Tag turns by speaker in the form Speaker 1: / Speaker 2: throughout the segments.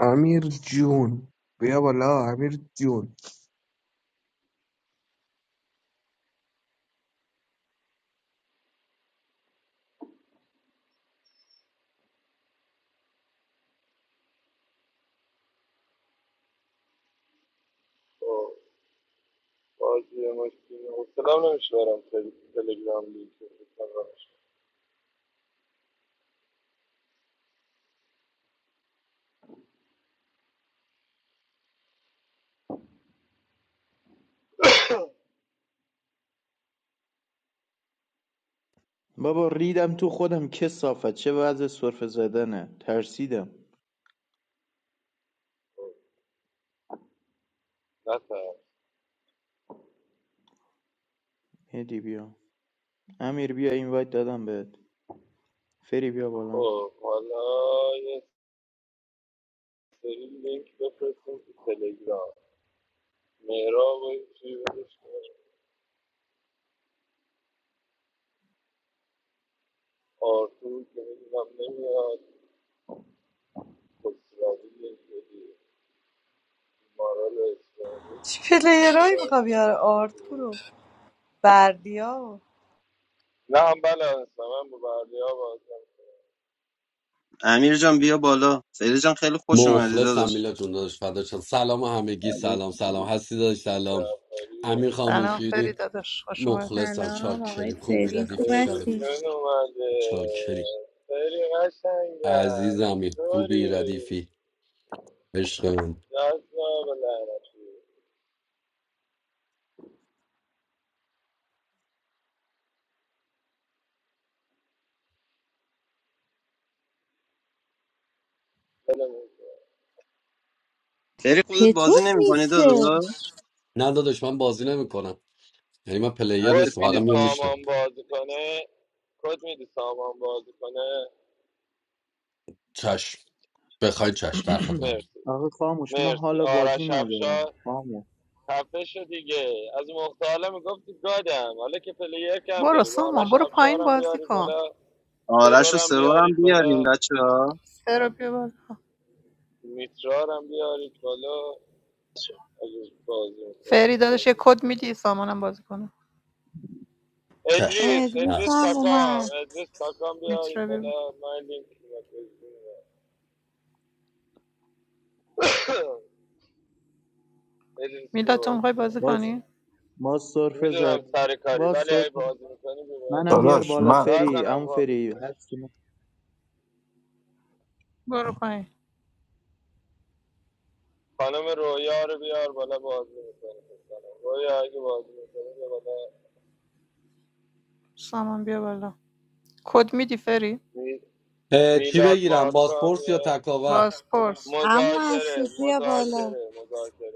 Speaker 1: امیر جون بیا بالا امیر جون
Speaker 2: بابا ریدم تو خودم که صافت چه وضع سرفه زدنه ترسیدم هدی بیا امیر بیا این وایت دادم بهت فری بیا بالا
Speaker 3: چی پلیرهایی میخوا بیاره آرت برو بردیا و
Speaker 4: امیر جان بیا بالا فری جان خیلی خوش اومدی
Speaker 5: مخلصم
Speaker 4: داداش
Speaker 5: میلا جون داداش فدا شم. سلام همگی سلام سلام هستی داداش سلام امین
Speaker 6: سلام فری
Speaker 5: خاموشیری
Speaker 6: داداش خوش اومدی
Speaker 5: مخلصم
Speaker 3: سلام آقای
Speaker 5: چاکری خوبی
Speaker 3: فری خوب
Speaker 5: ردیفی شب
Speaker 3: هستی
Speaker 5: چاکری عزیزمی خوبی ردیفی عشق من
Speaker 4: فری خودت بازی
Speaker 3: پتروله
Speaker 4: نمیکنی داداش
Speaker 5: نه داداش من بازی نمیکنم یعنی من پلیر
Speaker 4: هستی
Speaker 5: نیستم فقط
Speaker 4: خانم
Speaker 5: میام میشنم چش بخوای چش در خدمت
Speaker 2: آقا خاموش من حالا بازی ندارم خاموش
Speaker 6: برو سامان برو پایین بازی کن
Speaker 4: آرش و سرور هم بیاریم بچه ها
Speaker 6: سر بیا بالا. فری داداش یه کد میدی سامانم بازی کنه
Speaker 5: چش
Speaker 3: اه،
Speaker 5: هست.
Speaker 3: دوستم اومد
Speaker 6: میتره بیا بالا. میلاد تو میخوای بازی
Speaker 2: باز
Speaker 6: کنی
Speaker 2: باز سرفه زد باز سرفه زد. منم بیار بالا
Speaker 7: Lushman.
Speaker 2: فری اون فری
Speaker 6: برو پایین سامان بیا بالا کد میدی فری
Speaker 5: اه، چی بگیرم بازپرس یا تکاور
Speaker 6: بازپرس
Speaker 3: عمو مسعود بیا بالا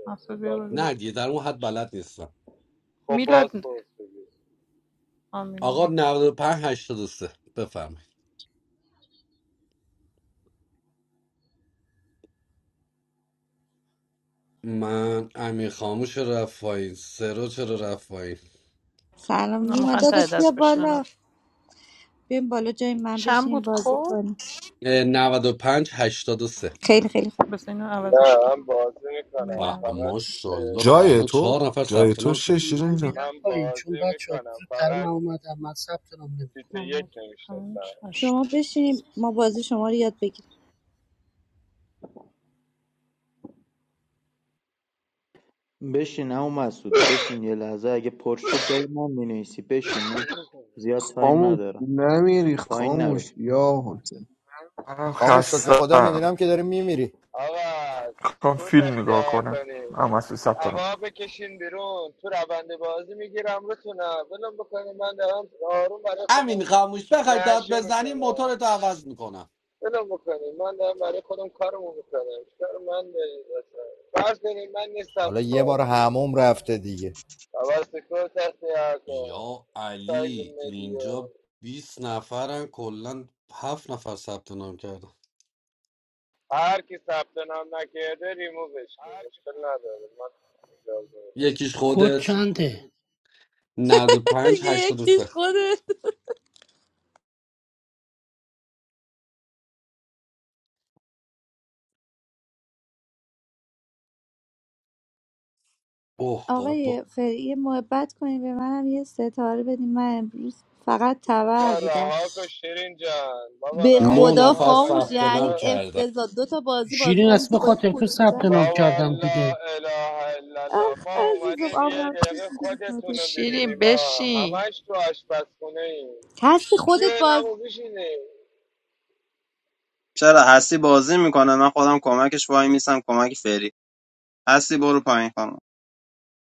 Speaker 6: مسعود بیا بالا
Speaker 5: نه دیگه در اون حد بلد نیستم
Speaker 6: میلاد آه میلاد
Speaker 5: آقا 95 83 بفرمایید من امیر خاموش چرا رفت پایین سرو چرا رفت پایین
Speaker 3: سلام
Speaker 6: اونا
Speaker 3: نیما
Speaker 6: میخوان ته
Speaker 3: داداش بیا
Speaker 6: دست
Speaker 3: بالا
Speaker 6: بشنن
Speaker 3: بیم بالا جای من
Speaker 6: چند
Speaker 3: بشینیم
Speaker 6: بود
Speaker 3: بازی
Speaker 6: کد
Speaker 3: کنیم
Speaker 5: اه، 95 83 و سه.
Speaker 3: خیلی خیلی خوب.
Speaker 6: بس اینو عوضش کنم
Speaker 5: و
Speaker 6: نه
Speaker 5: ماشاءالله تا
Speaker 8: جای
Speaker 5: الان
Speaker 8: تو
Speaker 5: چهار نفر
Speaker 8: جای
Speaker 5: ثبت
Speaker 8: تو
Speaker 5: نام
Speaker 8: چه
Speaker 5: کرد
Speaker 9: من
Speaker 8: شیرین جان
Speaker 9: میرم پایین چون بچه ها زودتر من اومدم من ثبت نام نمیکنم
Speaker 6: نه پنج
Speaker 3: شما
Speaker 6: هشت
Speaker 3: بشینیم ما بازی شما رو یاد بگیریم
Speaker 2: بشین اون مسعود بشین یه لحظه اگه پر شد جای من مینویسی بشین من زیاد تایم
Speaker 1: خاموش
Speaker 2: ندارم
Speaker 1: نمیری
Speaker 2: پایین نرو
Speaker 1: خاموش یا حسین
Speaker 10: من
Speaker 11: خاموش شکر خدا
Speaker 10: خستم
Speaker 11: میبینم که داری میمیری
Speaker 10: میخوام فیلم نگاه کنم من مسئول ثبت نام کن.
Speaker 5: امین خاموش بخوای داد بزنی موتورتو عوض میکنم
Speaker 11: حالا یه بار حموم رفته دیگه
Speaker 5: یا علی اینجا بیست نفرن کلا هفت نفر ثبت نام کردن یکیش
Speaker 9: کد
Speaker 5: خودت
Speaker 9: چنده
Speaker 5: نود و پنج
Speaker 3: یه
Speaker 5: هشتاد و
Speaker 3: یکیش
Speaker 5: سه.
Speaker 3: خودت
Speaker 5: اوه بابا
Speaker 3: آقای فری یه محبت کنیم به منم یه ستاره بدیم من امروز فقط تبر بودم به
Speaker 5: نه
Speaker 3: خدا
Speaker 5: نفر
Speaker 3: خاموش
Speaker 5: ثبت نام
Speaker 3: یعنی
Speaker 5: کردن
Speaker 3: افتضاح دو تا بازی بازی
Speaker 9: شیرین
Speaker 3: کردیم
Speaker 9: است
Speaker 3: که
Speaker 9: به
Speaker 3: با این
Speaker 9: خاطر تو
Speaker 3: خود
Speaker 9: ثبت
Speaker 3: بودن
Speaker 9: نام کردم دیگه
Speaker 3: اخ عزیزم آمار
Speaker 6: شیرین بشین
Speaker 3: هستی خودت باز
Speaker 4: چرا هستی بازی میکنه من خودم کمکش وای میسم کمک فری هستی برو پایین خانم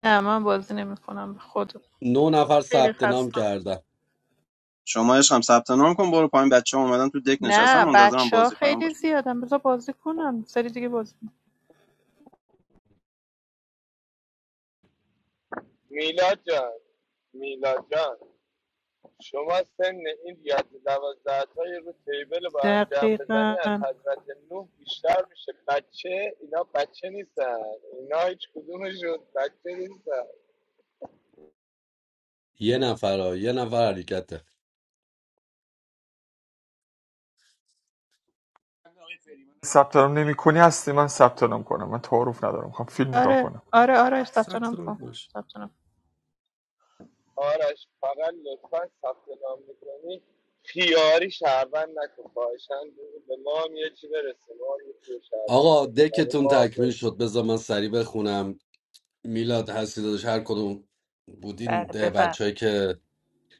Speaker 6: نه من بازی نمیکنم به خدا
Speaker 5: 9 نفر
Speaker 6: خیلی
Speaker 5: ثبت نام
Speaker 6: خستم
Speaker 5: کردن
Speaker 4: شما هم ثبت نام کن برو پایین بچه ها اومدن تو دک نشستم
Speaker 6: نه
Speaker 4: منتظرم
Speaker 6: بچه ها
Speaker 4: بازی کنم
Speaker 6: خیلی
Speaker 4: باشه
Speaker 6: زیادن بذار بازی کنم سری دیگه بازی کنم. دقیقا
Speaker 5: یه نفر ها. یه نفر حرکته
Speaker 10: ثبت نام نمی هستی من ثبت نام کنم من تعارف ندارم میخوام فیلم نگاه
Speaker 6: آره
Speaker 10: کنم
Speaker 6: آره آره ثبت
Speaker 5: ثبت
Speaker 6: نام
Speaker 5: نام
Speaker 6: کن
Speaker 5: باش
Speaker 6: ثبت نام
Speaker 5: آقا دکتون تکمیل شد بذار من سریع بخونم میلاد هستی داداش هر کدوم
Speaker 6: بله
Speaker 5: بودین
Speaker 6: بفرم
Speaker 5: بچههایی که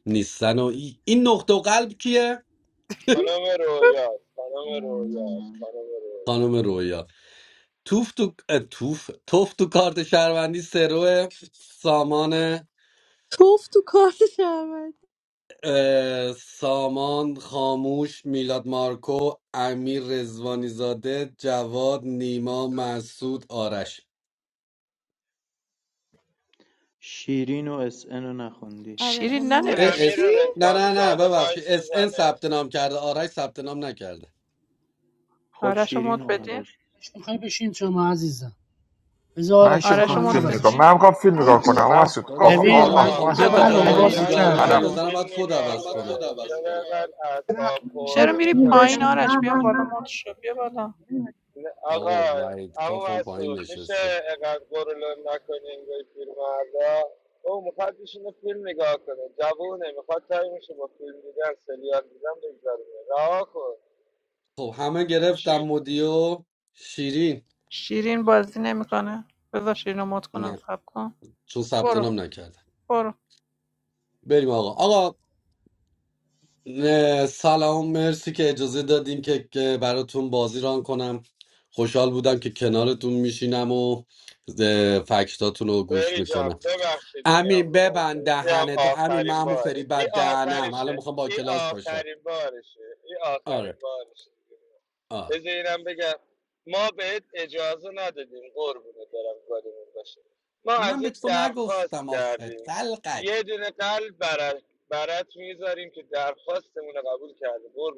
Speaker 5: نیستن و ای- این نقطه و قلب کیه
Speaker 12: سلام منم
Speaker 5: خانم رویا توف تو اه، توف توف تو کارت شهروندی سرو سامان
Speaker 3: توف تو کارت شرمند
Speaker 5: اه، سامان خاموش میلاد مارکو امیر رزوانی زاده جواد نیما مسعود آرش
Speaker 2: شیرین و اس ان رو نخوندی
Speaker 3: آره به
Speaker 6: شیرین
Speaker 3: من
Speaker 5: اه، اس
Speaker 6: ننوشتی
Speaker 5: نه نه نه ببخشید اس ان ثبت نام کرده آرش ثبت نام نکرده
Speaker 2: خب
Speaker 6: آرش رو
Speaker 2: شیرین
Speaker 6: مد
Speaker 2: و
Speaker 6: بدیم
Speaker 9: اش میخوای بشین شما عزیزم بذار
Speaker 10: من
Speaker 9: آرشه
Speaker 10: که
Speaker 9: با
Speaker 6: آرش
Speaker 10: میخوام
Speaker 6: رو
Speaker 9: من
Speaker 6: مد
Speaker 10: فیلم نگاه
Speaker 9: عوضش
Speaker 6: بدیم
Speaker 10: من
Speaker 9: کن
Speaker 10: میخوام فیلم نگاه کنم
Speaker 6: خب
Speaker 10: اما
Speaker 6: من
Speaker 10: مسعود
Speaker 6: میخوام
Speaker 10: آقا
Speaker 5: داداش من
Speaker 6: فیلم
Speaker 10: آ
Speaker 9: ببین
Speaker 6: نگاه
Speaker 5: الان
Speaker 6: کنم
Speaker 10: آ.
Speaker 9: من
Speaker 6: اون
Speaker 5: بخوام دو
Speaker 6: بیا اصلا
Speaker 5: تا
Speaker 6: بالا
Speaker 9: همه
Speaker 6: بیا
Speaker 9: الان
Speaker 6: منم
Speaker 5: جا
Speaker 9: بازی
Speaker 5: جابجایی
Speaker 9: کردم
Speaker 5: بزنم باید کد عوض کنم
Speaker 13: نه
Speaker 6: چرا میری
Speaker 13: ببین
Speaker 6: پایین
Speaker 13: بشین نه
Speaker 6: آرش بیام
Speaker 13: نه
Speaker 6: بالا
Speaker 13: نه نه
Speaker 6: مد شو بیا بالا
Speaker 13: بشین.
Speaker 5: آقا وحید کافم پایین نشسته خب همه گرفتم مدیو شیرین
Speaker 6: شیرین بازی نمیکنه بذار شیرین رو مد کنم
Speaker 5: نه
Speaker 6: صبر کن
Speaker 5: چون ثبت
Speaker 6: برو
Speaker 5: نام نکرده
Speaker 6: برو
Speaker 5: بریم آقا آقا نه، سلام مرسی که اجازه دادین که که براتون بازی ران کنم خوشحال بودم که کنارتون میشینم و اه، فکتاتون رو گوش میکنم امین ببند دهنه تو امین معمو فری بد دهنم الان میخوام با کلاس باشم آره آره من به تو نگفتم آخه تلقک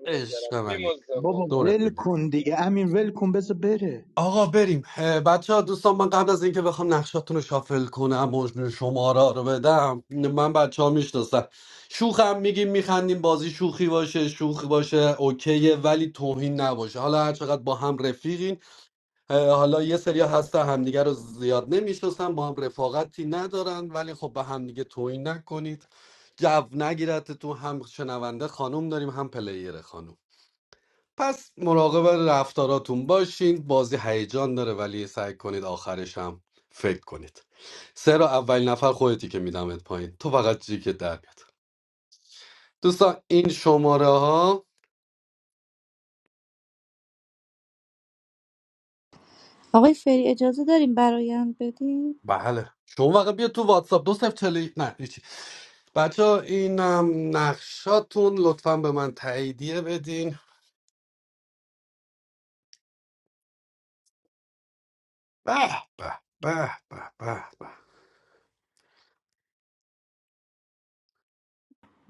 Speaker 5: عشق منی
Speaker 2: بابا
Speaker 5: دورت
Speaker 2: ول
Speaker 5: بدم
Speaker 2: کن دیگه امین ول کن بذار بره
Speaker 5: آقا بریم بچه ها دوستان من قبل از اینکه بخوام نقشاتون رو شافل کنم و شماره رو بدم من بچه ها میشناسم شوخم میگیم میخندیم بازی شوخی باشه شوخی باشه اوکیه ولی توهین نباشه حالا هر چقدر با هم رفیقین حالا یه سری هستن همدیگه رو زیاد نمیشناسن با هم رفاقتی ندارن ولی خب به همدیگه توهین نکنید جو نگیرد تو هم شنونده خانم داریم هم پلیر خانم پس مراقب رفتاراتون باشین بازی هیجان داره ولی سعی کنید آخرش هم فکر کنید سه رو اول نفر خودتی که میدمت پایین تو فقط چی که در بیاد دوستان این شماره ها
Speaker 3: آقای فری اجازه داریم برایم بدیم
Speaker 5: بله شما فقط بیا تو واتساپ دو صفر چلی نه هیچی بچه این ام، نقشاتون لطفا به من تاییدیه بدین به به به به به به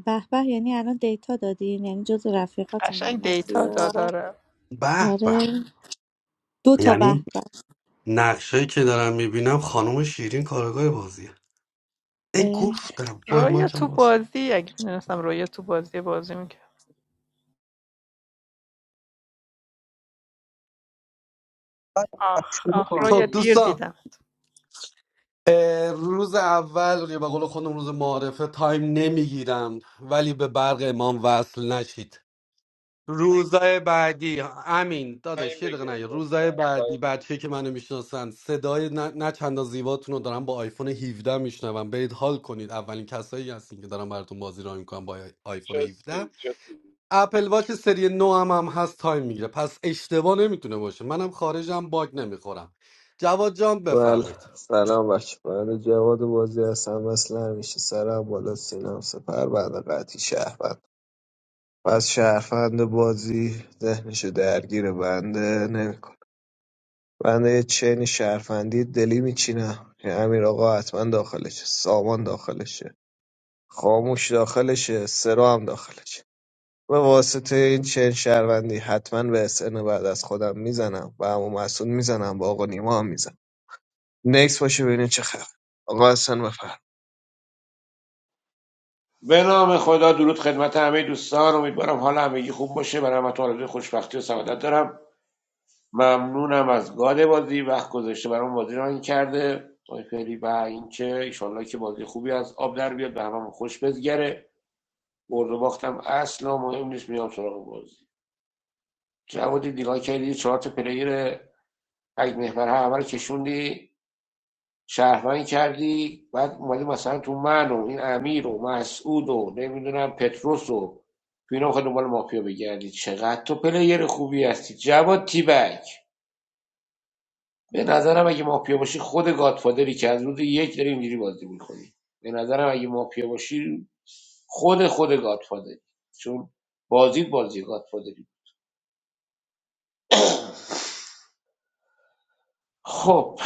Speaker 3: به به یعنی الان دیتا دادیم یعنی جز رفیقاتون
Speaker 6: قشنگ
Speaker 3: هم
Speaker 6: دیتا داداره
Speaker 5: به به
Speaker 3: آره دو تا به
Speaker 5: یعنی
Speaker 3: به
Speaker 5: نقشایی که دارم میبینم خانم شیرین کارگاه بازیه ای
Speaker 3: اه،
Speaker 5: گفتم وای
Speaker 6: رویا
Speaker 5: ماکم
Speaker 6: تو
Speaker 5: بازه
Speaker 6: بازی اگه میدونستم رویا تو بازی بازی میکرد آخ
Speaker 13: شروع
Speaker 6: آخ
Speaker 13: کن
Speaker 6: رویا
Speaker 5: خب
Speaker 6: دیر
Speaker 5: دوستان
Speaker 6: دیدم
Speaker 5: اه، روز اول یا به قول خودم روز معارفه تایم نمیگیرم ولی به برق امام وصل نشید روزای بعدی امین داداش یه دقیقه نیا روزای بعدی بچه که منو میشناسن صدای نه, نه چندان زیباتون رو دارم با آیفون 17 میشنوم برید حال کنید اولین کسایی هستین که دارم براتون بازی را میکنم با آی- آیفون 17 اپل واچ سری 9 هم, هم هست تایم میگیره پس اشتباه نمیتونه باشه منم خارجم باگ نمیخورم جواد جان
Speaker 1: بله
Speaker 5: بفرمایید
Speaker 1: سلام بچه بنده جواد بازی هستم مثل همیشه سرم بالا سینم سپر بنده قطعی شهروند پس شهروند بازی ذهنشو درگیر بنده نمیکنه بنده یه چین شهروندی دلی میچینم که امیر آقا حتما داخلشه سامان داخلشه خاموش داخلشه سرا هم داخلشه به واسطه این چنین شهروندی حتما به SN بعد از خودم میزنم و عمو مسعود میزنم با آقا نیما هم میزنم نکس باشه ببینین چه خبر آقا حسن بفرم
Speaker 14: به نام خدا درود خدمت همه دوستان امیدوارم حال همگی خوب باشه برای همتون آرزوی خوشبختی و سعادت دارم ممنونم از گاد بازی وقت گذاشته برام بازی ران کرده آقای فری و اینکه ایشالله که بازی خوبی از آب در بیاد به هممون خوش بزگره برد و باختم اصلا مهم نیست میام سراغ بازی جوادی دیگاه کردی چهار تا پلیر تک محور همه رو کشوندی شهروند کردی بعد اومدی مثلا تو من و این امیر و مسعود و نمیدونم پتروس و تو اینا میخوای دنبال مافیا بگردی چقدر تو پلیر خوبی هستی جواد تیبک به نظرم اگه مافیا باشی خود گادفادری که از روز یک داری اینجوری بازی میکنی به نظرم اگه مافیا باشی خود خود گادفادری چون بازی بازی گادفادری خب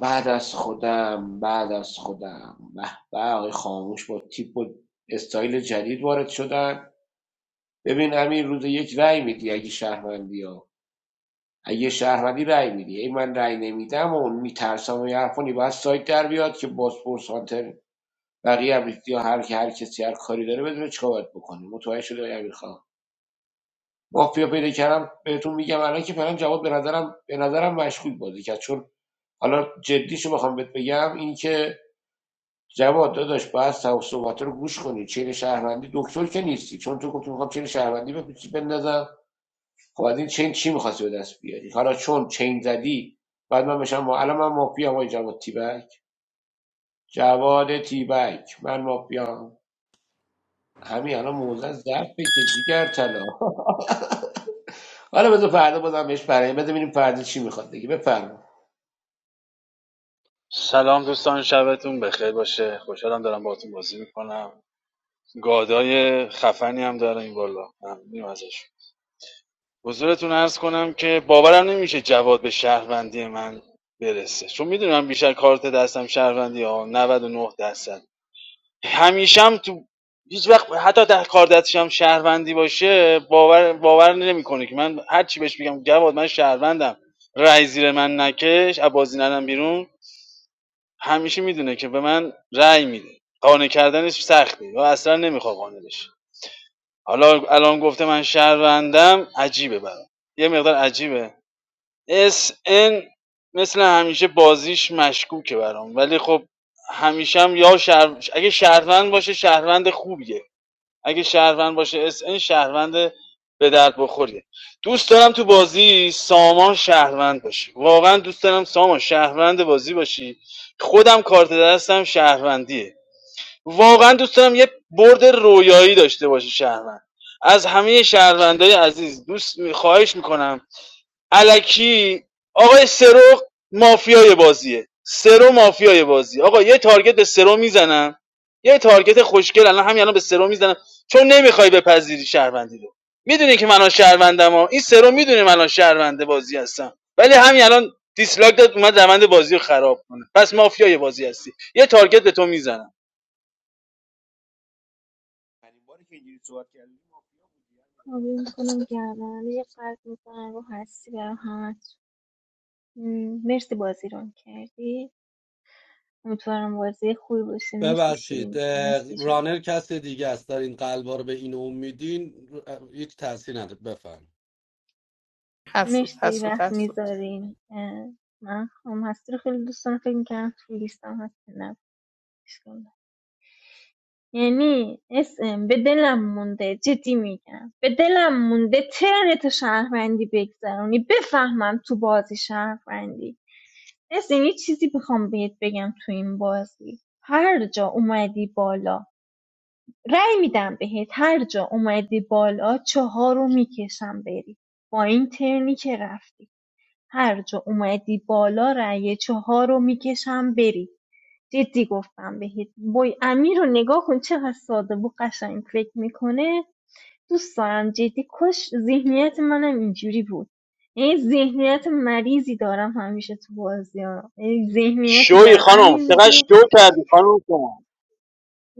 Speaker 14: بعد از خودم بعد از خودم به به آقای خاموش با تیپ و استایل جدید وارد شدن ببین همین روز یک رأی میدی اگه شهروندی ها اگه شهروندی رأی میدی ای من رأی نمیدم و میترسم و یه حرف کنی باید سایت در بیاد که بازپرس هانتر بقیه هم ریختی یا هر که هر کسی هر کاری داره بدونه چیکار باید بکنه متوجه شده آقای امیر خان مافیا پیدا کردم بهتون میگم الان که فعلا جواب به نظرم به نظرم مشکوک بازی کرد چون حالا جدیشو بخوام بهت بگم این که جواد داداش باید صحبت رو گوش کنی چین شهروندی دکتر که نیستی چون تو گفتی میخوام چین شهروندی بپیچی بندازم خب از این چین چی میخواستی به دست بیاری حالا چون چین زدی بعد من بشم ما الان من مافیا آقای جواد تیبک جواد تیبک من مافیا همین الان موزه ضعفه که جیگر طلا حالا بذار فردا بازم بهش برای بذار ببینیم فردا چی میخواد دیگه بفرما
Speaker 15: سلام دوستان شبتون بخیر باشه خوشحالم دارم باهاتون بازی میکنم گادای خفنی هم داره این بالا ممنونیم ازش حضورتون عرض کنم که باورم نمیشه جواد به شهروندی من برسه چون میدونم بیشتر کارت دستم شهروندی ها 99 درصد همیشم تو هیچ وقت حتی در کار دستشم شهروندی باشه باور باور نمیکنه که من هر چی بهش بگم جواد من شهروندم رای زیر من نکش از بازی ندم بیرون همیشه میدونه که به من رأی میده قانع کردنش سخته و اصلا نمیخواد قانع بشه حالا الان گفته من شهروندم عجیبه برام یه مقدار عجیبه اس ان مثل همیشه بازیش مشکوکه برام ولی خب همیشه هم یا شهر... اگه شهروند باشه شهروند خوبیه اگه شهروند باشه اس ان شهروند به درد بخوریه دوست دارم تو بازی سامان شهروند باشی واقعا دوست دارم سامان شهروند بازی باشی خودم کارت دستم شهروندیه واقعا دوست دارم یه برد رویایی داشته باشی شهروند از همه شهروندای عزیز دوست می- خواهش میکنم الکی آقای سرو مافیای بازیه سرو مافیای بازی آقا یه تارگت به سرو میزنم یه تارگت خوشگل الان همین الان به سرو میزنم چون نمیخوای بپذیری شهروندی رو میدونی که من شهروندم ها این سرو میدونه من شهرونده بازی هستم ولی همین الان دیسلاک داد اومد روند بازی رو خراب کنه پس مافیای بازی هستی یه تارگت به تو میزنم
Speaker 12: کاوی میکنم گردن یه قلب میکنم رو هستی برای همتون مرسی بازی ران کردی امیدوارم بازی خوبی باشه مرسی
Speaker 5: ببخشید
Speaker 12: شیرین جان
Speaker 5: اه،
Speaker 12: هستی جان
Speaker 5: رانر کس دیگه است دارین قلبا رو به این اون میدین هیچ تاثیر نداره بفرمایید
Speaker 6: حسود
Speaker 12: مرسی
Speaker 6: حسود
Speaker 12: وقت
Speaker 6: حسود
Speaker 12: میذارین من هم هستی رو خیلی دوست دارم فکر میکنم تو لیستم هستی نبود. اشکال نداره. یعنی اسم به دلم مونده جدی میگم به دلم مونده ترنت شهروندی بگذرونی بفهمم تو بازی شهروندی نسرین یه چیزی بخوام بهت بگم تو این بازی هر جا اومدی بالا رأی میدم بهت هر جا اومدی بالا چهارو رو میکشم بری با این ترنی که رفتی هر جا اومدی بالا رأی چهارو رو میکشم بری جدی گفتم بهت بای امیر رو نگاه کن چقدر ساده و قشنگ فکر میکنه دوست دارم جدی کاش ذهنیت منم اینجوری بود این ذهنیت مریضی دارم همیشه تو بازی ها یعنی ذهنیتی
Speaker 15: شوی
Speaker 12: دارم امیر
Speaker 15: خانم چقدر
Speaker 12: میگه
Speaker 15: شو کردی خانم شما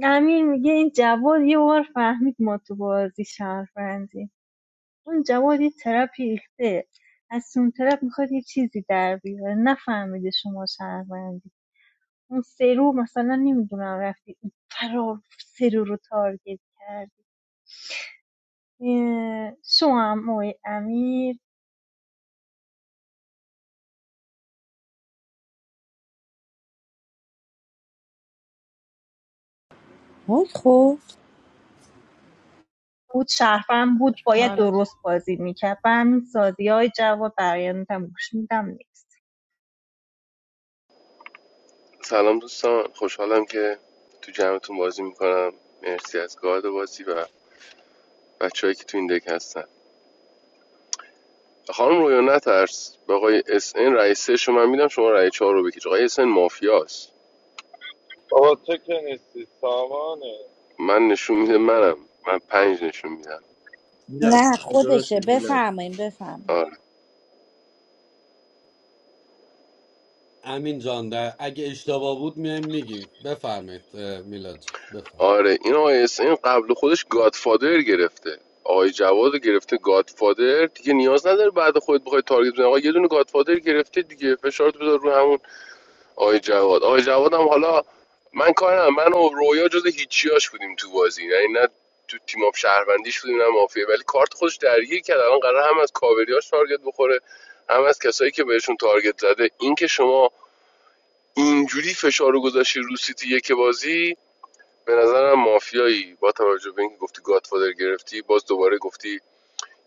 Speaker 12: امیر میگه این جواد یه بار فهمید ما تو بازی شهروندی اون جواد یه طرف ریخته از اون طرف میخواد یه چیزی در بیاره نفهمیده شما شهروندی اون سرو مثلا نمیدونم رفتی اون فرار سرو رو تارگت کردی شما هم آقای امیر
Speaker 3: وای خب
Speaker 12: بود شهروند بود باید
Speaker 6: آره
Speaker 12: درست بازی میکرد و همین سازی های جواد برایندم گوش میدم نیست
Speaker 16: سلام دوستان خوشحالم که تو جمعتون بازی میکنم مرسی از گارد بازی و بچههایی که تو این دک هستن خانم رویا نترس به آقای اس ان رئیس سه شما من میدم شما رئیس چهار رو بکش آقای اس ان مافیاست من نشون میده منم من پنج نشون میدم
Speaker 2: میلاد
Speaker 3: نه
Speaker 2: درست
Speaker 3: خودشه
Speaker 2: میگی میلاد
Speaker 3: بفرماییم بفرماییم
Speaker 16: آره
Speaker 5: امین جان ده اگه اشتباه بود میایم میگیم بفرمایید اه، میلاد جان بفرم
Speaker 16: آره این آقای اس ان قبل خودش گادفادر گرفته آقای جواد رو گرفته گادفادر دیگه نیاز نداره بعد خودت بخوای تارگت بزنی آقا یه دونه گادفادر گرفته دیگه فشارت بذار رو همون آقای جواد آقای جواد هم حالا من کارم من و رویا جز هیچیاش بودیم تو بازی یعنی نه تو تیم اپ شهروندیش بودیم نه مافیا ولی کارت خودش درگیر کرد الان قرار هم از کاوریاش تارگت بخوره هم از کسایی که بهشون تارگت زده این که شما اینجوری فشار رو گذاشتی رو سیتی یک بازی به نظرم مافیایی با توجه به اینکه گفتی گادفادر گرفتی باز دوباره گفتی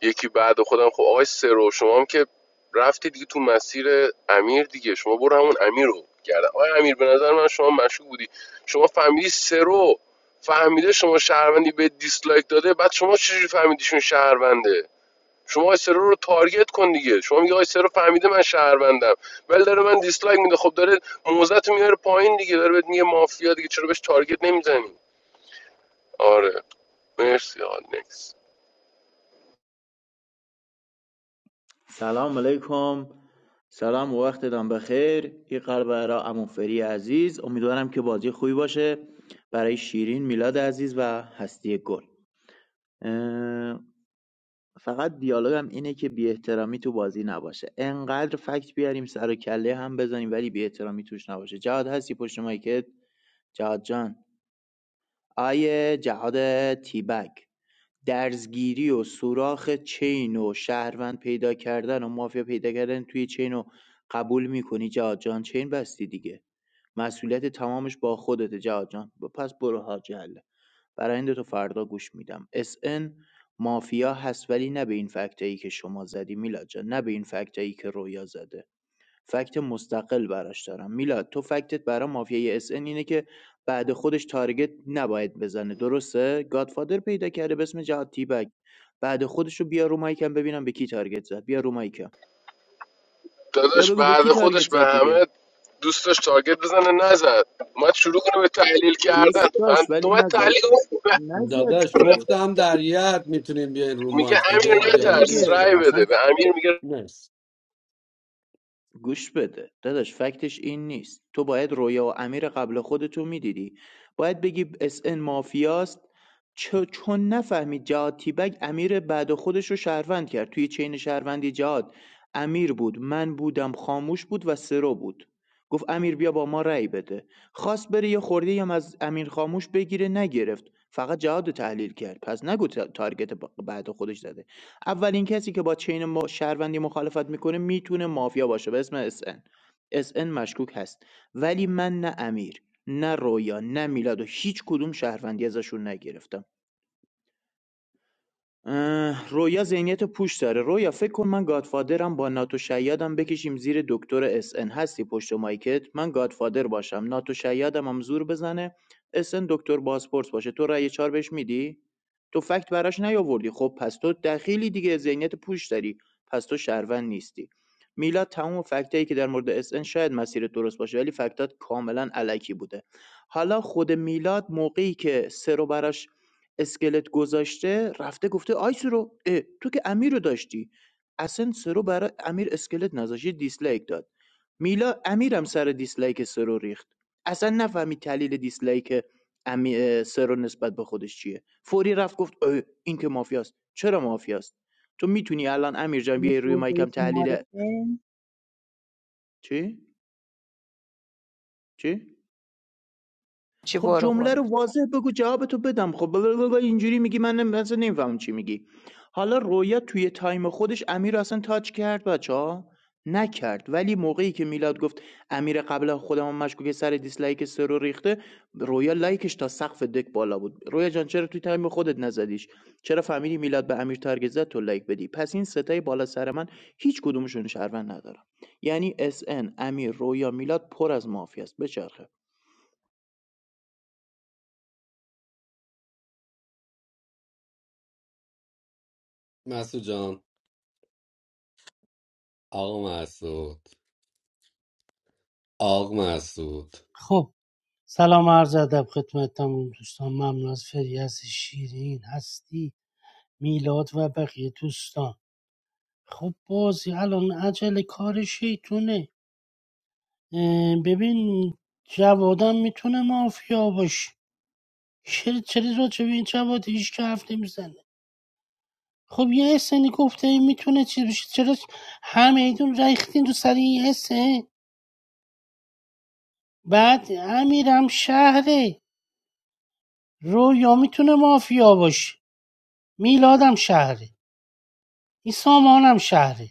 Speaker 16: یکی بعد خودم خب آقای سرو شما هم که رفتی دیگه تو مسیر امیر دیگه شما برو همون امیر رو گردن آقای امیر به نظر من شما مشکوک بودی شما فهمیدی سرو فهمیده شما شهروندی به دیسلایک داده بعد شما چجوری فهمیدیشون شهرونده شما آقای سرو رو تارگت کن دیگه شما میگه آقای سرو فهمیده من شهروندم ولی داره من دیسلایک میده خب داره موزت میاره پایین دیگه داره بهت میگه مافیا دیگه چرا بهش تارگت نمیزنی آره مرسی آقا نکس
Speaker 2: سلام علیکم سلام و وقت دام بخیر این قلب برای عمو فری عزیز امیدوارم که بازی خوبی باشه برای شیرین میلاد عزیز و هستی گل اه، فقط دیالوگم اینه که بی احترامی تو بازی نباشه انقدر فکت بیاریم سر و کله هم بزنیم ولی بی احترامی توش نباشه جهاد هستی پشت مایکت جهاد جان آیه جهاد تیبک درزگیری و سوراخ چین و شهروند پیدا کردن و مافیا پیدا کردن توی چین رو قبول میکنی جهاد جان چین بستی دیگه مسئولیت تمامش با خودته جهاد جان ب- پس برو حاج حله برای این تو فردا گوش میدم اس ان مافیا هست ولی نه به این فکتایی که شما زدی میلاد جان نه به این فکتایی که رویا زده فکت مستقل براش دارم میلاد تو فکتت برای مافیای اس ان اینه که بعد خودش تارگت نباید بزنه درسته گادفادر پیدا کرده به اسم جهاد تیبک بعد خودشو بیا رو مایکم ببینم به کی تارگت زد بیا رو مایکم بیا
Speaker 16: داداش
Speaker 2: بگو به کی
Speaker 16: بعد
Speaker 2: تارگت
Speaker 16: خودش به
Speaker 2: زد دیگه
Speaker 16: همه دوست داشت تارگت بزنه نزد اومد شروع کنه به تحلیل کردن
Speaker 2: دوست
Speaker 16: من
Speaker 2: داشت ولی
Speaker 16: اومد
Speaker 2: نزد
Speaker 16: تحلیل کنه.
Speaker 2: نزد
Speaker 5: داداش
Speaker 16: ب- ب-
Speaker 2: دیگه
Speaker 5: گفتم در یه حد میتونیم بیاین رو
Speaker 16: میگه
Speaker 5: مایک
Speaker 16: امیر
Speaker 5: دیگه
Speaker 2: آره
Speaker 5: دیالوگ
Speaker 16: نترس
Speaker 2: دیگه
Speaker 5: نمیشه
Speaker 16: رای
Speaker 5: کنید
Speaker 2: اصلا
Speaker 16: بده به امیر میگه
Speaker 5: مرسی
Speaker 2: گوش بده داداش فکتش این نیست تو باید رویا و امیر قبل خودتو میدیدی باید بگی اس ان مافیاست چ- چون نفهمید جهاد تیبک امیر بعد خودش رو شهروند کرد توی چین شهروندی جهاد امیر بود من بودم خاموش بود و سرو بود گفت امیر بیا با ما رأی بده خواست بره یه خورده هم از امیر خاموش بگیره نگرفت فقط جهاد رو تحلیل کرد پس نگو تا- تارگت با- بعد خودش زده اولین کسی که با چین ما شهروندی مخالفت میکنه میتونه مافیا باشه به اسم اس ان اس ان مشکوک هست ولی من نه امیر نه رویا نه میلاد و هیچ کدوم شهروندی ازشون نگرفتم اه، رویا ذهنیت پوچ داره رویا فکر کن من گادفادرم با ناتو شیادم بکشیم زیر دکتر اس ان هستی پشت مایکت من گادفادر باشم ناتو شیادم هم زور بزنه اس ان دکتر بازپرس باشه تو رأی چهار بهش میدی تو فکت براش نیاوردی خب پس تو دخیلی دیگه ذهنیت پوچ داری پس تو شهروند نیستی میلاد تمام فکتایی که در مورد اس ان شاید مسیر درست باشه ولی فکتات کاملا علکی بوده حالا خود میلاد موقعی که سرو براش اسکلت گذاشته رفته گفته آی سرو اه، تو که امیر رو داشتی اصلا سرو برای امیر اسکلت نذاشت یه دیسلایک داد میلا امیرم سر دیسلایک سرو ریخت اصلا نفهمید دلیل دیسلایک امی... اه، سرو نسبت به خودش چیه فوری رفت گفت اه، این که مافیاست چرا مافیاست تو میتونی الان امیر جان
Speaker 12: دل
Speaker 2: بیای روی
Speaker 12: سوردایی
Speaker 2: مایکم
Speaker 12: تو
Speaker 2: تحلیل
Speaker 12: معارفه
Speaker 2: چی چی
Speaker 6: چی
Speaker 2: خب
Speaker 6: برو
Speaker 2: جمله
Speaker 6: برو
Speaker 2: رو واضح بگو جوابتو بدم خب بابا اینجوری میگی من نم- اصلا نمیفهمم چی میگی حالا رویا توی تایم خودش امیر رو اصلا تاچ کرد بچه ها نکرد ولی موقعی که میلاد گفت امیر قبل از خودم هم مشکوک سر دیسلایک سرو ریخته رویا لایکش تا سقف دک بالا بود رویا جان چرا توی تایم خودت نزدیش چرا فهمیدی میلاد به امیر تارگت زد تو لایک بدی پس این ستای بالا سر من هیچ کدومشون شهروند ندارم یعنی اس ان، امیر رویا میلاد پر از مافیاست بچرخه
Speaker 5: مسعود جان آقا مسعود آقا مسعود
Speaker 9: خب سلام عرض ادب خدمت دوستان ممنون از فریاس شیرین هستی میلاد و بقیه دوستان خب بازی الان عجل کار شیطونه اه، ببین جوادم میتونه مافیا باشه چرا چرا راجع به این جواد هیچ که حرف نمیزنه خب یه سنی گفته این میتونه چی بشه چرا همهدون ریختین رو سر این حسه بعد امیرم شهره رویا میتونه مافیا باشه میلادم شهره این سامانم شهره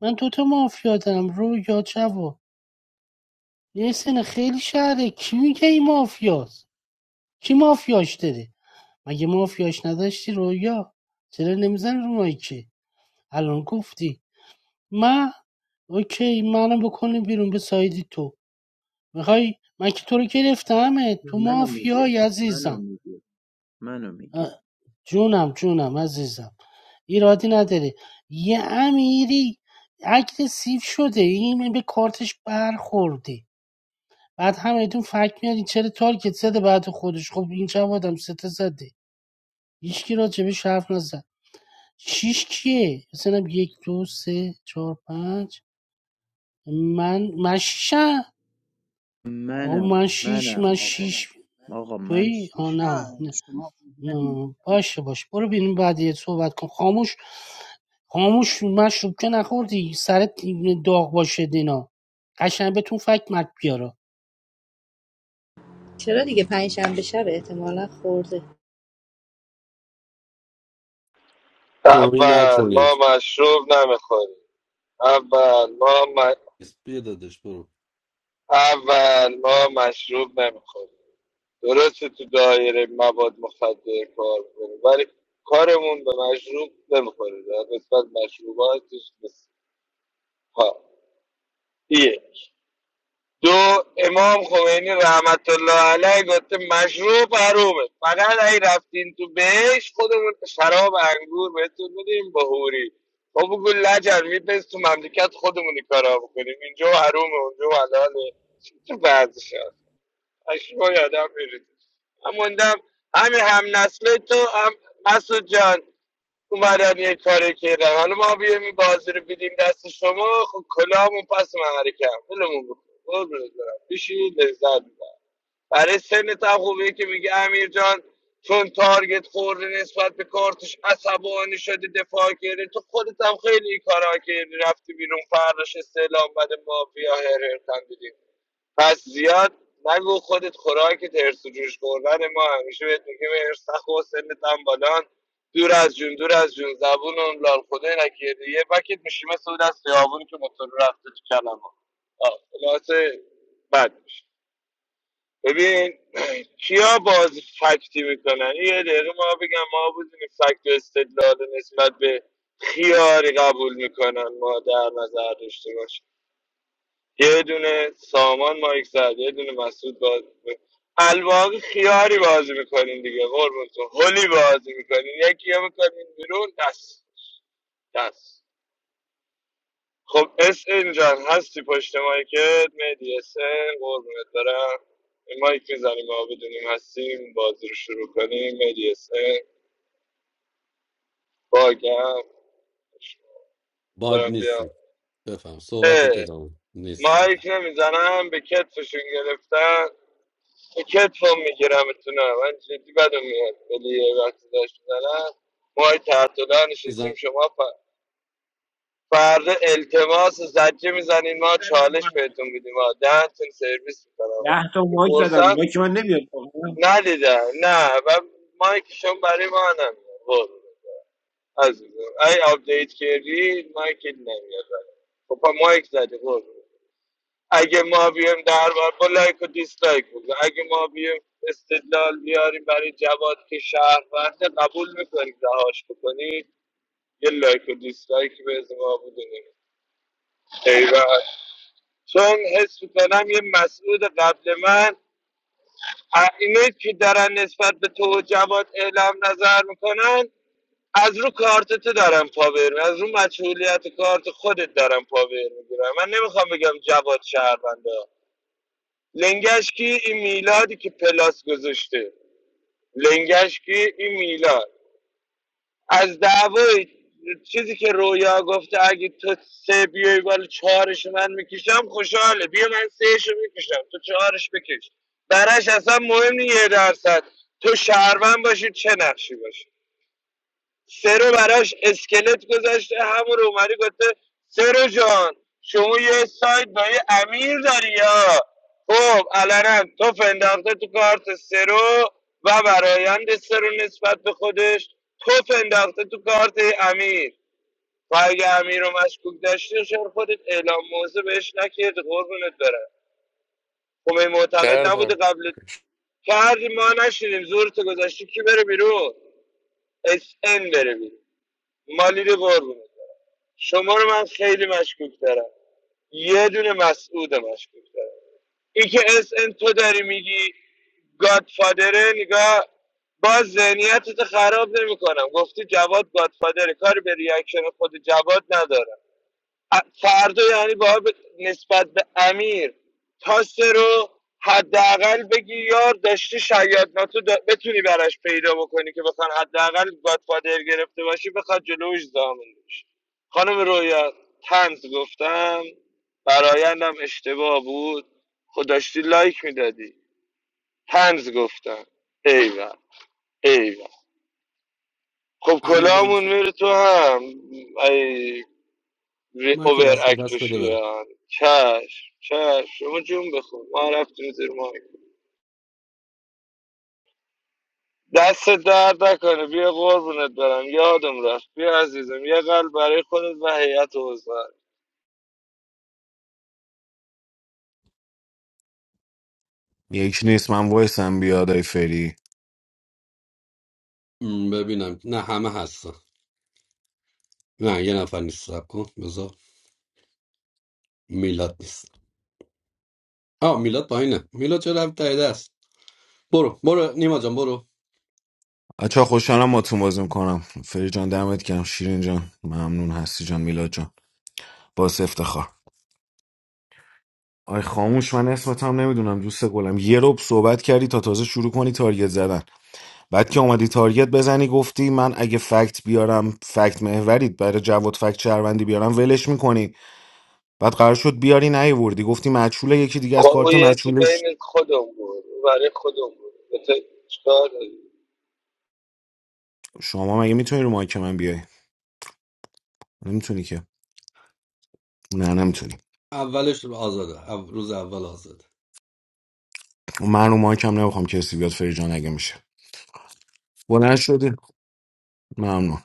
Speaker 9: من دوتا مافیا دارم رویا جواد یه سن خیلی شهره کی میگه این مافیاست کی مافیاش داره مگه مافیاش نداشتی رویا چرا نمیزنی رو مایکه الان گفتی من اوکی منو بکنی بیرون به سایدی تو میخوای من که تو رو گرفتمه
Speaker 2: نه،
Speaker 9: تو
Speaker 2: منو میگه
Speaker 9: مافیای
Speaker 2: منو
Speaker 9: عزیزم
Speaker 2: میگه منو میگه
Speaker 9: جونم جونم عزیزم ایرادی نداره یه امیری اگرسیو شده این به کارتش برخورده بعد همتون فکر میارین چرا تارگت زده بعد خودش خب این چه آدم سته زده هیچکی راجبش حرف نزد شیش کیه مثلا یک دو سه چهار پنج من من شیشم آه، من
Speaker 2: منم
Speaker 9: شیش من
Speaker 2: منم آقا
Speaker 9: شیش
Speaker 2: آقا من
Speaker 9: توی آه
Speaker 2: شیش
Speaker 9: نه
Speaker 13: نه
Speaker 9: نه
Speaker 13: شما
Speaker 9: نه. باشه باشه برو بینیم بعدی صحبت کن خاموش خاموش مشروب که نخوردی سرت داغ باشه دینا قشنگ بهتون فکر مرد بیارا
Speaker 3: چرا دیگه پنجشنبه شنبه شب احتمالا خورده
Speaker 5: توهین نکنید بیا داداش برو باگ نیستی بفهم صحبت ادامه نیستی میزن
Speaker 16: کردم
Speaker 5: امین جان مایکو دست به دست بده بره
Speaker 8: یکی نیست من وایسم بیاد ای فری
Speaker 5: م، ببینم نه همه هستن نه یه نفر نیست سب کن بذار میلاد نیست آه میلاد پایینه میلاد چرا هم تایده است برو برو نیما جان برو
Speaker 8: بچه‌ها خوشحالم با تو بازی میکنم فری جان دمت گرم شیرین جان ممنون هستی جان میلاد جان باعث افتخار آی خاموش من اسمت هم نمیدونم دوست گلم یه رب صحبت کردی تا تازه شروع کنی تارگت زدن بعد که اومدی تارگت بزنی گفتی من اگه فکت بیارم فکت محورید برای جواد فکت شهروندی بیارم ولش میکنی بعد قرار شد بیاری نیوردی گفتی مچوله یکی دیگه از کارت مچوله شما مگه میتونی رو مایک من بیای نمیتونی که نه نمیتونی
Speaker 5: اولش رو آزاده او- روز اول آزاده
Speaker 8: من رو مایک هم نمیخوام کسی بیاد فرجان اگه میشه بلند شدی ممنون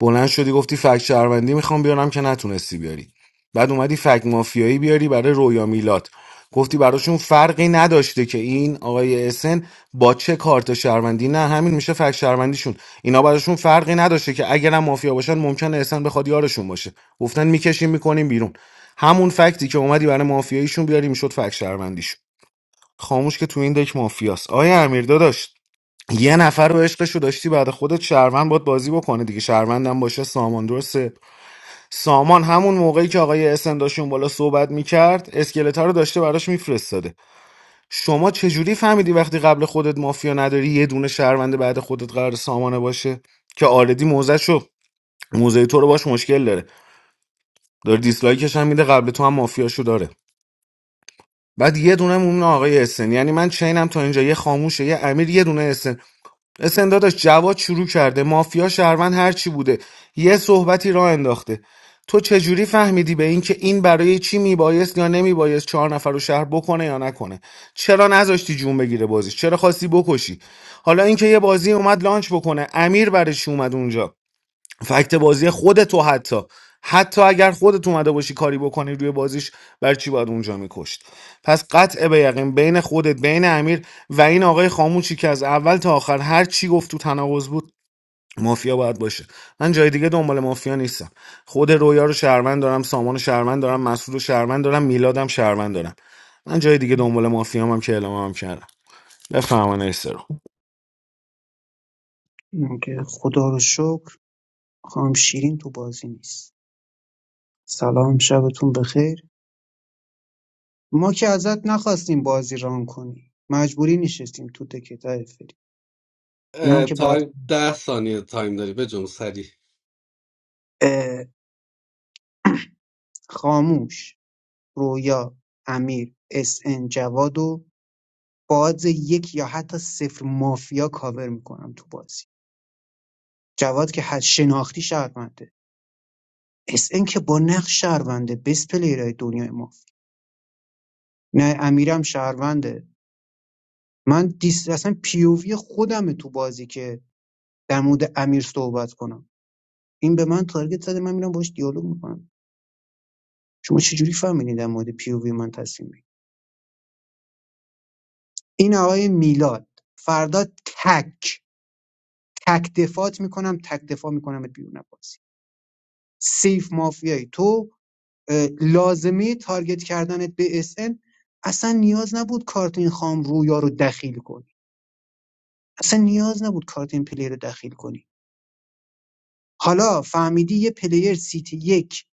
Speaker 8: بلند شدی گفتی فک شهروندی میخوام بیارم که نتونستی بیاری بعد اومدی فک مافیایی بیاری برای رویا میلاد گفتی براشون فرقی نداشته که این آقای اسن با چه کارت شهروندی نه همین میشه فک شهروندیشون اینا براشون فرقی نداشته که اگرم مافیا باشن ممکنه اسن بخواد یارشون باشه گفتن میکشیم میکنیم بیرون همون فکتی که اومدی برای مافیاییشون بیاری میشد فک شهروندیشون خاموش که تو این دک مافیاست آیا امیر داداش یه نفر رو عشقشو داشتی بعد خودت شهروند باد بازی بکنه دیگه شهروندم باشه سامان درسته سامان همون موقعی که آقای اسن داشت اون بالا صحبت میکرد اسکلتا رو داشته براش میفرستاده شما چجوری فهمیدی وقتی قبل خودت مافیا نداری یه دونه شهروند بعد خودت قرار سامانه باشه که آردی موزشو موزه تو رو باش مشکل داره داره دیسلایکش هم میده قبل تو هم مافیاشو داره بعد یه دونه مون آقای اسن یعنی من چینم تا اینجا یه خاموشه یه امیر یه دونه اسن اسن داداش جواد شروع کرده مافیا شهروند هرچی بوده یه صحبتی را انداخته تو چجوری فهمیدی به این که این برای چی میبایست یا نمیبایست چهار نفر رو شهر بکنه یا نکنه چرا نذاشتی جون بگیره بازیش چرا خواستی بکشی حالا اینکه یه بازی اومد لانچ بکنه امیر برش اومد اونجا فکت بازی خود تو حتی حتی اگر خودت اومده باشی کاری بکنی روی بازیش بر چی باید اونجا میکشت پس قطع به یقین بین خودت بین امیر و این آقای خاموشی که از اول تا آخر هر چی گفت تو تناقض بود مافیا باید باشه من جای دیگه دنبال مافیا نیستم خود رویا رو شهروند دارم سامان رو شهروند دارم مسعود رو شهروند دارم میلادم شهروند دارم من جای دیگه دنبال مافیا هم که اعلام هم کردم بفهمن رو
Speaker 13: اینم که خدا رو شکر خانم شیرین تو بازی نیست سلام شبتون بخیر ما که ازت نخواستیم بازی ران کنی مجبوری نشستیم تو دکت های فری این هم
Speaker 5: اه،
Speaker 13: که برات
Speaker 5: تایم ده ثانیه تایم داری به جون سری
Speaker 13: اه، خاموش رویا امیر اس ان جواد و باز یک یا حتی صفر مافیا کاور میکنم تو بازی جواد که حد شناختی شهرمنده اس ان که با نقش شهرونده بس پلیرای دنیای ما نه امیرم شهرونده من دیس اصلا پیووی خودمه تو بازی که در مورد امیر صحبت کنم این به من تارگت زده من میرم باش دیالوگ میکنم شما چجوری فهمیدین در مورد پیووی من تصمیم بگیرید این آقای میلاد فردا تک تک دفاعت میکنم تک دفاع میکنم بیرون بازی سیف مافیایی تو اه، لازمه تارگت کردنت به اس ان اصلا نیاز نبود کارت این خام رویا رو دخیل کن اصلا نیاز نبود کارت این پلیر رو دخیل کنی حالا فهمیدی یه پلیر سیت یک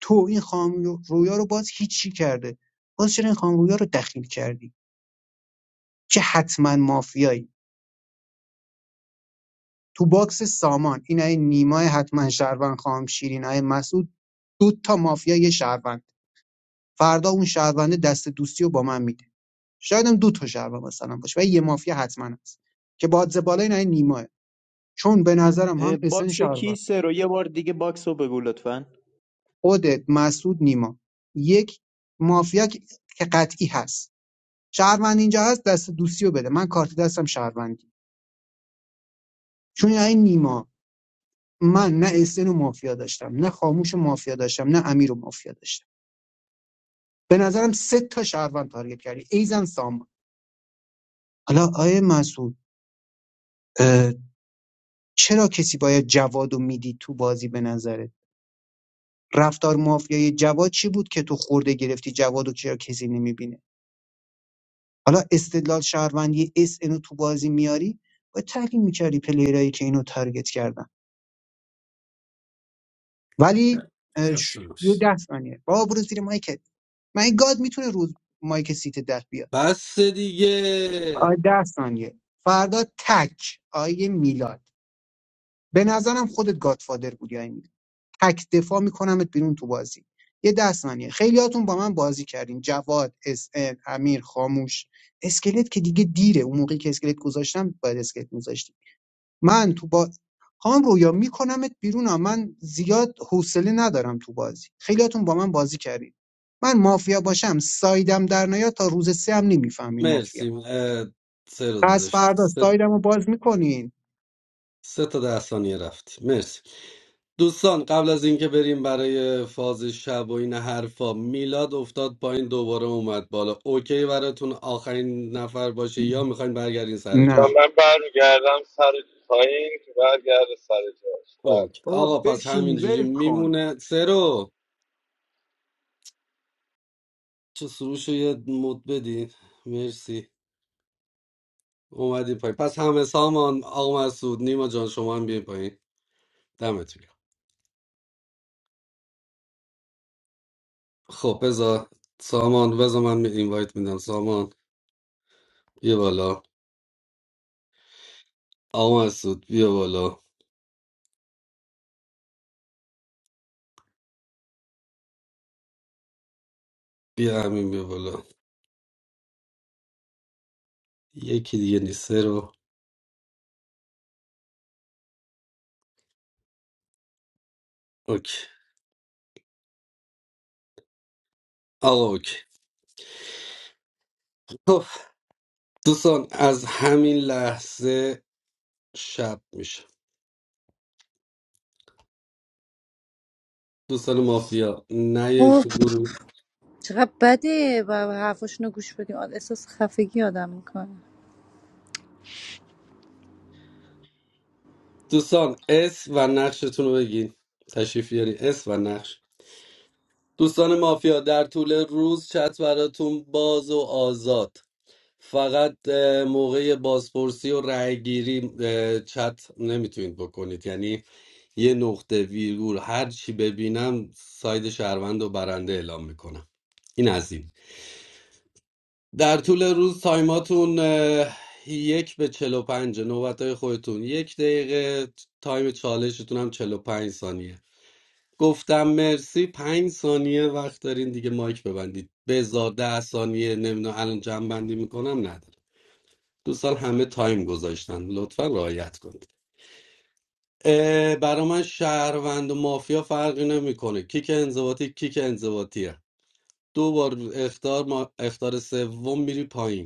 Speaker 13: تو این خام رویا رو باز هیچی کرده باز چرا این خام رویا رو دخیل کردی که حتما مافیایی تو باکس سامان این های نیمای حتما شهروند خام شیرین های مسعود دو تا مافیا یه شهروند فردا اون شهرونده دست دوستی رو با من میده شاید هم دو تا شهروند مثلا باشه و یه مافیا حتما هست که بادز بالا این های نیماه چون به نظرم هم
Speaker 2: اه،
Speaker 13: پسن
Speaker 2: باکس
Speaker 13: شهروند
Speaker 2: کیسه رو یه بار دیگه باکس رو بگو لطفا
Speaker 13: خودت مسعود نیما یک مافیا که که قطعی هست شهروند اینجا هست دست دوستی رو بده من کارت دستم شهروندی چون این نیما من نه اسن و مافیا داشتم نه خاموش و مافیا داشتم نه امیر و مافیا داشتم به نظرم سه تا شهروند تارگت کردی ایزن سامان حالا آیه مسعود چرا کسی باید جوادو میدی تو بازی به نظرت؟ رفتار مافیای جواد چی بود که تو خورده گرفتی جوادو و چرا کسی نمیبینه حالا استدلال شهروندی اس اینو تو بازی میاری و تحلیل میکردی پلیرایی که اینو تارگت کردن ولی اه، ش-
Speaker 5: خسته
Speaker 13: یه
Speaker 5: باشید
Speaker 13: ده ثانیه بابا برو زیر مایکت من گاد میتونه روز مایک سیت ده بیاد
Speaker 5: بس
Speaker 13: آ
Speaker 5: دیگه
Speaker 13: ده ثانیه فردا تک آیه میلاد به نظرم خودت گادفادر بودی آیه میلاد تک دفاع میکنمت بیرون تو بازی یه ده ثانیه خیلیاتون با من بازی کردین جواد اس امیر خاموش اسکلت که دیگه دیره اون موقعی که اسکلت گذاشتم باید اسکلت میذاشتی من تو با خان رویا میکنمت بیرون ها من زیاد حوصله ندارم تو بازی خیلیاتون با من بازی کردید من مافیا باشم سایدم در نیا تا روز سه هم نمیفهمین مافیا
Speaker 5: مرسی اه، سه رو
Speaker 13: پس
Speaker 5: داشت
Speaker 13: فردا
Speaker 5: سه,
Speaker 13: سایدم رو باز میکنین
Speaker 5: سه تا ده ثانیه رفت مرسی دوستان قبل از اینکه بریم برای فاز شب و این حرفا میلاد افتاد پایین دوباره اومد بالا اوکی براتون آخرین نفر باشه یا میخواین برگردین سر جاش
Speaker 13: نه
Speaker 5: اوکی
Speaker 2: آقا
Speaker 5: آقا پس
Speaker 2: بشین
Speaker 5: همینجوری
Speaker 2: ول کن
Speaker 5: میمونه سرو چه سروش رو یه مد بدین مرسی اومدی پایین پس همه سامان آقا مسعود نیما جان شما هم بیاین پایین دمتون گرم خب بذار سامان بذار من اینوایت میدم سامان بیا بالا آقا مسعود بیا بالا بیا همین بیا بالا یکی دیگه نیست سرو اوکی آقا اوکی خب دوستان از همین لحظه شب میشه دوستان مافیا نه تو گروه
Speaker 3: چقدر بده و حرفاشونو گوش بدیم آد- احساس خفگی آدم میکنه
Speaker 5: دوستان اس و نقشتون رو بگین تشریف بیارین اس و نقش دوستان مافیا در طول روز چت براتون باز و آزاد فقط اه، موقع بازپرسی و رأیگیری اه، چت نمیتونید بکنید یعنی یه نقطه ویرگول هر چی ببینم ساید شهروند و برنده اعلام میکنم این از این در طول روز تایماتون اه، یک به چل و پنجه نوبت های خودتون یک دقیقه تایم چالشتون هم چل و پنج ثانیه گفتم مرسی پنج ثانیه وقت دارین دیگه مایک ببندید بزار ده ثانیه نمیدونم الان جمع بندی میکنم نداره دوستان همه تایم گذاشتن لطفا رعایت کنید اه، برا من شهروند و مافیا فرقی نمیکنه کیک انضباطی کیک انضباطیه دو بار اختار ما اختار سوم میری پایین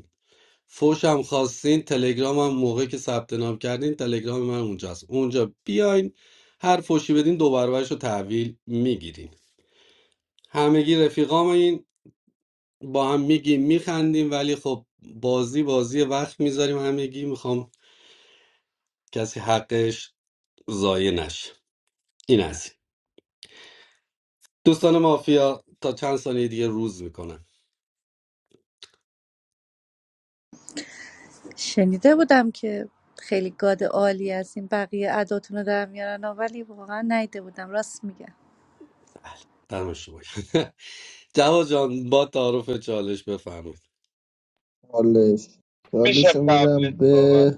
Speaker 5: فوشم خواستین تلگرامم موقع که ثبت نام کردین تلگرام من اونجاست اونجا بیاین هر فوشی بدین دو برابرش رو تحویل میگیرین همگی رفیقامین با هم میگیم میخندیم ولی خب بازی بازی وقت میذاریم همگی میخوام کسی حقش ضایع نشه این از این. دوستان مافیا تا چند ثانیه دیگه روز میکنن
Speaker 3: شنیده بودم که خیلی گاد عالی هستیم بقیه اداتونو در میارن ولی واقعا نیده بودم راست میگن
Speaker 5: دمشون گرم. جواد جان با تعارف چالش بفرمایید
Speaker 1: چالش چالشو میدم به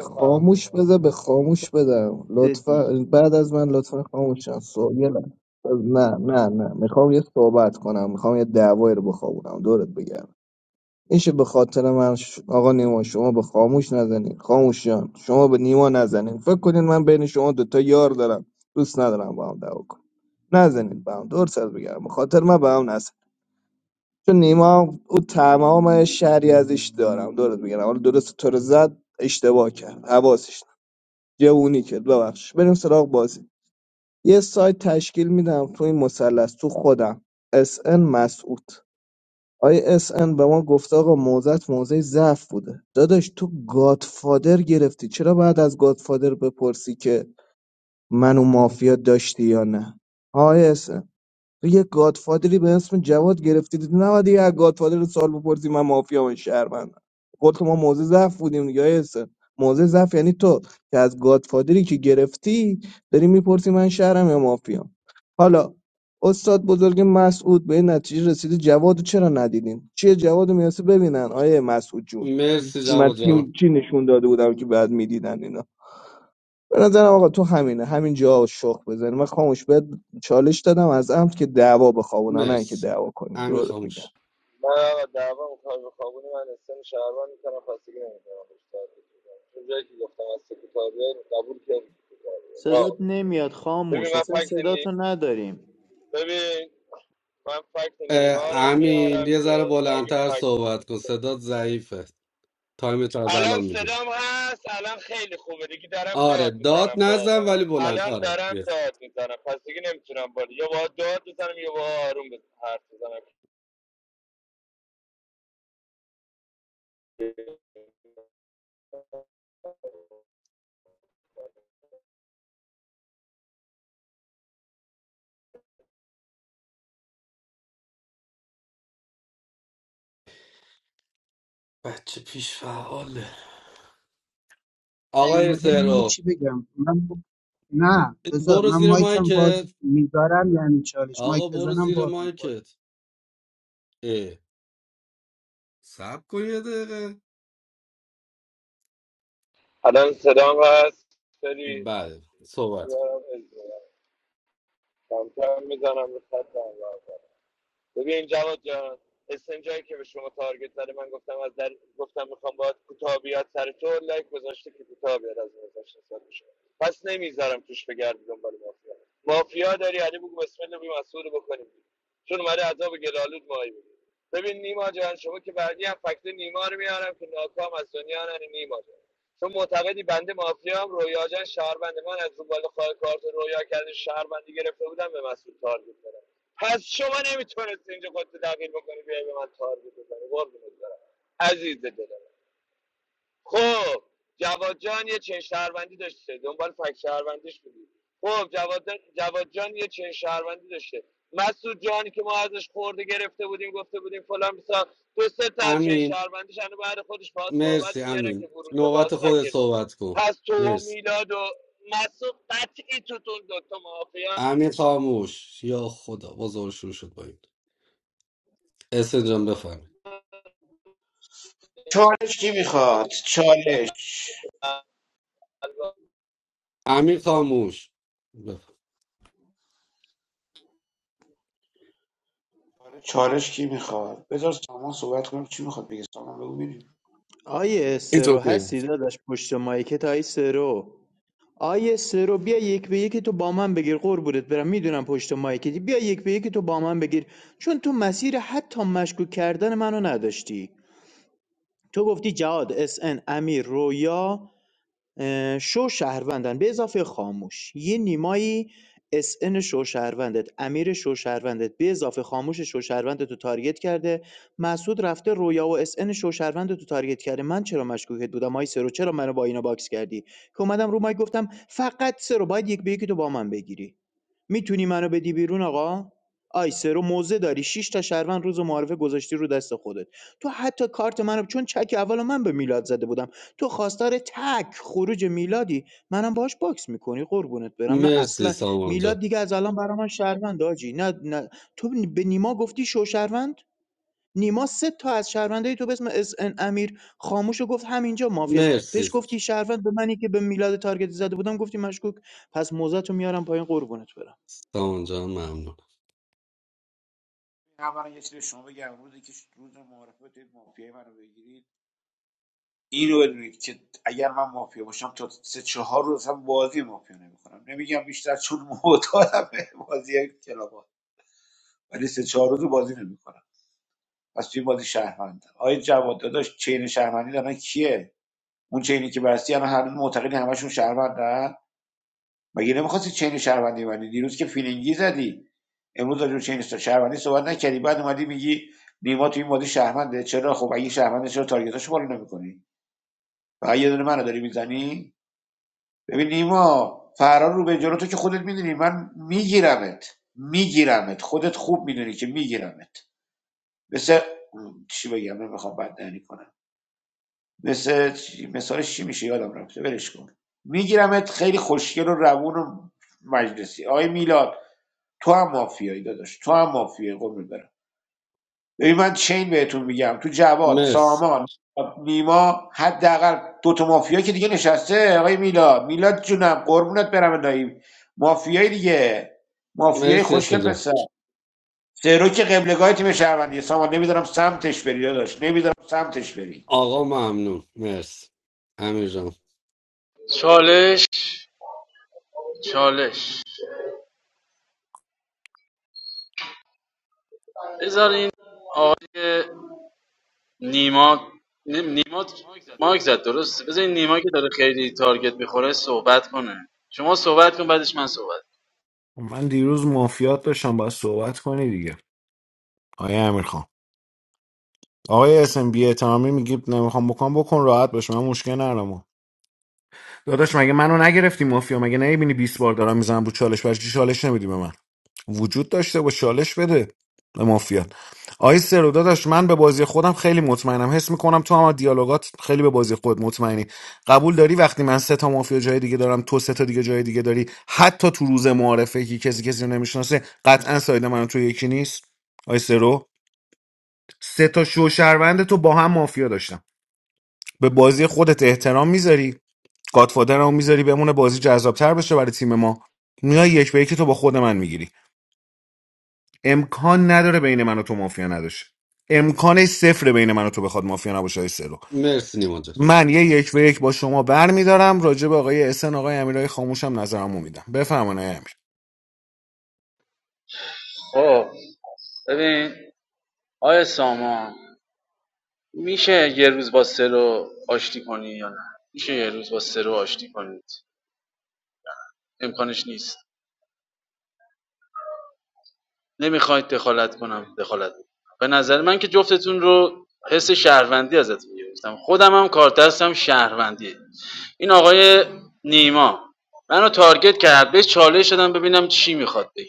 Speaker 1: خاموش بذار به خاموش بدم
Speaker 2: دیگه
Speaker 1: لطفا بعد از من لطفا خاموشم سو... یه لحظه. نه نه نه میخوام یه صحبت کنم میخوام یه دعوایی رو بخوابونم دورت بگم میشه به خاطر من ش- آقا نیما شما به خاموش نزنین خاموش جان شما به نیما نزنین فکر کنین من بین شما دوتا یار دارم دوست ندارم با هم دعوا کنم نزنین با هم دور سر بگیرم به خاطر من به هم نزن چون نیما هم- او تمام شهری ازش دارم دورت بگیرم حالا درست تو رو زد اشتباه کرد حواسش نبود. جوونی کرد ببخش بریم سراغ بازی یه سایت تشکیل میدم تو این مثلث تو خودم اس ان مسعود آقای اس ان به ما گفته آقا موزت موزه ضعف بوده داداش تو گادفادر گرفتی چرا باید از گادفادر بپرسی که منو مافیا داشتی یا نه آقای اس تو یه گادفادری به اسم جواد گرفتی دیدی نباید یه از گادفادر سال بپرسی من مافیا و شهروندم خودت ما موزه ضعف بودیم دیگه آیه حسین. موزه ضعف یعنی تو که از گادفادری که گرفتی داری میپرسی من شهرم یا مافیا حالا استاد بزرگ مسعود به این نتیجه رسیده جواد چرا ندیدیم چیه جواد رو میاسه ببینن آیه مسعود جون
Speaker 5: مرسی
Speaker 1: من
Speaker 5: جواد جان
Speaker 1: چی چی نشون داده بودم که بعد میدیدن اینا به نظرم آقا تو همینه همین جا شخ بزنی من خاموش بهت چالش دادم از عمد که دعوا بخوابونم نه اینکه
Speaker 5: مرسی
Speaker 1: دعوا کنی
Speaker 5: امین
Speaker 1: دورت میگم
Speaker 5: خاموش
Speaker 2: صدات نمیاد خاموش اصلا صداتو نداریم
Speaker 5: اه، امین یه ذره بلندتر صحبت کن صدات ضعیفه تایمت رو از الان میگم آره داد نزن ولی بلند آره yes. بچه پیش فعاله آقای
Speaker 13: نیومده من
Speaker 5: سرو
Speaker 13: چی بگم من ب- نه بذار
Speaker 5: برو
Speaker 13: من
Speaker 5: زیر
Speaker 13: مایکم باز
Speaker 5: مایکت
Speaker 13: میذارم یعنی چالش
Speaker 5: آقا
Speaker 13: مایک
Speaker 5: برو
Speaker 13: بزنم
Speaker 5: زیر
Speaker 13: باز میخوره
Speaker 5: مایکت اه. سب کن یه دقیقه بله صحبت کن. امین مرسی امین نوبت خود صحبت کن مرسی امیر خاموش یا خدا باز دوباره شروع شد با این اسم جان بفهم
Speaker 14: چالش کی میخواد چالش
Speaker 5: امیر خاموش بفهم.
Speaker 14: چالش کی میخواد بذار سامان صحبت کنم چی میخواد بگه سامان بگو ببینیم
Speaker 2: آیه
Speaker 16: این تو
Speaker 2: سرو
Speaker 16: که
Speaker 2: هستی داداش پشت مایکت آیه سرو آی رو بیا یک به یکی تو با من بگیر قربونت برم میدونم پشت مایکتی بیا یک به یکی تو با من بگیر چون تو مسیر حتی مشکوک کردن منو نداشتی تو گفتی جهاد اس ان امیر رویا شو شهروندن به اضافه خاموش یه نیمایی اس ان شو شهروندت امیر شو شهروندت به اضافه خاموش شو شهروندت رو تارگت کرده مسعود رفته رویا و اس ان شو شهروندت رو تارگت کرده من چرا مشکوکت بودم آی سرو چرا منو با اینا باکس کردی که اومدم رو مایک گفتم فقط سرو باید یک به یکی تو با من بگیری میتونی منو بدی بیرون آقا؟ آی سرو موزه داری شش تا شهروند روز معارفه گذاشتی رو دست خودت تو حتی کارت منو چون چک اول من به میلاد زده بودم تو خواستار تک خروج میلادی منم باش باکس میکنی قربونت برم نه
Speaker 5: مرسی
Speaker 2: اصلا
Speaker 5: سامان
Speaker 2: میلاد
Speaker 5: جان
Speaker 2: دیگه از الان برا من شهروند آجی نه نه تو به نیما گفتی شو شهروند نیما سه تا از شهروندای تو به اسم اس ان امیر خاموش گفت همینجا مافیاست
Speaker 5: مرسی
Speaker 2: بهش گفتی شهروند به منی که به میلاد تارگت زده بودم گفتی مشکوک پس موزه تو میارم پایین قربونت برم
Speaker 5: سامان جان ممنون
Speaker 14: بگید که اگر مافیا باشم تا سه چهار روز هم بازی مافیا نمیکنم نمیگم بیشتر چون معتادم به بازی ولی سه چهار روز بازی نمیکنم پس توی بازی شهروند آیا جواد داداش چین شهروندی الان کیه اون چینی که بستی الان هر روز معتقدی همشون شهروندن مگه نمیخواستی چین شهروندی بندی دیروز که فیلینگی زدی امروز راجع به چین است- شهروندی صحبت نکردی بعد اومدی میگی نیما توی این بازی شهرونده چرا خب اگه شهرونده چرا تارگتاشو بالا نمیکنی فقط یه دونه منو داری میزنی ببین نیما فرار رو به جلو تو که خودت میدونی من میگیرمت میگیرمت خودت خوب میدونی که میگیرمت مثل چی بگم نمیخوام بددهنی کنم مثل مثالش چی میشه یادم رفته ولش کن میگیرمت خیلی خوشگل و روون و مجلسی آقای میلاد تو هم مافیایی داداش تو هم مافیایی قول برم ببین من چین بهتون میگم تو جواد
Speaker 5: مرسی
Speaker 14: سامان نیما حداقل دو تا مافیا که دیگه نشسته آقای میلاد میلاد جونم قربونت برم الهی مافیایی دیگه مافیای
Speaker 5: مرسی
Speaker 14: خوشگل
Speaker 5: اسم جان
Speaker 14: پسر سرو که قبلگاه تیم شهروندی سامان نمیدارم سمتش بری داشت نمیدارم سمتش بری
Speaker 5: آقا ممنون مرسی امیر جان
Speaker 15: چالش چالش بذار این آقای نیما نیم- نیما مایک زد درست بذارین نیما که داره خیلی تارگت میخوره صحبت کنه شما صحبت کن بعدش من صحبت کنم.
Speaker 8: من دیروز مافیات داشتم باید صحبت کنی دیگه آیا امیر آقای اسم بی اعتمامی میگی نمیخوام بکن بکن راحت باش من مشکل ندارم داداش مگه منو نگرفتی مافیا مگه نمیبینی بیست بار دارم میزنم رو چالش برش چالش نمیدی به من وجود داشته با چالش بده به مافیا آقای سرو داداش من به بازی خودم خیلی مطمئنم حس میکنم تو هم از دیالوگات خیلی به بازی خود مطمئنی قبول داری وقتی من سه تا مافیا جای دیگه دارم تو سه تا دیگه جای دیگه داری حتی تو روز معارفه که کسی کسی رو نمیشناسه قطعا ساید من و تو یکی نیست آقای سرو سه تا شو شهروند تو با هم مافیا داشتم به بازی خودت احترام میذاری گادفادر رو میذاری بمونه بازی جذابتر بشه برای تیم ما میای یک به یکی تو با خود من میگیری امکان نداره بین من و تو مافیا نداشه امکان صفر بین من و تو بخواد مافیا نباشه های سلو
Speaker 5: مرسی نیما جان
Speaker 8: من یه یک به یک با شما برمیدارم راجع به آقای اسن آقای امیرای خاموشم نظرمو میدم بفرمایید آقای
Speaker 15: خب ببین آیا سامان میشه یه روز با سرو آشتی کنی یا نه میشه یه روز با سرو آشتی کنید امکانش نیست نمیخواید دخالت کنم دخالت می‌کنم. به نظر من که جفتتون رو حس شهروندی ازتون گرفتم خودم هم کار دستم شهروندیه این آقای نیما منو تارگت کرد بهش چالش شدم ببینم چی میخواد بگه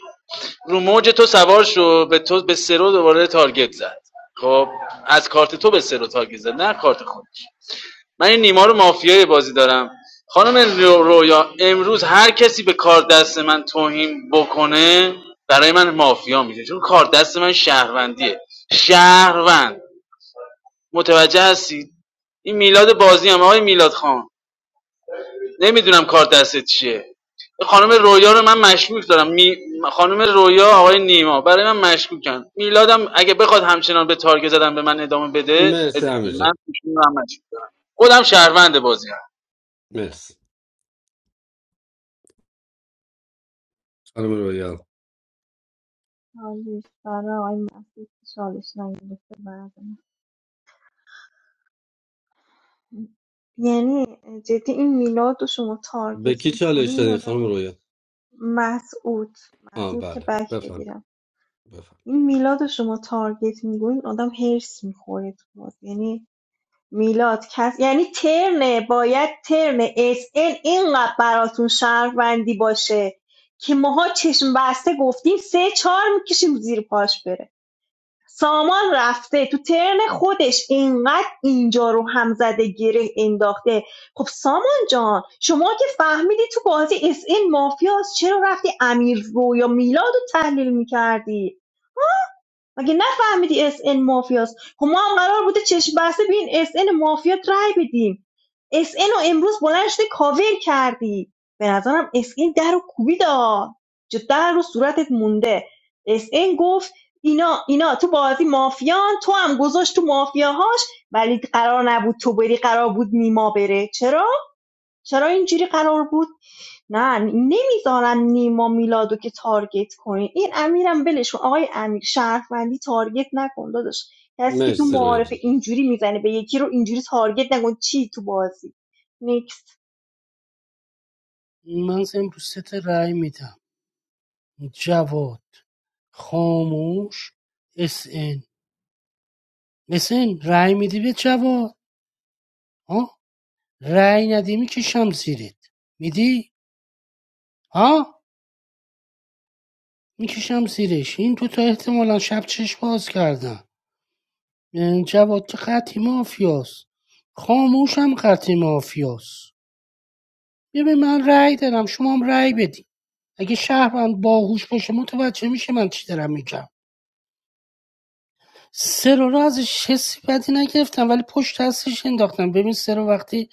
Speaker 15: رو موج تو سوار شو به تو به سرو دوباره تارگت زد خب از کارت تو به سرو تارگت زد نه کارت خودش من این نیما رو مافیای بازی دارم خانم رو- رویا امروز هر کسی به کار دست من توهین بکنه برای من مافیا میشه چون کار دست من شهروندیه شهروند متوجه هستید این میلاد بازی هم آقای میلاد خان نمیدونم کار دستت چیه خانم رویا رو من مشکوک دارم می... خانم رویا آقای نیما برای من مشکوکن میلادم اگه بخواد همچنان به تارگت زدن به من ادامه بده اد...
Speaker 5: مرسی امیر
Speaker 15: من
Speaker 5: جان
Speaker 15: ایشون رو هم مشکوک دارم خودم شهروند بازی
Speaker 5: مرسی خانم رویا
Speaker 12: چالش برای آقای مسعود که چالش نگرفته بعد من. یعنی جدی این میلاد رو شما
Speaker 5: به
Speaker 12: تارگت
Speaker 5: کی
Speaker 12: میکنه
Speaker 5: چالش
Speaker 12: این
Speaker 5: دادی خانم
Speaker 12: آدم
Speaker 5: رویا
Speaker 12: مسعود
Speaker 5: آه
Speaker 12: مسعود که
Speaker 5: بله
Speaker 12: بک
Speaker 5: بفهم
Speaker 12: بگیرم
Speaker 5: بفهم
Speaker 12: این میلاد رو شما تارگت می‌کنی، آدم هرس میخوره تو بازی. یعنی میلاد کس یعنی ترن باید ترن اس ان اینقدر براتون شهروندی باشه که ماها چشم بسته گفتیم سه چهار میکشیم زیر پاش بره سامان رفته تو ترن خودش اینقدر اینجا رو هم زده گره انداخته خب سامان جان شما که فهمیدی تو بازی اس این مافیاست چرا رفتی امیر رو یا میلاد رو تحلیل میکردی مگه نفهمیدی اس ان مافیاست خب ما هم قرار بوده چشم بسته بین اس ان مافیات رای بدیم اس ان رو امروز بلند شده کاور کردی به نظرم اس ان در رو کوبیدا جدا رو صورتت مونده اس ان گفت اینا اینا تو بازی مافیان تو هم گذاشت تو مافیاهاش ولی قرار نبود تو بری قرار بود نیما بره چرا چرا اینجوری قرار بود نه نمیذارن نیما میلادو که تارگت کنین این امیرم ولش کن. آقای امیر شهروندی تارگت نکن داداش کسی که تو
Speaker 5: مرسی رویا
Speaker 12: معارفه
Speaker 5: جان
Speaker 12: اینجوری میزنه به یکی رو اینجوری تارگت نکن چی تو بازی نیکست
Speaker 9: من امروزت رای میدم جواد خاموش اس ان اس ان رای میدی به جواد آه رأی ندی میکشم زیرت میدی ها میکشم زیرش این دوتا احتمالا شب چشم باز کردن اه، جواد که قطعی مافیاست خاموشم قطعی مافیاست ببین من رأی دادم شما هم رأی بدی اگه شهروند باهوش باشه متوجه میشه من چی دارم میگم سرو رو ازش حسی بدی نگرفتم ولی پشت دستش انداختم ببین سرو وقتی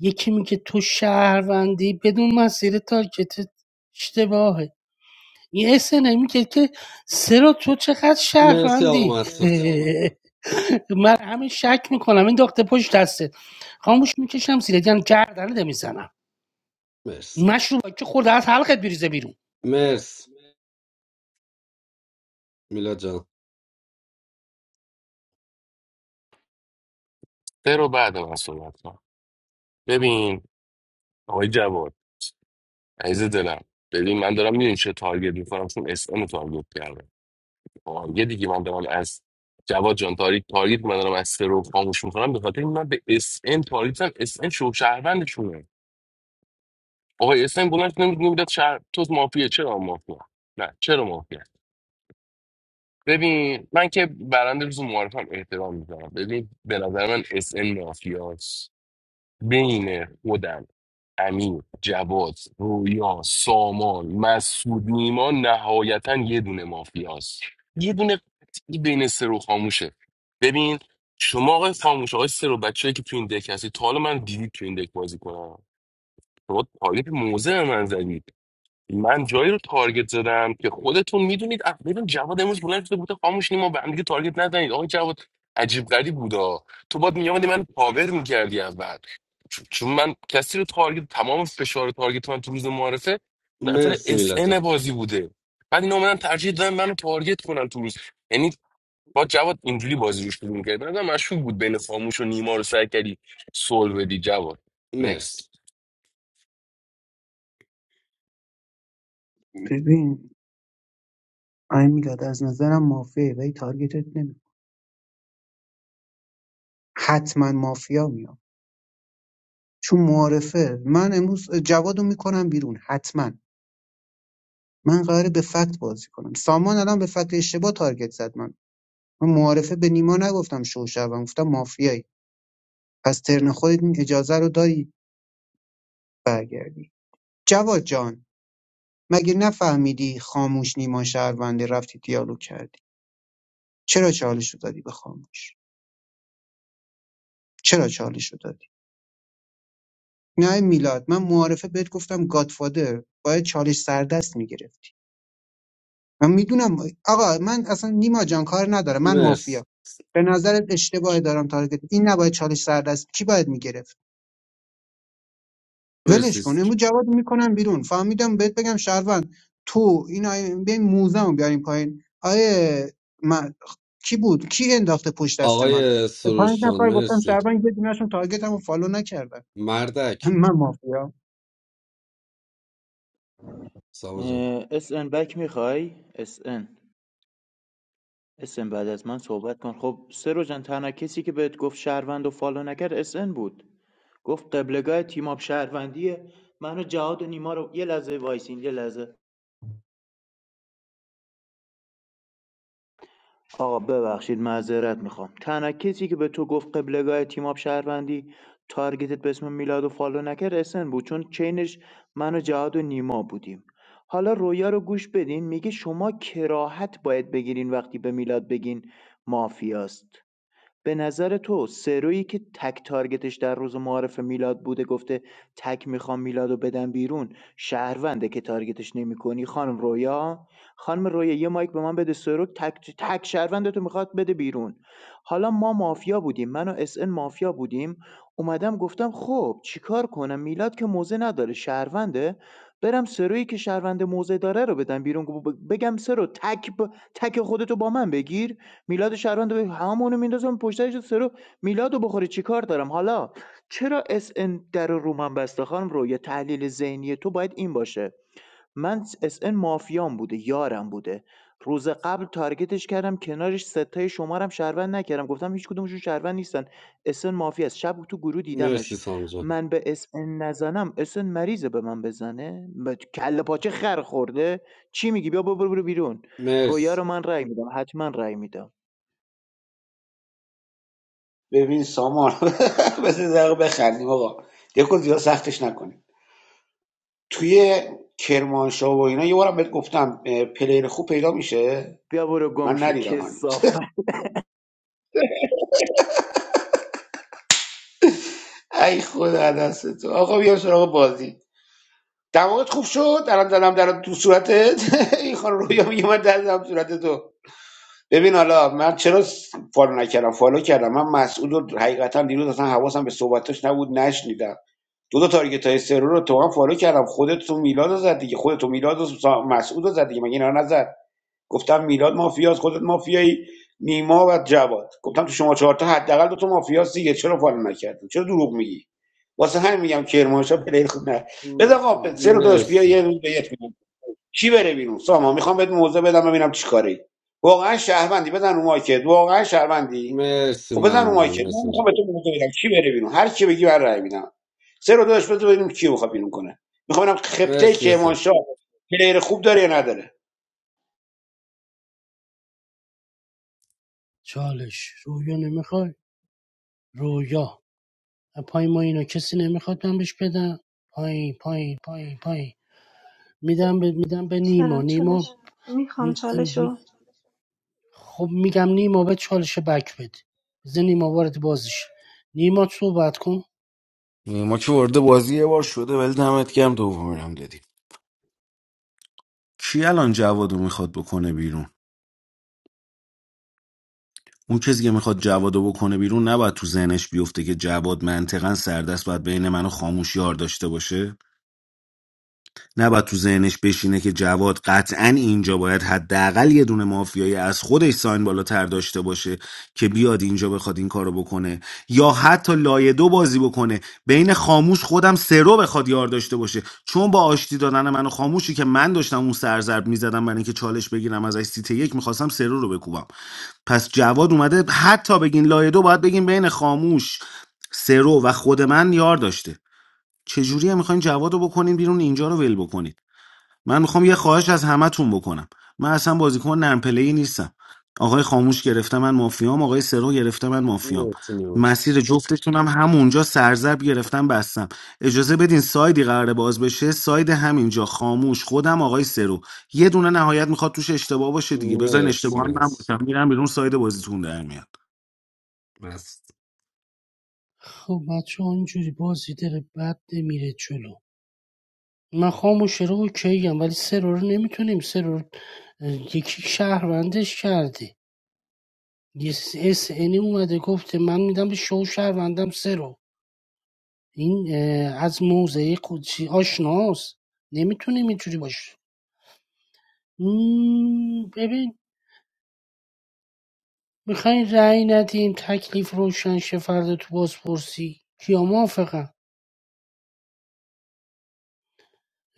Speaker 9: یکی میگه تو شهروندی بدون مسیر تارگتت اشتباهه این اسن میگه که سرا تو چقدر
Speaker 5: مرسی
Speaker 9: شهروندی
Speaker 5: آقا مسعود
Speaker 9: من همین شک میکنم این داخته پشت دسته خاموش میکشم زیر یعنی گردنه میزنم
Speaker 5: مرسی
Speaker 9: مشروب که خورده از حلقت بریزه بیرون
Speaker 5: مرسی میلاد جان
Speaker 16: سه رو بعد من صحبت کنم ببین آقای جواد عزیز دلم ببین من دارم میدونی چه تارگت میکنم چون اس ام تارگت کردم آه، یه دیگه من دارم از جواد جان تاریک تارگت من دارم از سه رو خاموش میکنم به خاطر این من به اس ان تارگت زدم. اس ان شو شهروندشونه آقای اسم بلند شد نمیدونی بودت شهر تو مافیه چرا مافیا نه چرا مافیا ببین من که برنده روز معارفم احترام میذارم ببین به نظر من اس ان مافیاس بین خودم امین جواد رویا سامان مسعود نیما نهایتا یه دونه مافیاست یه دونه قطعی بین سرو خاموشه ببین شما آقای خاموش آقای سرو بچه‌ای که تو این دک هستی تا حالا من دیدید تو این دک بازی کنم شما تارگت موزه به من زدید من جایی رو تارگت زدم که خودتون میدونید اه، ببین جواد امروز بلند شده بوده خاموش نیم ما به هم دیگه تارگت نزنید آقا جواد عجیب غریب بودا تو باید میامدی من پاور میکردی اول چ- چون من کسی رو تارگت تمام فشار تارگت من تو روز معارفه نفر
Speaker 5: مرسی
Speaker 16: اس
Speaker 5: میلاد جان
Speaker 16: ان بازی بوده بعد اینا اومدن ترجیح دادن منو تارگت کنن تو روز یعنی با جواد اینجوری بازی روش شروع می‌کرد بعدم مشکوک بود بین خاموش و نیما رو سعی کردی سول بدی جواد
Speaker 5: مرسی
Speaker 16: نکست
Speaker 13: ببین این میلاد از نظرم مافیه ولی تارگتت نمی حتما مافیا میاد چون معارفه من امروز جوادو میکنم بیرون حتما من قراره به فکت بازی کنم سامان الان به فکت اشتباه تارگت زد من من معارفه به نیما نگفتم شو شوم گفتم مافیایی پس ترن خودت این اجازه رو داری برگردی جواد جان مگه نفهمیدی خاموش نیما شهرونده رفتی دیالوگ کردی چرا چالش رو دادی به خاموش چرا چالش رو دادی نه میلاد من معارفه بهت گفتم گادفادر باید چالش سردست میگرفتی من میدونم آقا من اصلا نیما جان کار نداره من
Speaker 5: مرسی
Speaker 13: مافیا به نظرت اشتباه دارم تارگت این نباید چالش سر دست کی باید میگرفت ولش کن
Speaker 5: مرسی
Speaker 13: امروز جواد میکنم بیرون فهمیدم بهت بگم شهروند تو این آیه بیاین موزمو بیاریم پایین آیه من کی بود کی انداخته پشت دست من
Speaker 5: آقای
Speaker 13: به پنج
Speaker 5: سروش خان
Speaker 13: نفر گفتم
Speaker 5: مرسی
Speaker 13: شهروند یه دونهشون تارگتمو فالو نکردن
Speaker 5: مردک
Speaker 13: من مافیا
Speaker 5: ساما جان
Speaker 2: اه، اس ان بک میخوای اس ان اس ان بعد از من صحبت کن خب سرو جان تنها کسی که بهت گفت شهروند و فالو نکرد اس ان بود گفت قبلگاه تیم آب شهروندی منو جهاد و نیما رو یه لحظه وایسین یه لحظه آقا ببخشید معذرت میخوام تنها کسی که به تو گفت قبلگاه تیماب شهروندی تارگتت به اسم میلاد و فالو نکرد اسن بود چون چینش من و جهاد و نیما بودیم حالا رویا رو گوش بدین میگه شما کراهت باید بگیرین وقتی به میلاد بگین مافیاست به نظر تو سرویی که تک تارگتش در روز معارف میلاد بوده گفته تک میخوام میلادو بدم بیرون شهرونده که تارگتش نمیکنی خانم رویا خانم رویا یه مایک به من بده سرو تک تک شهرونده تو میخواد بده بیرون حالا ما مافیا بودیم من و اس ان مافیا بودیم اومدم گفتم خب چیکار کنم میلاد که موزه نداره شهرونده برم سرویی که شهرونده موزه داره رو بدم بیرون ب- بگم سرو تک ب... تک خودتو با من بگیر میلاد شهروند رو همونو میندازم پشتش سرو میلادو بخوری چیکار دارم حالا چرا اس ان در رو من بسته خانم رو یه تحلیل ذهنی تو باید این باشه من اس ان مافیان بوده یارم بوده روز قبل تارگتش کردم کنارش ستای شمارم شهروند نکردم گفتم هیچ کدومشون شهروند نیستن اسن مافی است شب تو گروه
Speaker 5: مرسی
Speaker 2: دیدمش
Speaker 5: ساما جان
Speaker 2: من به اس اسن نزنم اس اسن مریضه به من بزنه به کله پاچه خر خورده چی میگی بیا برو برو بیرون رویا
Speaker 5: مرسی
Speaker 2: رو من رای میدم حتما رای میدم
Speaker 14: ببین سامان بذار دقیقه بخندیم آقا دیگه زیاد سختش نکنیم توی کرمانشاه و اینا یه بارم بهت گفتم پلیر خوب پیدا میشه
Speaker 2: بیا برو گم
Speaker 14: من
Speaker 2: شو
Speaker 14: ندیدم هنوز
Speaker 2: کثافت
Speaker 14: ای خدا دست تو آقا بیام سراغ بازی دماغت خوب شد الان دلم در تو صورتت این خانم رویا میگه من دلم تو صورت تو ببین حالا من چرا س- فالو نکردم فالو کردم من مسعود رو حقیقتا دیروز اصلا حواسم به صحبتاش نبود نشنیدم دو تا تارگت های سرور رو تو هم فالو کردم خودت تو میلاد رو زد دیگه خودت تو میلاد و سا- مسعود رو زد دیگه مگه اینا رو نزد گفتم میلاد مافیاست خودت مافیایی نیما و جواد گفتم تو شما چهار تا حداقل دو تا مافیاست دیگه چرا فالو نکردی چرا دروغ میگی واسه همین میگم کرمانشاه پلیر خوب نه بذار آقا سه رو داداش بیا
Speaker 5: مرسی
Speaker 14: یه روز به یک کی بره بیرون سامان میخوام بهت موضع بدم ببینم چیکاری واقعا شهروندی بزن رو مایکت واقعا شهروندی
Speaker 5: مرسی
Speaker 14: خب بزن رو
Speaker 5: ممنون
Speaker 14: مایکت من
Speaker 5: مرسی
Speaker 14: میخوام به
Speaker 5: جان
Speaker 14: تو موضع بدم کی بره بیرون هر کی بگی بر رأی میدم سه رو داشت بذار ببینیم کیو میخواد بیرون کنه میخوام ببینم خپته
Speaker 5: مرسی
Speaker 14: که
Speaker 5: یاسر
Speaker 14: امانشاه پلیر خوب داره یا نداره
Speaker 9: چالش رویا نمیخوای رویا پای ما اینا کسی نمیخواد من بهش بدم پایین پایین پایین پایین میدم به میدم به نیما
Speaker 12: چرا
Speaker 9: نیما
Speaker 12: چالش میخوام چالش رو
Speaker 9: خب میگم نیما به چالش بک بده بذار نیما وارد بازش نیما صحبت کن
Speaker 8: امیر ما که ورده بازی یه بار شده ولی دمت گرم دومی هم دادی کی الان جوادو میخواد بکنه بیرون اون کسی که میخواد جواد رو بکنه بیرون نباید تو ذهنش بیفته که جواد منطقا سردست باید بین منو خاموش یار داشته باشه نباید تو ذهنش بشینه که جواد قطعا اینجا باید حداقل یه دونه مافیایی از خودش ساین بالاتر داشته باشه که بیاد اینجا بخواد این کارو بکنه یا حتی لایه دو بازی بکنه بین خاموش خودم سرو بخواد یار داشته باشه چون با آشتی دادن منو خاموشی که من داشتم اون سرزرب میزدم برای اینکه چالش بگیرم از سیت یک میخواستم سرو رو بکوبم پس جواد اومده حتی بگین لایه دو باید بگین بین خاموش سرو و خود من یار داشته چجوری میخواین جواد رو بکنین بیرون اینجا رو ول بکنین من میخوام یه خواهش از همتون بکنم من اصلا بازیکن نرم پلی نیستم آقای خاموش گرفته من مافیام آقای سرو گرفته من مافیام
Speaker 5: مرسی نیوش
Speaker 8: مسیر جفتتونم همونجا سرزب گرفتم بستم اجازه بدین سایدی قراره باز بشه ساید همینجا خاموش خودم آقای سرو یه دونه نهایت میخواد توش اشتباه باشه دیگه بذارین
Speaker 5: مرسی
Speaker 8: اشتباه من
Speaker 5: مرسی
Speaker 8: باشم میرم بیرون ساید بازیتون در میاد
Speaker 5: مرسی
Speaker 9: خب بچه ها اینجوری بازی داره بد نمیره جلو من خاموشه رو اوکی ولی سرور رو نمیتونیم سرور اه، یکی شهروندش کرده یه اس اینی اومده گفته من میدم به شو شهروندم سرو این از موزه قدسی آشناست نمیتونیم اینجوری باشه مم، ببین میخواین رأی ندیم تکلیف روشن شه فردا تو بازپرسی کیا موافقن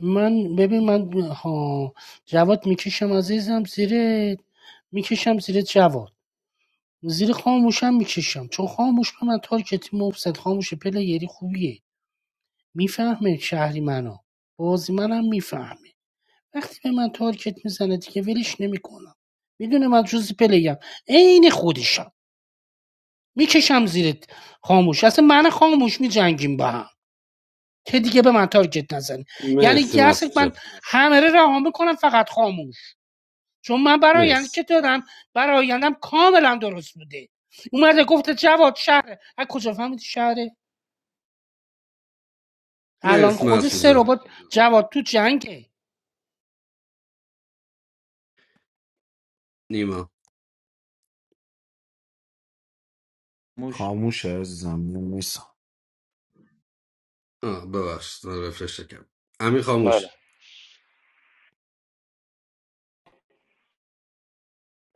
Speaker 9: من ببین من ها جواد میکشم عزیزم زیر میکشم زیر جواد زیر خاموشم میکشم چون خاموش به من تارکتی مفسد خاموش پلیری خوبیه میفهمه شهری منو بازی منم میفهمه وقتی به من تارکت میزنه دیگه ولش نمیکنم میدونه من جزی پلیم عین خودشم میکشم زیر خاموش اصلا من خاموش میجنگیم با هم که دیگه به من تارگت نزنه یعنی
Speaker 5: مرسی
Speaker 9: که اصلا
Speaker 5: مرسی
Speaker 9: من
Speaker 5: جان
Speaker 9: همه رو رها میکنم فقط خاموش چون من برایند
Speaker 5: مرسی
Speaker 9: که دادم برایندم کاملا درست بوده اومده گفته جواد شهر. از کجا فهمیدی شهره الان
Speaker 5: مرسی
Speaker 9: خود
Speaker 5: مرسی
Speaker 9: سه
Speaker 5: جان
Speaker 9: ربات جواد تو جنگه
Speaker 5: نیما
Speaker 2: موش
Speaker 8: خاموش عزیزم من نیستم
Speaker 5: آه ببخشید من رفرش کردم امی خاموش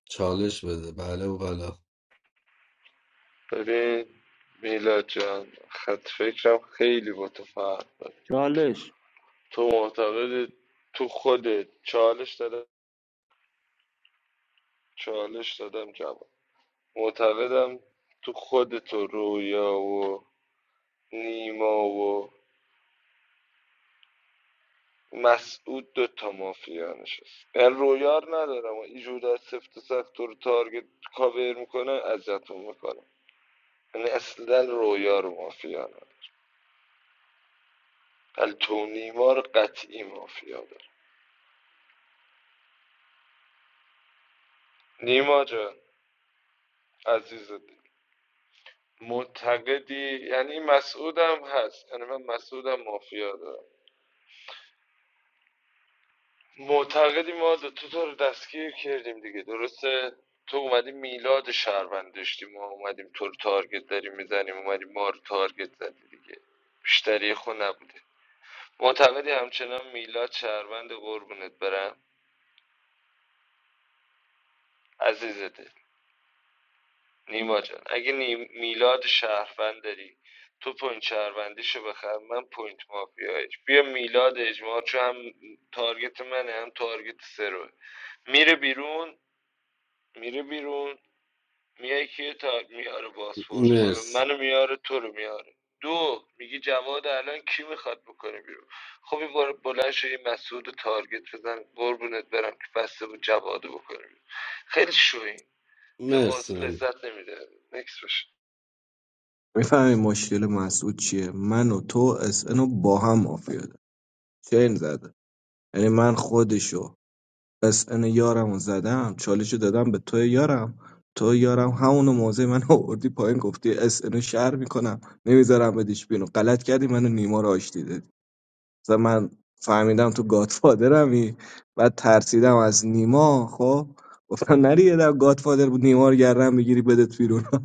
Speaker 5: چالش بده بله و بله
Speaker 17: ببین میلاد جان خط فکرم خیلی با تو فرق داره
Speaker 2: چالش
Speaker 17: تو معتقد تو خودت چالش دادم چالش دادم جواب معتقدم تو خودت و رویا و نیما و مسعود دو تا مافیا نشست من رویار ندارم و اینجور از سفت و سخت تو رو تارگت کاور میکنه ازتون میکنم یعنی اصلا رویا رو مافیا ندارم ولی تو و نیما رو قطعی مافیا دارم نیما جان عزیز دل معتقدی یعنی مسعودم هست یعنی من مسعودم مافیا دارم معتقدی ما دو تو تو رو دستگیر کردیم دیگه درسته تو اومدی میلاد شهروند داشتی ما اومدیم تو رو تارگت داریم میزنیم اومدی ما رو تارگت زدی دیگه بیشتری خود نبوده معتقدی همچنان میلاد شهروند قربونت برم عزیزت نیما جان اگه نی- میلاد شهروند داری تو پوینت شهروندیشو بخر من پوینت مافیایش بیا میلاد اجماع چون هم تارگت منه هم تارگت سروه میره بیرون میره بیرون میای کیه تا میاره باسفورس بالا
Speaker 5: مرسی
Speaker 17: منو میاره تو رو میاره دو میگی جواد الان کی میخواد بکنه بیرون خب این بار بلند شد یه مسعود رو تارگت بزن قربونت برم که بسته بود جواد رو بکنه بیرون خیلی شوین اصلا
Speaker 5: مرسی
Speaker 17: بازی
Speaker 5: امی
Speaker 17: لذت نمیده نکس
Speaker 1: میفهمی مشکل مسعود چیه من و تو اس رو با هم مافیا داریم. چین زده یعنی من خودشو اس ان یارم زدم چالشو دادم به تو یارم تو یارم همونو موضع من آوردی پایین گفتی اس ان شهر میکنم نمیذارم بدیش بینو غلط کردی منو نیما رو آشتی مثلا من فهمیدم تو گادفادرمی بعد ترسیدم از نیما خب گفتم نری یه در گادفادر بود نیما رو گردن بگیری بدت بیرون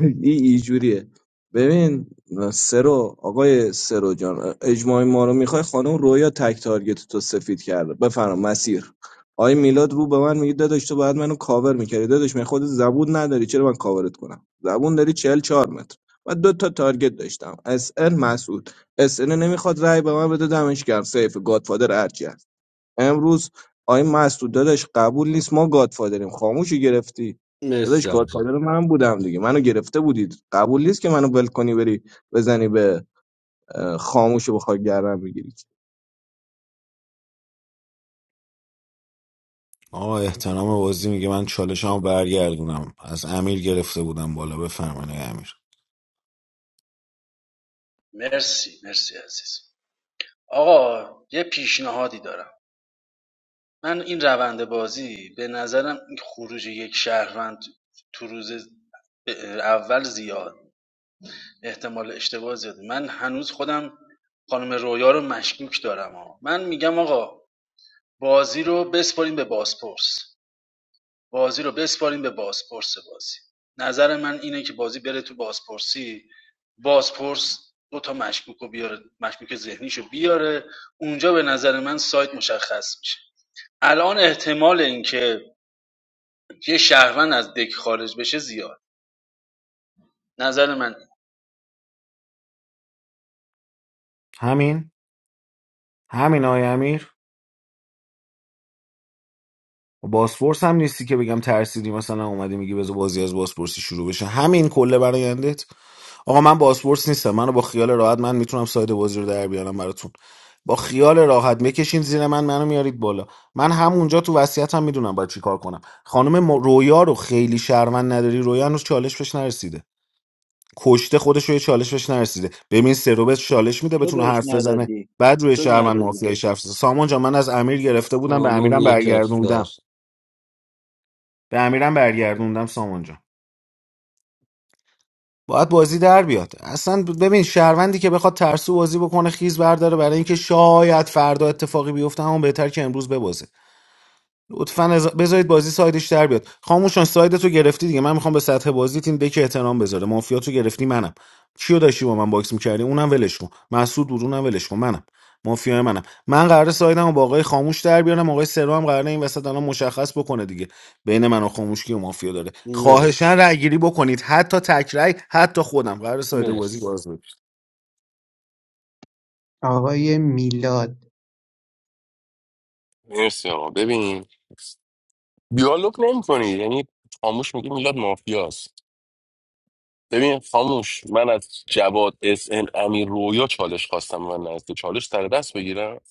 Speaker 1: این اینجوریه ببین سرو آقای سرو جان اجماع ما رو میخوای خانم رویا تک تارگت تو سفید کرده بفرما مسیر آقای میلاد رو به من میگه داداش تو باید منو کاور میکردی داداش من خود زبون نداری چرا من کاورت کنم زبون داری چهل چهار متر و دو تا تارگت داشتم اس ان مسعود اس ان نمیخواد رأی به من بده دمش گرم سیف گادفادر ارجه امروز آقای مسعود داداش قبول نیست ما گادفادریم خاموشی گرفتی
Speaker 5: مرسی
Speaker 1: داداش
Speaker 5: جواد جان.
Speaker 1: گادفادر من بودم دیگه منو گرفته بودید قبول نیست که منو ول کنی بری بزنی به اه، خاموش و بخوای گردن بگیری
Speaker 8: آقا احترام بازی میگه من چالشمو برگردونم از امیر گرفته بودم بالا بفرمایید آقای امیر
Speaker 15: مرسی مرسی عزیز آقا یه پیشنهادی دارم من این روند بازی به نظرم خروج یک شهروند تو روز اول زیاد احتمال اشتباه زیاده من هنوز خودم خانم رویا رو مشکوک دارم ها من میگم آقا بازی رو بسپاریم به بازپرس بازی رو بسپاریم به بازپرس بازی نظر من اینه که بازی بره تو بازپرسی بازپرس دو تا مشکوک رو بیاره مشکوک ذهنیشو بیاره اونجا به نظر من سایت مشخص میشه الان احتمال اینکه یه شهروند از دک خارج بشه زیاد نظر من
Speaker 8: همین همین آقای امیر باسپورس هم نیستی که بگم ترسیدی مثلا اومدی میگی بذار بازی از باسپورسی شروع بشه همین کله برایندت آقا من باسپورس نیستم منو با خیال راحت من میتونم ساید بازی رو در بیارم براتون با خیال راحت میکشین زیر من منو میارید بالا من همونجا تو وصیتم میدونم باید چیکار کنم خانم م- رویا رو خیلی شرمن نداری رویا هنوز چالش بهش نرسیده کشته خودش رو یه چالش بهش نرسیده ببین سرو بهش چالش میده
Speaker 2: تو
Speaker 8: بتونه
Speaker 2: بهش
Speaker 8: حرف بزنه
Speaker 2: ندادی
Speaker 8: بعد روی
Speaker 2: تو
Speaker 8: شهروند
Speaker 2: ندادی
Speaker 8: مافیای
Speaker 2: بهش
Speaker 8: شفت سامان جان من از امیر گرفته بودم به
Speaker 5: سامان
Speaker 8: امیرم
Speaker 5: یک اختار
Speaker 8: برگردوندم به امیرم برگردوندم سامان جان باید بازی در بیاد اصلا ببین شهروندی که بخواد ترسو بازی بکنه خیز برداره برای اینکه شاید فردا اتفاقی بیفته همون بهتر که امروز ببازه لطفا از- بذارید بازی سایدش در بیاد خاموشان سایدتو تو گرفتی دیگه من میخوام به سطح بازیت این دک احترام بذاره مافیا تو گرفتی منم کیو داشتی با من باکس میکردی اونم ولش کن مسعود بود اونم ولش کن منم مافیا منم من قراره سایدم با آقای خاموش در بیارم آقای سرو هم قراره این وسط الان مشخص بکنه دیگه بین من و خاموش کیو مافیا داره خواهشاً
Speaker 5: مرسی
Speaker 8: رأی گیری بکنید حتی تکرای حتی خودم قراره ساید بازی
Speaker 5: مرسی
Speaker 8: باز بشه
Speaker 13: آقای میلاد
Speaker 16: مرسی آقا ببین دیالوگ نمی کنی یعنی خاموش میگی میلاد مافیاست ببین خاموش من از جواد اس ان امیر رویا چالش خواستم من نزد چالش سر دست بگیرم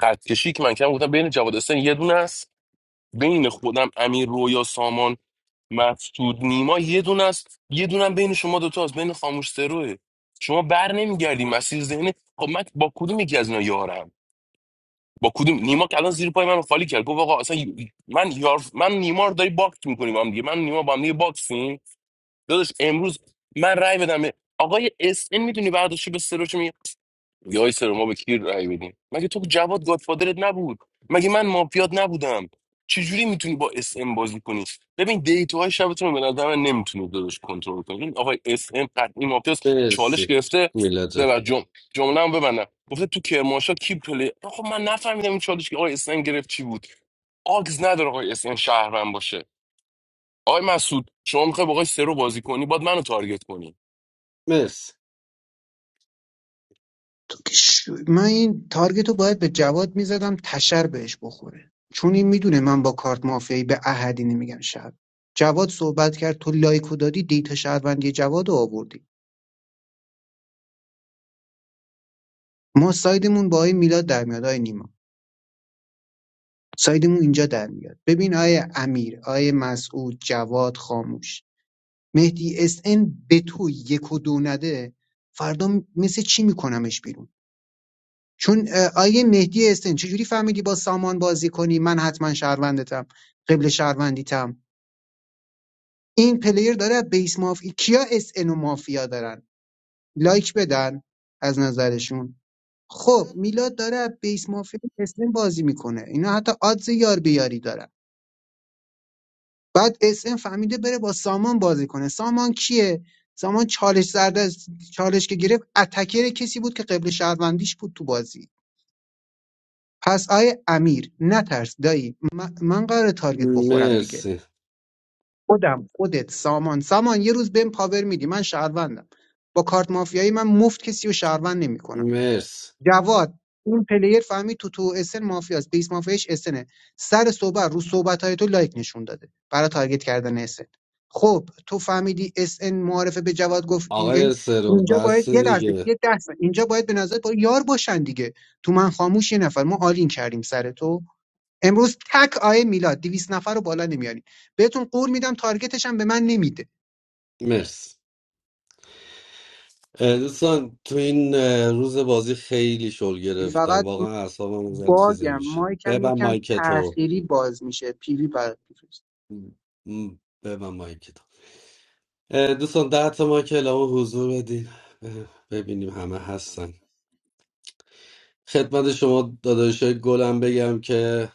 Speaker 16: خط کشی که من کردم گفتم بین جواد اس ان یه دونه است بین خودم امیر رویا سامان مقصود نیما یه دونه است یه دونه هم بین شما دوتا است بین خاموش سروه شما بر نمیگردی مسیر ذهنی خب من با کدوم یکی از اینا یارم با کدوم نیما که الان زیر پای من خالی کرد گفت آقا اصلا من یار من نیما رو داری باکس میکنیم با هم دیگه من و نیما با هم دیگه باکسیم داداش امروز من رای بدم به- آقای اس ان میدونی برداشت به سروش میگه آی سر ما به کی رأی بدیم مگه تو جواد گادفادرت نبود مگه من مافیات نبودم چجوری میتونی با اس ام بازی کنی ببین دیتاهای شبتون رو به نظر من نمیتونی درش کنترل کنی این آقای اس ام قطعی مافیاست چالش
Speaker 5: مرسی
Speaker 16: گرفته
Speaker 5: میلا جان
Speaker 16: ببر جم جمله هم ببندم گفته تو کرماشا کی پلی خب من نفهمیدم این چالش که آقای اس ام گرفت چی بود آگز نداره آقای اس ام شهروند باشه آقای مسعود شما میخوای با آقای سرو بازی کنی باید منو تارگت کنی
Speaker 5: مرسی
Speaker 13: تو که ش... من این تارگت رو باید به جواد میزدم تشر بهش بخوره چون این میدونه من با کارت مافیایی به احدی نمیگم شب جواد صحبت کرد تو لایکو دادی دیتا شهروندی جواد رو آوردی ما سایدمون با آیه میلاد در میاد آیه نیما سایدمون اینجا در میاد ببین آیه امیر آیه مسعود جواد خاموش مهدی اس ان به تو یک و دو نده فردا مثل چی میکنمش بیرون چون آیه مهدی استن چجوری فهمیدی با سامان بازی کنی من حتما شهروندتم قبل شهروندیتم این پلیر داره بیس مافیا کیا اس ان و مافیا دارن لایک بدن از نظرشون خب میلاد داره از بیس مافیا اس ان بازی میکنه اینا حتی آدز یار بیاری دارن بعد اس ان فهمیده بره با سامان بازی کنه سامان کیه سامان چالش زرد از چالش که گرفت اتکر کسی بود که قبل شهروندیش بود تو بازی پس آیه امیر نترس دایی م- من قرار تارگت بخورم دیگه
Speaker 5: مرسی
Speaker 13: خودم خودت سامان سامان یه روز بهم پاور میدی من شهروندم با کارت مافیایی من مفت کسی رو شهروند نمیکنم
Speaker 5: مرسی
Speaker 13: جواد این پلیر فهمید تو تو اسن مافیاست بیس مافیاش اسنه سر صحبت رو صحبت های تو لایک نشون داده برای تارگت کردن اسن خب تو فهمیدی اسن معارفه به جواد گفت یعنی
Speaker 5: آقای سرو
Speaker 13: اینجا باید
Speaker 5: بس
Speaker 13: یه لحظه
Speaker 5: دیگه
Speaker 13: یه دست اینجا باید به نظر با یار باشن دیگه تو من خاموش یه نفر ما آلین کردیم سر تو امروز تک آیه میلاد دویست نفر رو بالا نمیارین بهتون قول میدم تارگتش هم به من نمیده
Speaker 5: مرسی اه، دوستان تو این اه، روز بازی خیلی شل گرفتم
Speaker 13: فقط
Speaker 5: واقعا اعصابم یه ذره چیزه
Speaker 13: باگم
Speaker 5: میشه
Speaker 13: مایکم
Speaker 5: ببن
Speaker 13: یکم
Speaker 5: مایکتو
Speaker 13: تأخیری باز میشه پیری برات میفرست
Speaker 5: م، ببن مایکتو اه، دوستان ده تا مایک الان حضور بدین اه، ببینیم همه هستن خدمت شما داداشای گلم بگم که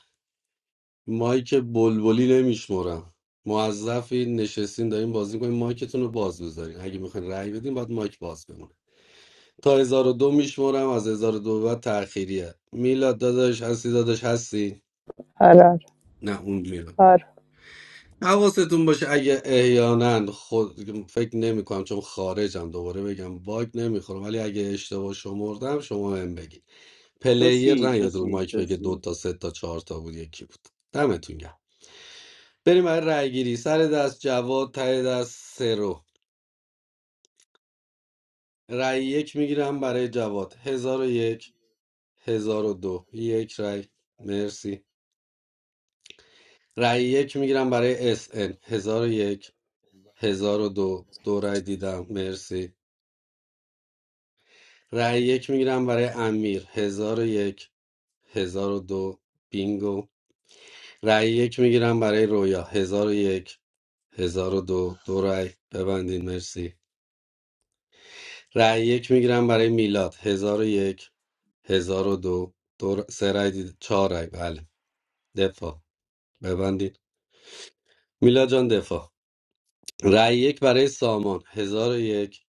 Speaker 5: مایک بلبلی نمیشمرم موظفین نشستین دارین بازی کنین مایکتون رو باز بذارین اگه میخواین رأی بدین باید مایک باز بمونه تا 1002 میشمرم از 1002 به بعد تأخیریه میلاد داداش هستی داداش هستی
Speaker 6: آره آره
Speaker 5: نه اون میلاد
Speaker 6: آره
Speaker 5: حواستون باشه اگه احیانا خود فکر نمی کنم چون خارجم دوباره بگم باگ نمیخورم ولی اگه اشتباه شمردم شما هم بگید
Speaker 2: چو
Speaker 5: پلیر
Speaker 2: سی
Speaker 5: نه
Speaker 2: چو
Speaker 5: یاد رو
Speaker 2: سی
Speaker 5: مایک
Speaker 2: چو
Speaker 5: بگه دو
Speaker 2: سی
Speaker 5: تا سه تا چهار تا بود یکی بود دمتون گرم بریم برای رأی گیری سر دست جواد ته دست سرو رای یک میگیرم برای جواد هزار و یک هزار و دو یک رای مرسی رای یک میگیرم برای اس ان هزار و یک هزار و دو دو رای دیدم مرسی رای یک میگیرم برای امیر هزار و یک هزار و دو بینگو رای یک میگیرم برای رویا هزار و یک هزار و دو دو رای ببندین مرسی رای یک میگیرم برای میلاد هزار و یک هزار و دو دو ر- سه رای دید چهار رای بله دفاع ببندید میلا جان دفاع رای یک برای سامان هزار و یک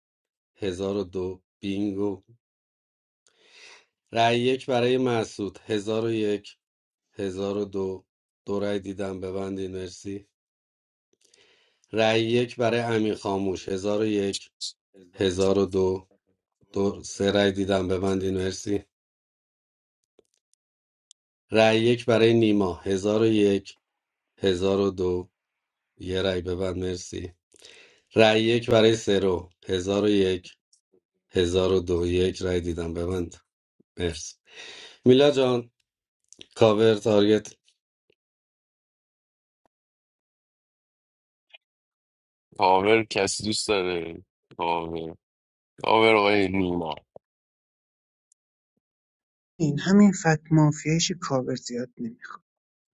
Speaker 5: هزار و دو بینگو رای یک برای مسعود هزار و یک هزار و دو دو رای دیدم ببندید مرسی رای یک برای امین خاموش هزار و یک هزار و دو دو سه رای دیدم ببندید مرسی رای یک برای نیما هزار و یک هزار و دو یه رای ببند مرسی رأی یک برای سرو هزار و یک هزار و دو یک رأی دیدم ببند مرسی میلا جان کاور تارگت
Speaker 16: پاور کسی دوست داره پاور پاور آقای نیما
Speaker 13: این همین فت مافیایش کاور زیاد نمیخواد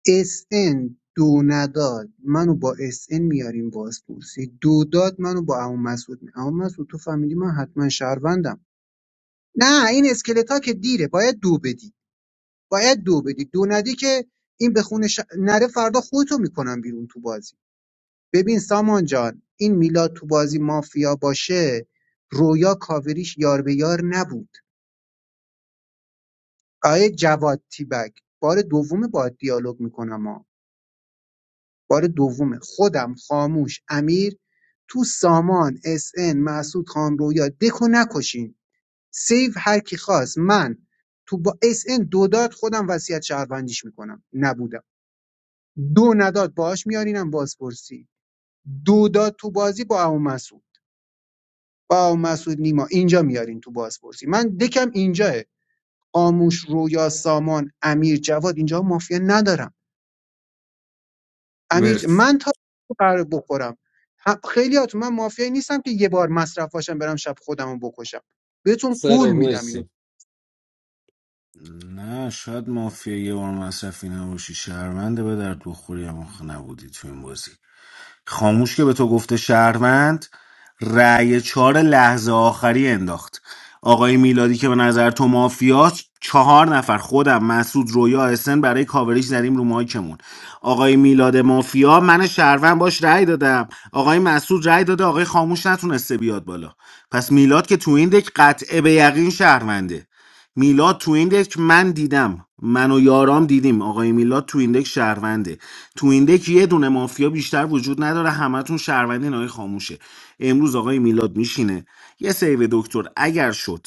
Speaker 13: اس ان دو نداد منو با اس ان میاریم بازپرسی. پرسی دو داد منو با عمو مسعود می عمو مسعود تو فهمیدی من حتما شهروندم نه این اسکلتا که دیره باید دو بدی باید دو بدی دو ندی که این به خونش نره فردا خودتو میکنم بیرون تو بازی ببین سامان جان این میلاد تو بازی مافیا باشه رویا کاوریش یار به یار نبود آیه جواد تیبک بار دوم با دیالوگ میکنم ما. بار دوم خودم خاموش امیر تو سامان اس ان مسعود خان رویا دکو نکشین سیو هر کی خواست من تو با اس ان دو داد خودم وصیت شهروندیش میکنم نبودم دو نداد باهاش میارینم بازپرسی دو داد تو بازی با ابو مسعود با ابو مسعود نیما اینجا میارین تو بازپرسی من دکم اینجاه قاموش رویا سامان امیر جواد اینجا مافیا ندارم امیر ج-
Speaker 5: مرسی
Speaker 13: من تا قرار بخورم خیلی هاتون، من مافیایی نیستم که یه بار مصرف باشم برم شب خودم رو بکشم بهتون قول
Speaker 5: سرو
Speaker 13: میدم اینو
Speaker 5: مرسی
Speaker 8: نه شاید مافیا یه بار مصرفی نباشی شهرونده به درد بخوری اما خ- نبودی تو این بازی خاموش که به تو گفته شهروند رأی چهار لحظه آخری انداخت آقای میلادی که به نظر تو مافیاست چهار نفر خودم مسعود رویا اسن برای کاوریش زدیم رو مایکمون آقای میلاد مافیا من شهروند باش رأی دادم آقای مسعود رأی داده آقای خاموش نتونسته بیاد بالا پس میلاد که تو این دک قطعه به یقین شهرونده میلاد تو این دک من دیدم من و یارام دیدیم آقای میلاد تو این دک شهرونده تو این دک یه دونه مافیا بیشتر وجود نداره همتون شهروندین آقای خاموشه امروز آقای میلاد میشینه یه سیو دکتر اگر شد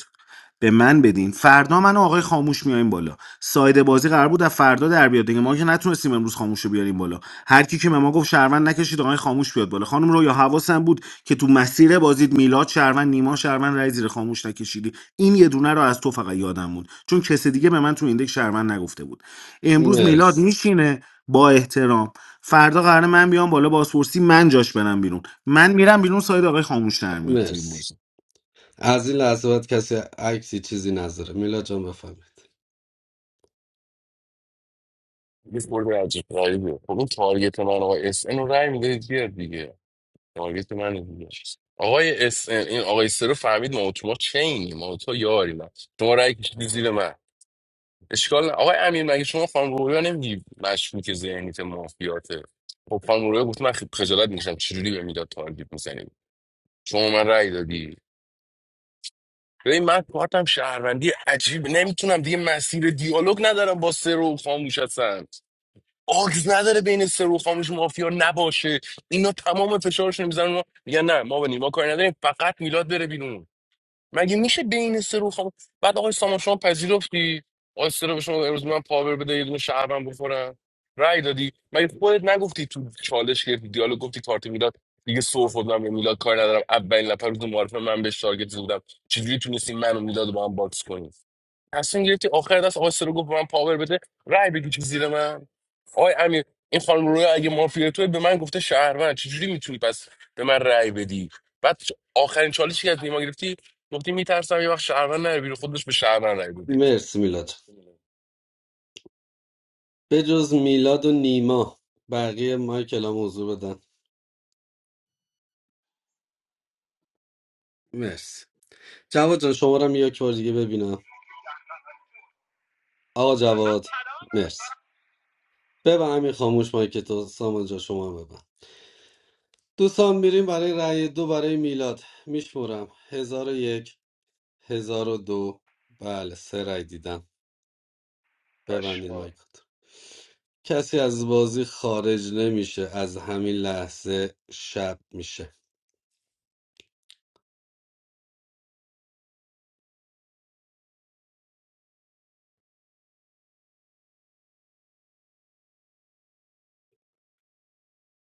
Speaker 8: به من بدین فردا من و آقای خاموش میایم بالا ساید بازی قرار بود از فردا در بیاد دیگه ما که نتونستیم امروز خاموش رو بیاریم بالا هر کی که به ما گفت شهروند نکشید آقای خاموش بیاد بالا خانم رو یا حواسم بود که تو مسیر بازید میلاد شهروند نیما شهروند رای زیر خاموش نکشیدی این یه دونه رو از تو فقط یادم بود چون کس دیگه به من تو ایندک شهروند نگفته بود امروز میلاد
Speaker 5: مرسی
Speaker 8: میشینه با احترام فردا قرار من بیام بالا بازپرسی من جاش برم بیرون من میرم بیرون ساید آقای خاموش در میاد تو این
Speaker 5: مرسی
Speaker 8: بازی
Speaker 5: از این لحظه باید کسی عکسی چیزی نذاره میلا جان بفهمید
Speaker 16: یه خورده عجیب غریبه خب این تارگت من آقای اس ان رو رای میدهید بیاد دیگه تارگت من دیگه آقای اس ان این آقای سرو فهمید ما و شما چینی ما و تو یاری نه شما رای کشیدی زیر من اشکال نه آقای امیر مگه شما خانم رویا نمیگی مشکوک ذهنیت مافیاته خب خانم رویا گفت من خ- خجالت میکشم چجوری به میداد تارگت میزنی شما من رای دادی ببین من کارتم شهروندی عجیب نمیتونم دیگه مسیر دیالوگ ندارم با سرو خاموش هستم آگز نداره بین سرو خاموش مافیا نباشه اینا تمام فشارش رو میزنن میگن نه ما به نیما کاری نداریم فقط میلاد بره بیرون مگه میشه بین سرو خاموش بعد آقای سامان شما پذیرفتی آقای سرو به شما امروز من پاور بده یه دونه شهرم بخورم رأی دادی مگه خودت نگفتی تو چالش که دیالوگ گفتی کارت میلاد دیگه سر خوردم به میلاد کاری ندارم اولین نفر روز معرفه من بهش تارگت زدم چجوری تونستی من و میلاد رو با هم باکس کنی تصمیم گرفتی آخر دست آقای سرو گفت به من پاور بده رای بکشی زیر من آقای امیر این خانم رویا اگه مافیا توی به من گفته شهروند چجوری میتونی پس به من رای بدی بعد چ- آخرین چالشی که از نیما گرفتی گفتی میترسم یه وقت شهروند نره بیرون خودش به شهروند رای بدی
Speaker 5: مرسی میلا جان به جز میلاد و نیما بقیه مایک الان حضور بدن مرسی جواد جان شمارم یک بار دیگه ببینم آقا جواد مرسی ببن همین خاموش مایک تو سامان جان شما هم ببند. دوستان میریم برای رأی دو برای میلاد میشمورم هزار و یک هزار و دو بله سه رأی دیدم ببندین
Speaker 17: پشمان
Speaker 5: مایکات کسی از بازی خارج نمیشه از همین لحظه شب میشه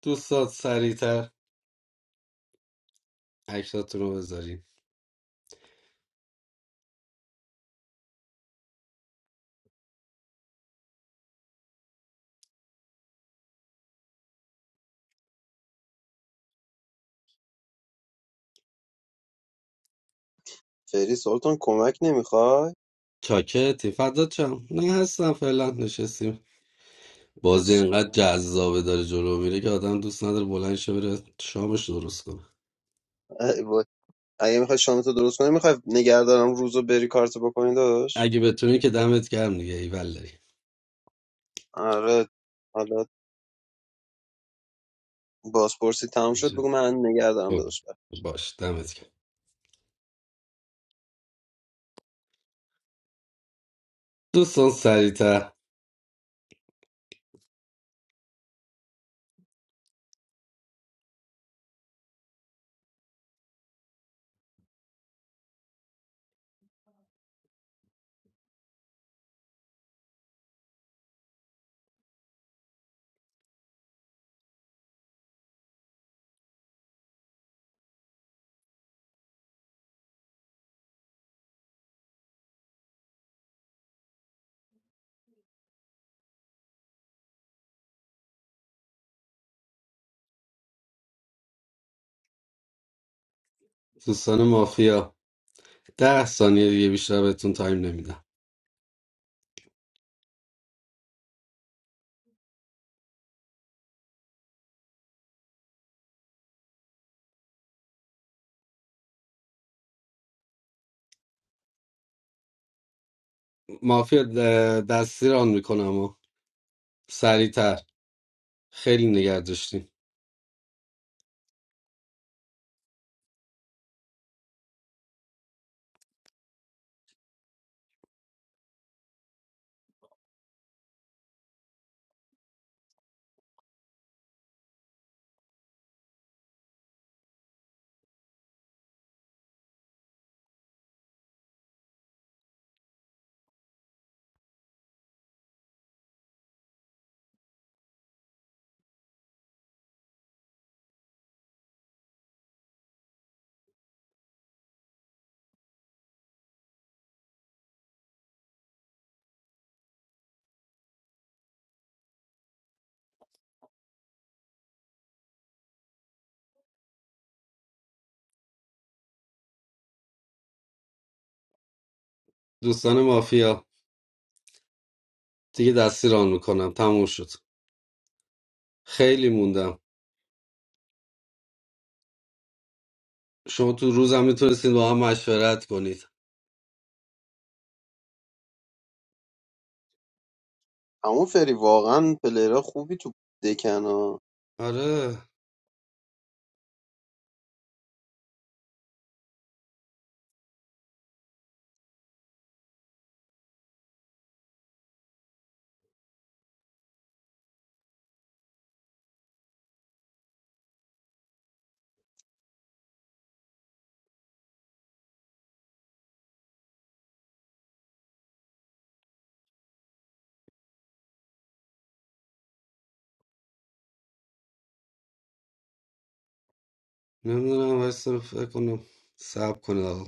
Speaker 5: دوستان سریعتر عکساتون رو بذارین
Speaker 4: فری سلطان کمک نمیخوای
Speaker 5: چاکتی فدات شم نه هستم فعلا نشستیم بازی
Speaker 4: عشق
Speaker 5: اینقدر
Speaker 4: من.
Speaker 5: جذابه داره جلو میره که آدم دوست نداره بلند شه بره شامش درست کنه
Speaker 4: ای وای. اگه میخوای شامتو درست کنی میخوای نگهدارم روزو بری کارتو بکنی داداش
Speaker 5: اگه بتونی که دمت گرم دیگه ایول داری
Speaker 4: آره بازپرسی تموم شد بگو من نگه دارم
Speaker 5: اوه،
Speaker 4: داداش
Speaker 5: باش دمت گرم دوستان سریعتر دوستان مافیا ده ثانیه دیگه بیشتر بهتون تایم نمیدم مافیا د- دستی ران میکنم و سریعتر خیلی نگه داشتیم دوستان مافیا دیگه دستی ران میکنم تموم شد خیلی موندم شما تو روزم میتونستید با هم مشورت کنید
Speaker 4: همون فری واقعا پلیرها خوبی تو دکن
Speaker 5: آره نمیدونم وایسا فکر کنم سب کنید آقا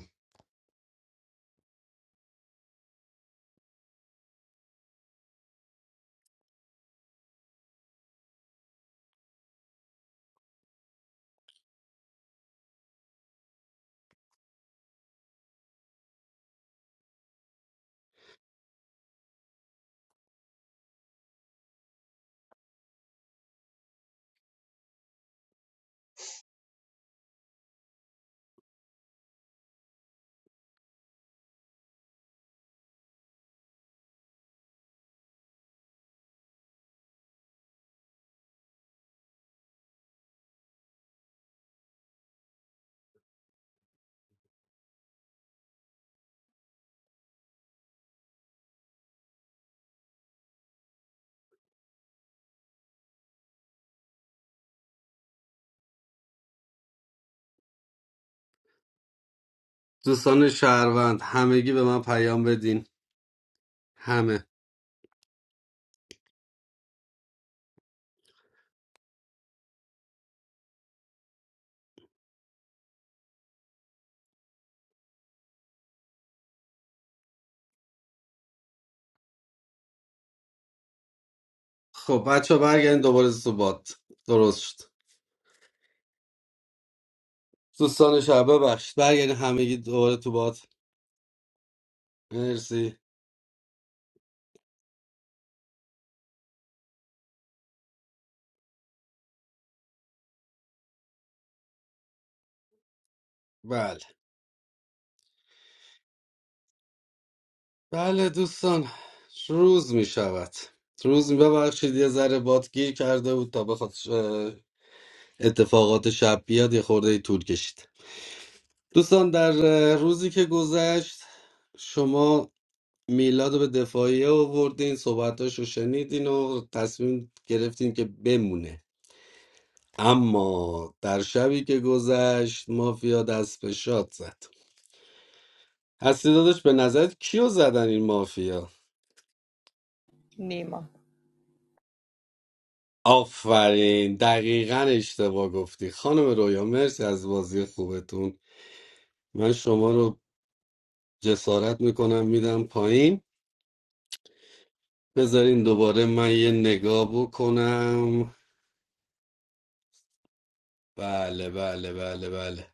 Speaker 5: دوستان شهروند همگی به من پیام بدین همه خب بچه برگردین دوباره تو بات درست شد دوستان شهر ببخشید برگردین همگی دوباره تو بات مرسی بله بله دوستان روز می شود روز می ببخشید یه ذره بات گیر کرده بود تا بخواد اه، اتفاقات شب بیاد یه خورده طول کشید دوستان در اه، روزی که گذشت شما میلاد رو به دفاعیه آوردین صحبتاش رو شنیدین و تصمیم گرفتین که بمونه اما در شبی که گذشت مافیا دست به شاد زد هستی داداش به نظرت کیو زدن این مافیا
Speaker 6: نیما
Speaker 5: آفرین دقیقا اشتباه گفتی خانم رویا مرسی از بازی خوبتون من شما رو جسارت میکنم میدم پایین بذارین دوباره من یه نگاه بکنم بله بله بله بله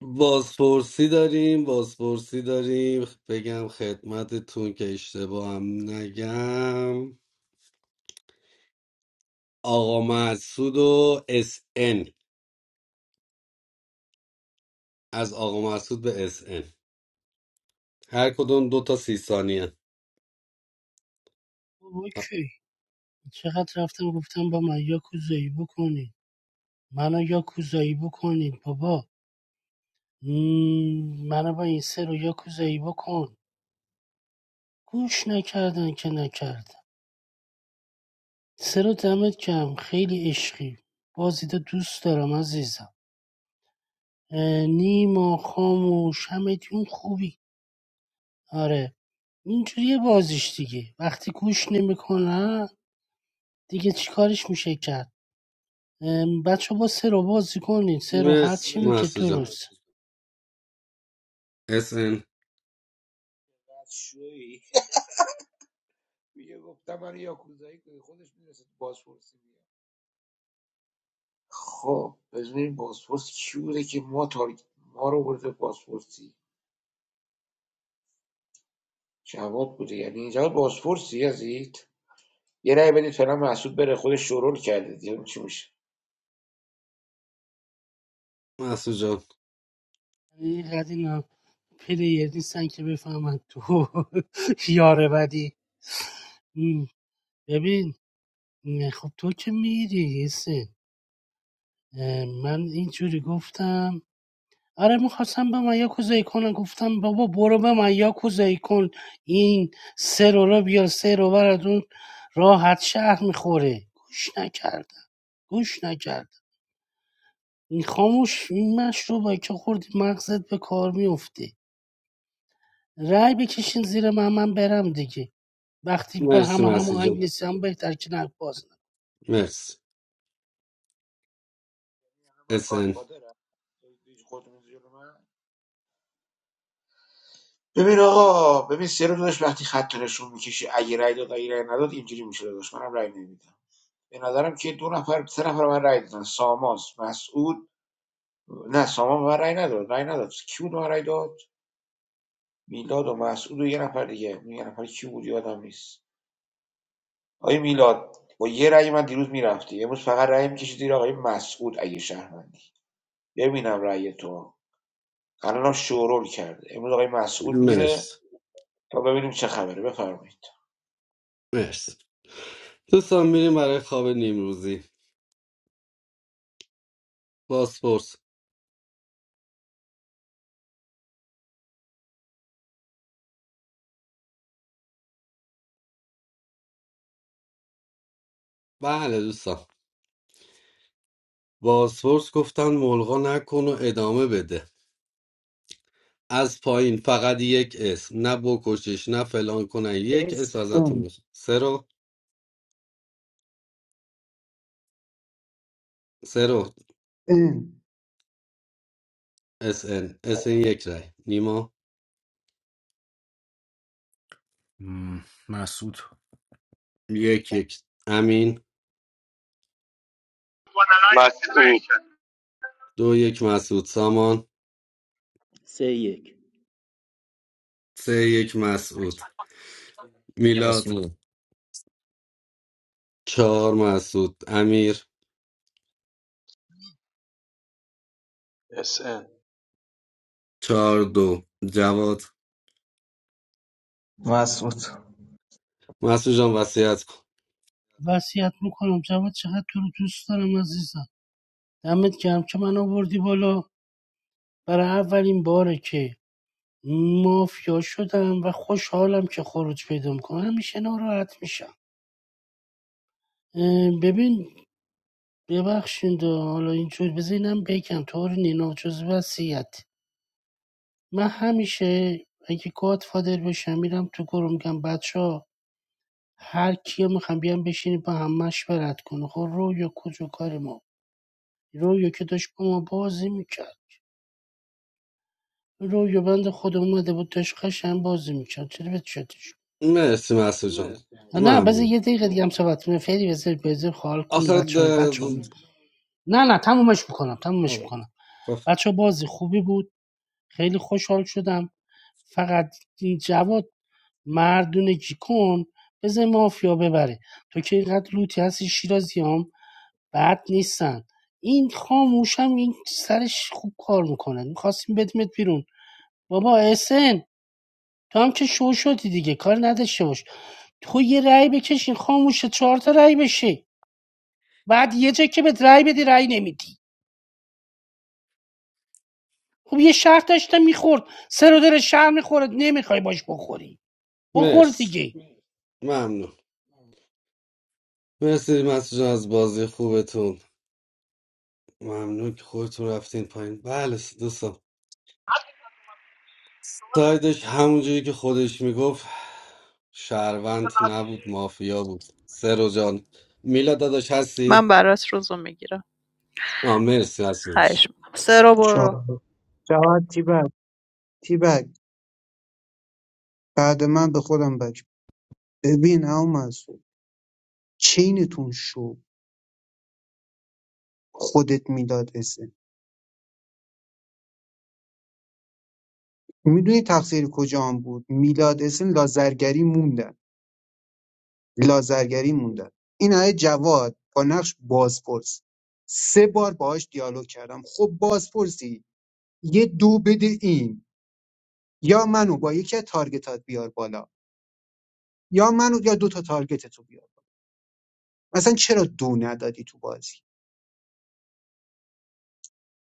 Speaker 5: بازپرسی داریم بازپرسی داریم بگم خدمتتون که اشتباه هم نگم آقا مسعود و اس ان، از آقا مسعود به اس ان، هر کدوم دو تا سی ثانیه
Speaker 9: اوکی چقدر رفتم گفتم با من یا کوزایی بکنید منو یا کوزایی بکنید بابا مم، منو با این سه رو یا بکن گوش نکردن که نکردن سه رو دمت کم خیلی عشقی بازی دوست دارم عزیزم اه، نیما خاموش همه تون خوبی آره اینجوری بازیش دیگه وقتی گوش نمیکنن دیگه چیکارش میشه کرد ام، بچه با سرو بازی کنین سرو هر چی
Speaker 5: مرسی
Speaker 9: میگه
Speaker 5: مسعود جان
Speaker 9: درست
Speaker 5: اس ان
Speaker 14: بود بوده یعنی اینجا بازپرسی یزید یه رأی بدید فعلا مسعود بره خودش شورول کرده دیگه چی میشه
Speaker 5: مسعود جان
Speaker 9: اینقدر اینا پلیر نیستن که بفهمن تو یاره بدی ام، ببین ام، خب تو که میری حسین من اینجوری گفتم آره میخواستم به من یاکوزایی کنم گفتم بابا برو به من یاکوزایی کن این سه رو رو بیار سه رو براتون راحت شهر میخوره گوش نکردم گوش نکردم این خاموش این مشروبه که خوردی مغزت به کار میفته رای بکشین زیر من من برم دیگه وقتی با
Speaker 5: مرسی
Speaker 9: همه
Speaker 5: مسعود
Speaker 9: هماهنگ
Speaker 5: جان
Speaker 9: نیستم بهتر که نک باز
Speaker 5: مرسی اس ان.
Speaker 14: خودتون جلو من؟ ببین آقا ببین سه رو داداش وقتی خط رو نشون میکشی اگه رأی داد اگه رأی نداد اینجوری میشه داداش منم رأی نمیدم به نظرم که دو نفر سه نفر من رای دادن ساماس مسعود نه سامان من رای نداد رای نداد کی بود من رای داد میلاد و مسعود و یه نفر دیگه اون یه نفر کی بود یادم نیست آقای میلاد با یه رأی من دیروز میرفتی امروز فقط رأی میکشی زیر آقای مسعود اگه شهروندی ببینم رأی تو الانم شورول کرده امروز آقای مسعود میره
Speaker 5: مرسی
Speaker 14: تا ببینیم چه خبره بفرمایید
Speaker 5: مرسی دوستان میریم برای خواب نیمروزی بازپرس بله دوستان بازپرس گفتن ملغا نکن و ادامه بده از پایین فقط یک اسم نه بکشش نه فلان کنن یک
Speaker 13: اس
Speaker 5: اسم ازتون
Speaker 13: ام
Speaker 5: میشه سرو سرو
Speaker 13: ان
Speaker 5: اس ان اس ان یک رای نیما
Speaker 8: م، مسعود
Speaker 5: یک یک امین
Speaker 17: مسعود
Speaker 5: دو یک مسعود سامان
Speaker 2: سه یک
Speaker 5: سه یک مسعود میلاد
Speaker 16: مسئول.
Speaker 5: چهار مسعود امیر
Speaker 15: اس ان.
Speaker 5: چهار دو جواد
Speaker 1: مسعود
Speaker 5: مسعود جان وصیت کن
Speaker 9: نکنم. وصیت میکنم جواد چقدر تو رو دوست دارم عزیزم دمت گرم که من آوردی بالا برای اولین باره که مافیا شدم و خوشحالم که خروج پیدا میکنم همیشه ناراحت میشم ببین ببخشید حالا اینجور بزینم بگم طور نینا جز وسیعت من همیشه اگه گاد فادر بشم میرم تو گروه میگم بچه ها هر کیو میخوام بیام بشینیم با هم مشورت کنه خب رویا کجا کار ما رویا که داشت با ما بازی میکرد رویا بند خود اومده بود داشت قشن بازی میکرد چرا بهت شدش
Speaker 5: مرسی مسعود جان
Speaker 9: نه بذار
Speaker 5: ممنون
Speaker 9: یه دقیقه دیگه هم صحبت کنیم فعلی بذار بذار خال کن
Speaker 5: آخر
Speaker 9: بچه
Speaker 5: د-
Speaker 9: بچه
Speaker 5: د-
Speaker 9: نه نه تمومش میکنم تمومش
Speaker 5: آه،
Speaker 9: میکنم
Speaker 5: خب.
Speaker 9: بچه بازی خوبی بود خیلی خوشحال شدم فقط این جواد مردونگی کن بذار مافیا ببره تو که اینقدر لوتی هستی شیرازیام هم بد نیستن این خاموش هم این سرش خوب کار میکنه میخواستیم بدمت بیرون بابا اسن تو هم که شو شدی دیگه کار نداشته باش تو یه رأی بکشین خاموشه چهار تا رأی بشه بعد یه جا که به رأی بدی رأی نمیدی خب یه شهر داشته میخورد سر و دل شهر میخورد نمیخوای باش بخوری بخور
Speaker 5: مرسی
Speaker 9: دیگه
Speaker 5: ممنون مرسی مسجون از بازی خوبتون ممنون که خودتون رفتین پایین بله دوستان سایدش همونجوری که خودش میگفت شهروند نبود مافیا بود سرو جان میلا داداش
Speaker 6: من
Speaker 5: هستی؟
Speaker 6: برات روزو میگیرم
Speaker 5: آه مرسی
Speaker 6: خواهش
Speaker 5: هستش
Speaker 6: میکنم سرو
Speaker 13: چهار
Speaker 6: برو
Speaker 13: جواد تیبک تیبک بعد من به خودم بک ببین ابو مسعود چینتون شو خودت میلاد اسن میدونی تقصیر کجام بود میلاد اسن لازرگری موندن لازرگری موندن این آیه جواد با نقش بازپرس سه بار باهاش دیالوگ کردم خب بازپرسی یه دو بده این یا منو با یکی از تارگتات بیار بالا یا منو یا دو تا تارگتت رو بیار مثلا چرا دو ندادی تو بازی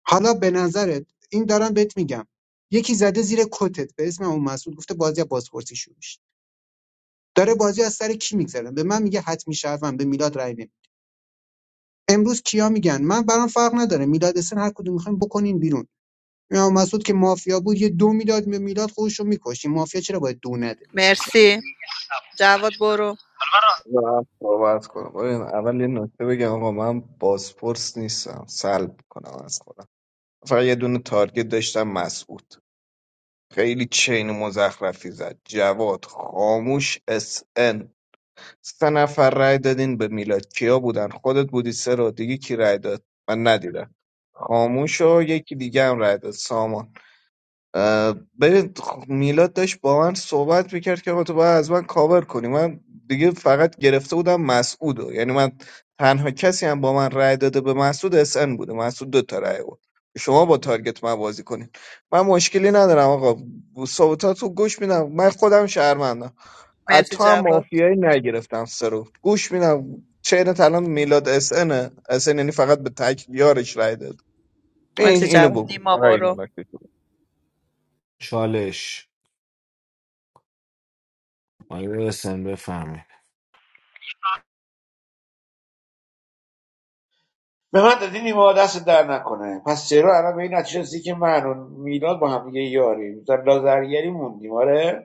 Speaker 13: حالا به نظرت این دارم بهت میگم یکی زده زیر کتت به اسم اون مسعود گفته بازی از بازپرسی شروع شد. داره بازی از سر کی میگذره به من میگه حتمی شهروند به میلاد رای نمی امروز کیا میگن من برام فرق نداره میلاد سن هر کدوم میخوایم بکنین بیرون یا مسعود که مافیا بود یه دو میلاد به میلاد خودش رو میکشیم مافیا چرا باید دو نده
Speaker 6: مرسی جواد برو
Speaker 1: و صحبت کنم ببین اول یه نکته بگم آقا من بازپرس نیستم سلب کنم از خودم فقط یه دونه تارگت داشتم مسعود خیلی چین مزخرفی زد جواد خاموش اس سه نفر رأی دادین به میلاد کیا بودن خودت بودی سه رو دیگه کی رای داد من ندیدم خاموش و یکی دیگه هم رای داد سامان اه، ببین خ- میلاد داشت با من صحبت میکرد که آقا تو باید از من کاور کنی من دیگه فقط گرفته بودم مسعودو یعنی من تنها کسی هم با من رأی داده به مسعود اس ان بوده مسعود دو تا رأی بود شما با تارگت من بازی کنین من مشکلی ندارم آقا صحبتاتو گوش میدم من خودم شهرمندم از
Speaker 6: مرسی
Speaker 1: تو هم
Speaker 6: جواد
Speaker 1: مافیایی نگرفتم سرو گوش میدم چین الان میلاد اس ان اس ان یعنی فقط به تک یارش رأی داد این
Speaker 6: مرسی
Speaker 1: اینو
Speaker 6: جواد
Speaker 1: بگو
Speaker 6: نیما
Speaker 1: فقط اینو
Speaker 6: برو
Speaker 1: نکته.
Speaker 8: چالش آقای اسن بفهمید
Speaker 14: به من دادی نیما دست در نکنه پس چرا الان به این نتیجه رسیدی که من و میلاد با هم دیگه یاریم در لازرگری موندیم آره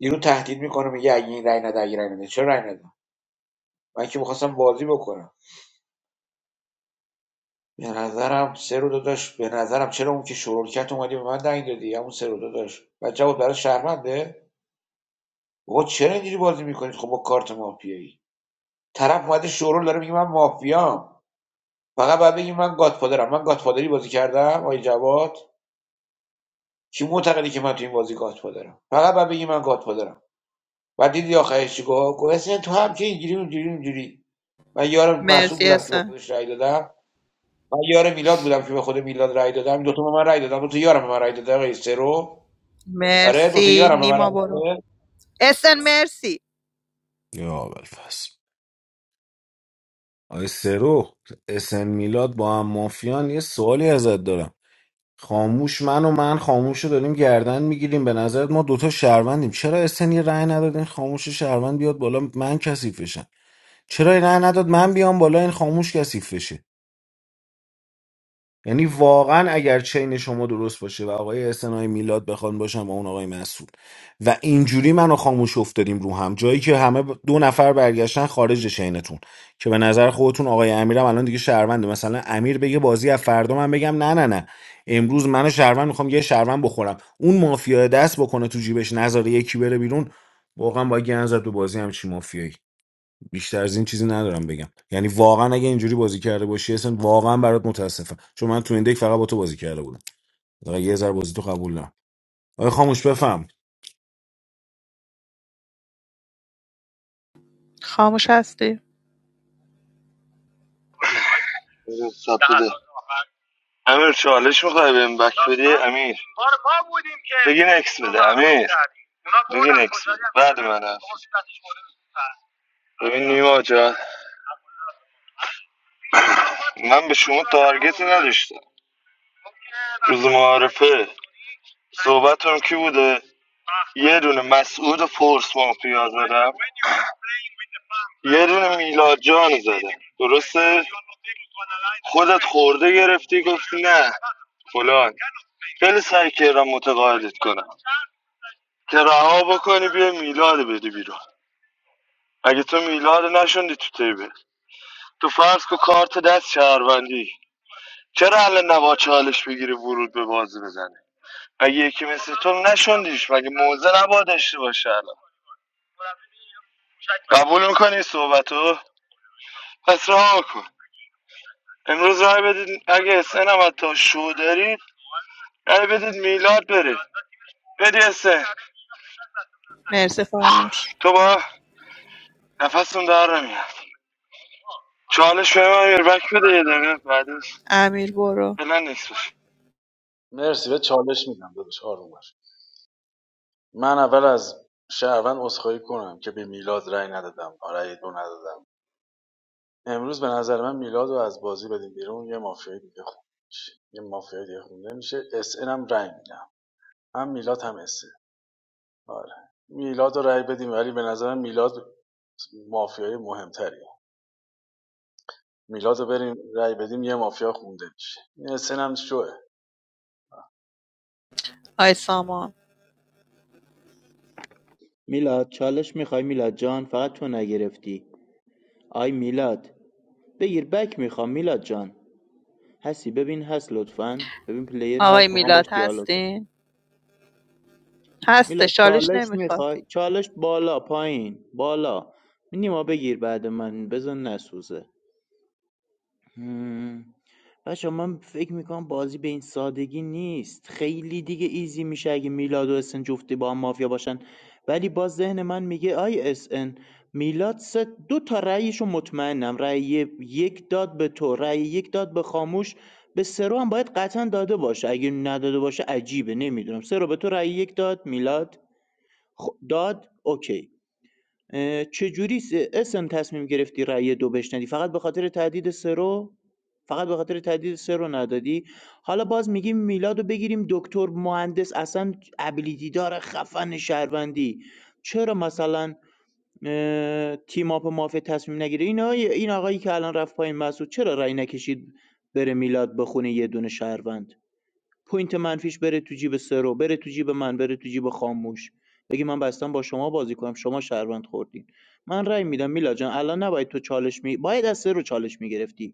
Speaker 14: یارو تهدید میکنه میگه اگه این رای نده اگه رای نده چرا رای نده من که میخواستم بازی بکنم به نظرم سه رو داداش به نظرم چرا اون که شرول کرد اومدی به من دنگ دادی همون سه رو داداش و جواب برای شهرمنده بابا چرا اینجوری بازی میکنید خب با کارت مافیایی طرف اومده شورول داره میگه من مافیام فقط بعد بگی من گادفادرم من گادفادری بازی کردم آی جواد کی معتقدی که من تو این بازی گادفادرم فقط بعد بگی من گادفادرم و دیدی آخرش چی گفت گفت تو هم که اینجوری اونجوری اونجوری من یارم مسئول
Speaker 6: مرسی
Speaker 14: بودم که به
Speaker 6: اسن
Speaker 14: خودش رأی دادم من یار میلاد بودم که به خود میلاد رای دادم دو تا به من رای دادم دو تا یارم به من رای داد آقای سرو آره دو تا
Speaker 6: مرسی
Speaker 14: یارم به من
Speaker 6: نیما
Speaker 14: رای
Speaker 6: برو
Speaker 14: داد
Speaker 6: اسن مرسی
Speaker 8: یا اول پس آقای سرو اسن میلاد با هم مافیان یه سوالی ازت دارم خاموش من و من خاموش رو داریم گردن میگیریم به نظرت ما دوتا شهروندیم چرا اسن یه رأی نداد این خاموش شهروند بیاد بالا من کثیف بشم چرا یه رأی نداد من بیام بالا این خاموش کثیف بشه یعنی واقعا اگر چین شما درست باشه و آقای احسن آقای میلاد بخوان باشم و اون آقای مسعود و اینجوری منو خاموش افتادیم رو هم جایی که همه ب- دو نفر برگشتن خارج چینتون که به نظر خودتون آقای امیرم الان دیگه شهرونده مثلا امیر بگه بازی از فردا من بگم نه نه نه امروز منو شهروند میخوام یه شهروند بخورم اون مافیا دست بکنه تو جیبش نذاره یکی بره بیرون واقعا با گن زد به بازی هم چی مافیایی بیشتر از این چیزی ندارم بگم یعنی واقعا اگه اینجوری بازی کرده باشی اصلا واقعا برات متاسفم چون من تو این دک فقط با تو بازی کرده بودم واقعا یه ذره بازی تو قبول نه آخه خاموش بفهم
Speaker 6: خاموش هستی
Speaker 17: امیر چالش میخوای بهم بک امیر بگین اکس بعد من هست. ببین نیما جان من به شما تارگت نداشتم روز معارفه صحبتم کی بوده یه دونه مسعود فورس مافیا زدم یه دونه میلاد جان زدم درسته خودت خورده گرفتی گفتی نه فلان خیلی سعی کردم متقاعدت کنم که رها بکنی بیا میلاد بدی بیرون اگه میلاد نشوندی تو تیبه تو فرض کو کارت دست شهروندی چرا الان نبا چالش بگیری ورود به بازی بزنه اگه یکی مثل تو نشوندیش مگه موزه نبا داشته باشه الان قبول میکنی صحبتو پس رها کن امروز رای بدید اگه اسن هم حتی شو دارید رای بدید میلاد بره بدی اسن
Speaker 6: مرسی خاموش
Speaker 17: تو با نفهمیدم چالش به من ایربک بده یه دقیقه بعدش
Speaker 6: امیر برو
Speaker 17: نه
Speaker 15: مرسی به چالش میدم داداش آروم باش من اول از شهروند عذرخواهی کنم که به میلاد رأی ندادم رأی دو ندادم امروز به نظر من میلاد رو از بازی بدیم بیرون یه مافیای دیگه خونده میشه یه مافیای دیگه خونده میشه اس ان هم رای میدم هم میلاد هم اس ان. آره میلاد رو رای بدیم ولی به نظر من میلاد مافیای مهمتریه میلاد رو بریم رای بدیم یه مافیا خونده میشه این اس ان هم شوه
Speaker 6: آی سامان.
Speaker 2: میلاد چالش میخوای میلاد جان فقط تو نگرفتی آی میلاد بگیر بک میخوام میلاد جان هستی ببین هست لطفا ببین پلیر
Speaker 6: آقای
Speaker 2: هست میخوام
Speaker 6: میلاد
Speaker 2: باش دیالوگ کنم
Speaker 6: هستین؟ هسته
Speaker 2: میلاد
Speaker 6: شالش
Speaker 2: چالش
Speaker 6: نمیخواد
Speaker 2: میخوای چالش بالا پایین بالا نیما بگیر بعد من بزن نسوزه بچه من فکر میکنم بازی به این سادگی نیست خیلی دیگه ایزی میشه اگه میلاد و اسن جفتی با هم مافیا باشن ولی باز ذهن من میگه آی اسن میلاد سه دو تا رأیشو مطمئنم رأی یک داد به تو رأی یک داد به خاموش به سرو هم باید قطعا داده باشه اگه نداده باشه عجیبه نمیدونم سرو به تو رأی یک داد میلاد خب، داد اوکی اه، چجوری س- اسم تصمیم گرفتی رأی دو بشنوی فقط به خاطر تهدید سرو فقط به خاطر تهدید سرو ندادی حالا باز میگیم میلادو بگیریم دکتر مهندس اصلا ابیلیتی داره خفن شهروندی چرا مثلا اه، تیم اپ مافیا تصمیم نگیره این آقای- این آقایی که الان رفت پایین مسعود چرا رأی نکشید بره میلاد بخونه یه دونه شهروند پوینت منفیش بره تو جیب سرو بره تو جیب من بره تو جیب خاموش بگی من بستم با شما بازی کنم شما شهروند خوردین من رأی میدم میلا جان الان نباید تو چالش می باید از سرو چالش میگرفتی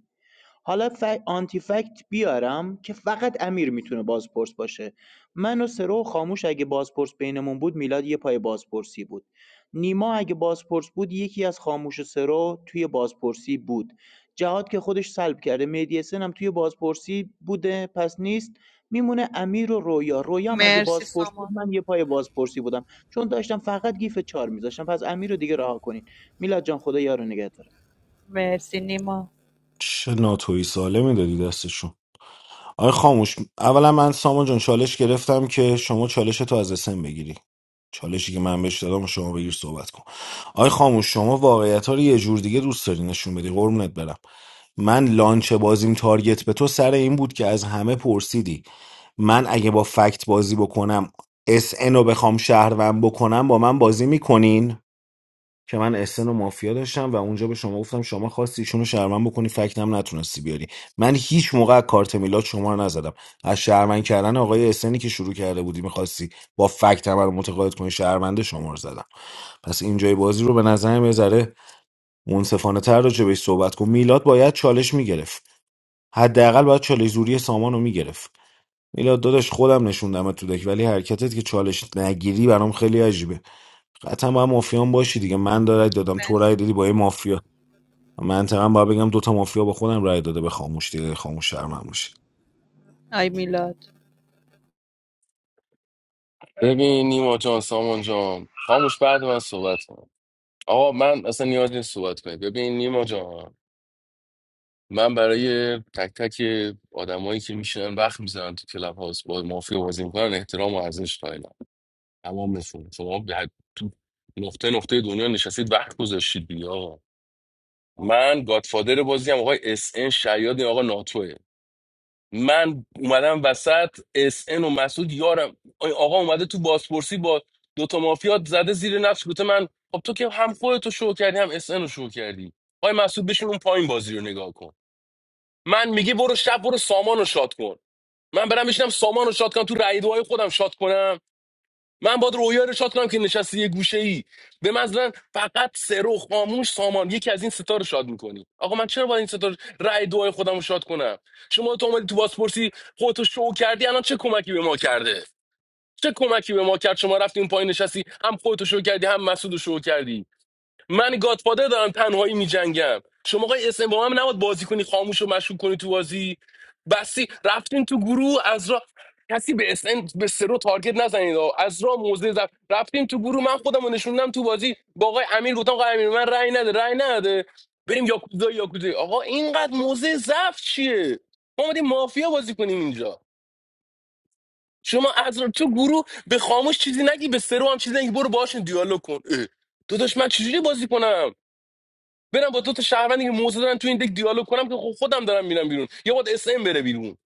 Speaker 2: حالا فک آنتی فکت بیارم که فقط امیر میتونه بازپرس باشه من و سرو و خاموش اگه بازپرس بینمون بود میلاد یه پای بازپرسی بود نیما اگه بازپرس بود یکی از خاموش و سرو توی بازپرسی بود جهاد که خودش سلب کرده مهدی حسن هم توی بازپرسی بوده پس نیست میمونه امیر و رویا رویا هم اگه
Speaker 6: مرسی
Speaker 2: بازپرس بود
Speaker 6: سامان
Speaker 2: من یه پای بازپرسی بودم چون داشتم فقط گیف چار میذاشتم پس امیر رو دیگه رها کنین میلاد جان خدا یارو نگهدار
Speaker 6: مرسی نیما
Speaker 8: چه ناتوی سالمی دادی دستشون آقای خاموش اولا من سامان جان چالش گرفتم که شما چالش تو از اسم بگیری چالشی که من بهش دادم و شما بگیر صحبت کن آی خاموش شما واقعیت ها رو یه جور دیگه دوست داری نشون بدی قربونت برم من لانچ بازیم تارگت به تو سر این بود که از همه پرسیدی من اگه با فکت بازی بکنم اس ان رو بخوام شهروند بکنم با من بازی میکنین که من اسن و مافیا داشتم و اونجا به شما گفتم شما خواستی ایشونو شهروند بکنی فکتم نتونستی بیاری من هیچ موقع از کارت میلاد شما رو نزدم از شهروند کردن آقای اسنی که شروع کرده بودی میخواستی با فکت من رو متقاعد کنی شهرونده شما رو زدم پس اینجای بازی رو به نظرم یه ذره منصفانه تر راجع بهش صحبت کن میلاد باید چالش میگرفت حداقل باید چالش زوری سامان رو میگرفت میلاد داداش خودم نشوندم تو دک ولی حرکتت که چالش نگیری برام خیلی عجیبه قطعا با مافیان باشی دیگه من رای دادم تو
Speaker 6: مرسی
Speaker 8: رای
Speaker 6: نیما.
Speaker 8: دادی با یه مافیا منطقا باید بگم دوتا مافیا با خودم رای داده به خاموش دیگه خاموش شرمم باشه
Speaker 6: آی میلاد
Speaker 16: ببین نیما جان سامان جان خاموش بعد من صحبت کن آقا من اصلا نیاز نیست صحبت کنی ببین نیما جان من برای تک تک آدمایی که میشینن وقت میزنن تو کلاب هاوس با مافیا بازی میکنن احترام و ارزش قائلم تمامشون شما به هر- تو نقطه نقطه دنیا نشستید وقت گذاشتید دیگه آقا من گادفادر بازی هم آقای اس ان شیاد این آقا ناتوه من اومدم وسط اس ان و مسعود یارم آی آقا اومده تو بازپرسی با دوتا مافیا زده زیر نقش گفته من خب تو که هم خودتو شو کردی هم اس ان رو شو کردی آقای مسعود بشین اون پایین بازی رو نگاه کن من میگه برو شب برو سامانو شاد کن من برم بشینم سامان شاد کنم تو رای دعای خودم شاد کنم من باید رویا رو شاد کنم که نشستی یه گوشه ای به مثلا فقط سرو خاموش سامان یکی از این ستا رو شاد میکنی آقا من چرا باید این ستا رو- رای دعای خودم رو شاد کنم شما تو اومدی تو بازپرسی خودتو شو کردی الان چه کمکی به ما کرده چه کمکی به ما کرد شما رفتی اون پایین نشستی هم خودتو شو کردی هم مسعودو شو کردی من گادفادر دارم تنهایی میجنگم شما آقای اسم با من نباید بازی کنی خاموش و مشکوک کنی تو بازی بسی رفتین تو گروه از را کسی به اسن به سرو تارگت نزنید آقا. از را موزه زد رفتیم تو گروه من خودم رو نشوندم تو بازی با آقای امیر گفتم آقای امیر من رأی نده رأی نده بریم یاکوزا یاکوزا آقا اینقدر موزه ضعف چیه ما اومدیم مافیا بازی کنیم اینجا شما از را تو گروه به خاموش چیزی نگی به سرو هم چیزی نگی برو باشین دیالوگ کن اه. داداش من چجوری بازی کنم برم با دو تا شهروندی که موزه دارن تو این دک دیالوگ کنم که خب خودم دارم میرم بیرون یا باید اس ام بره بیرون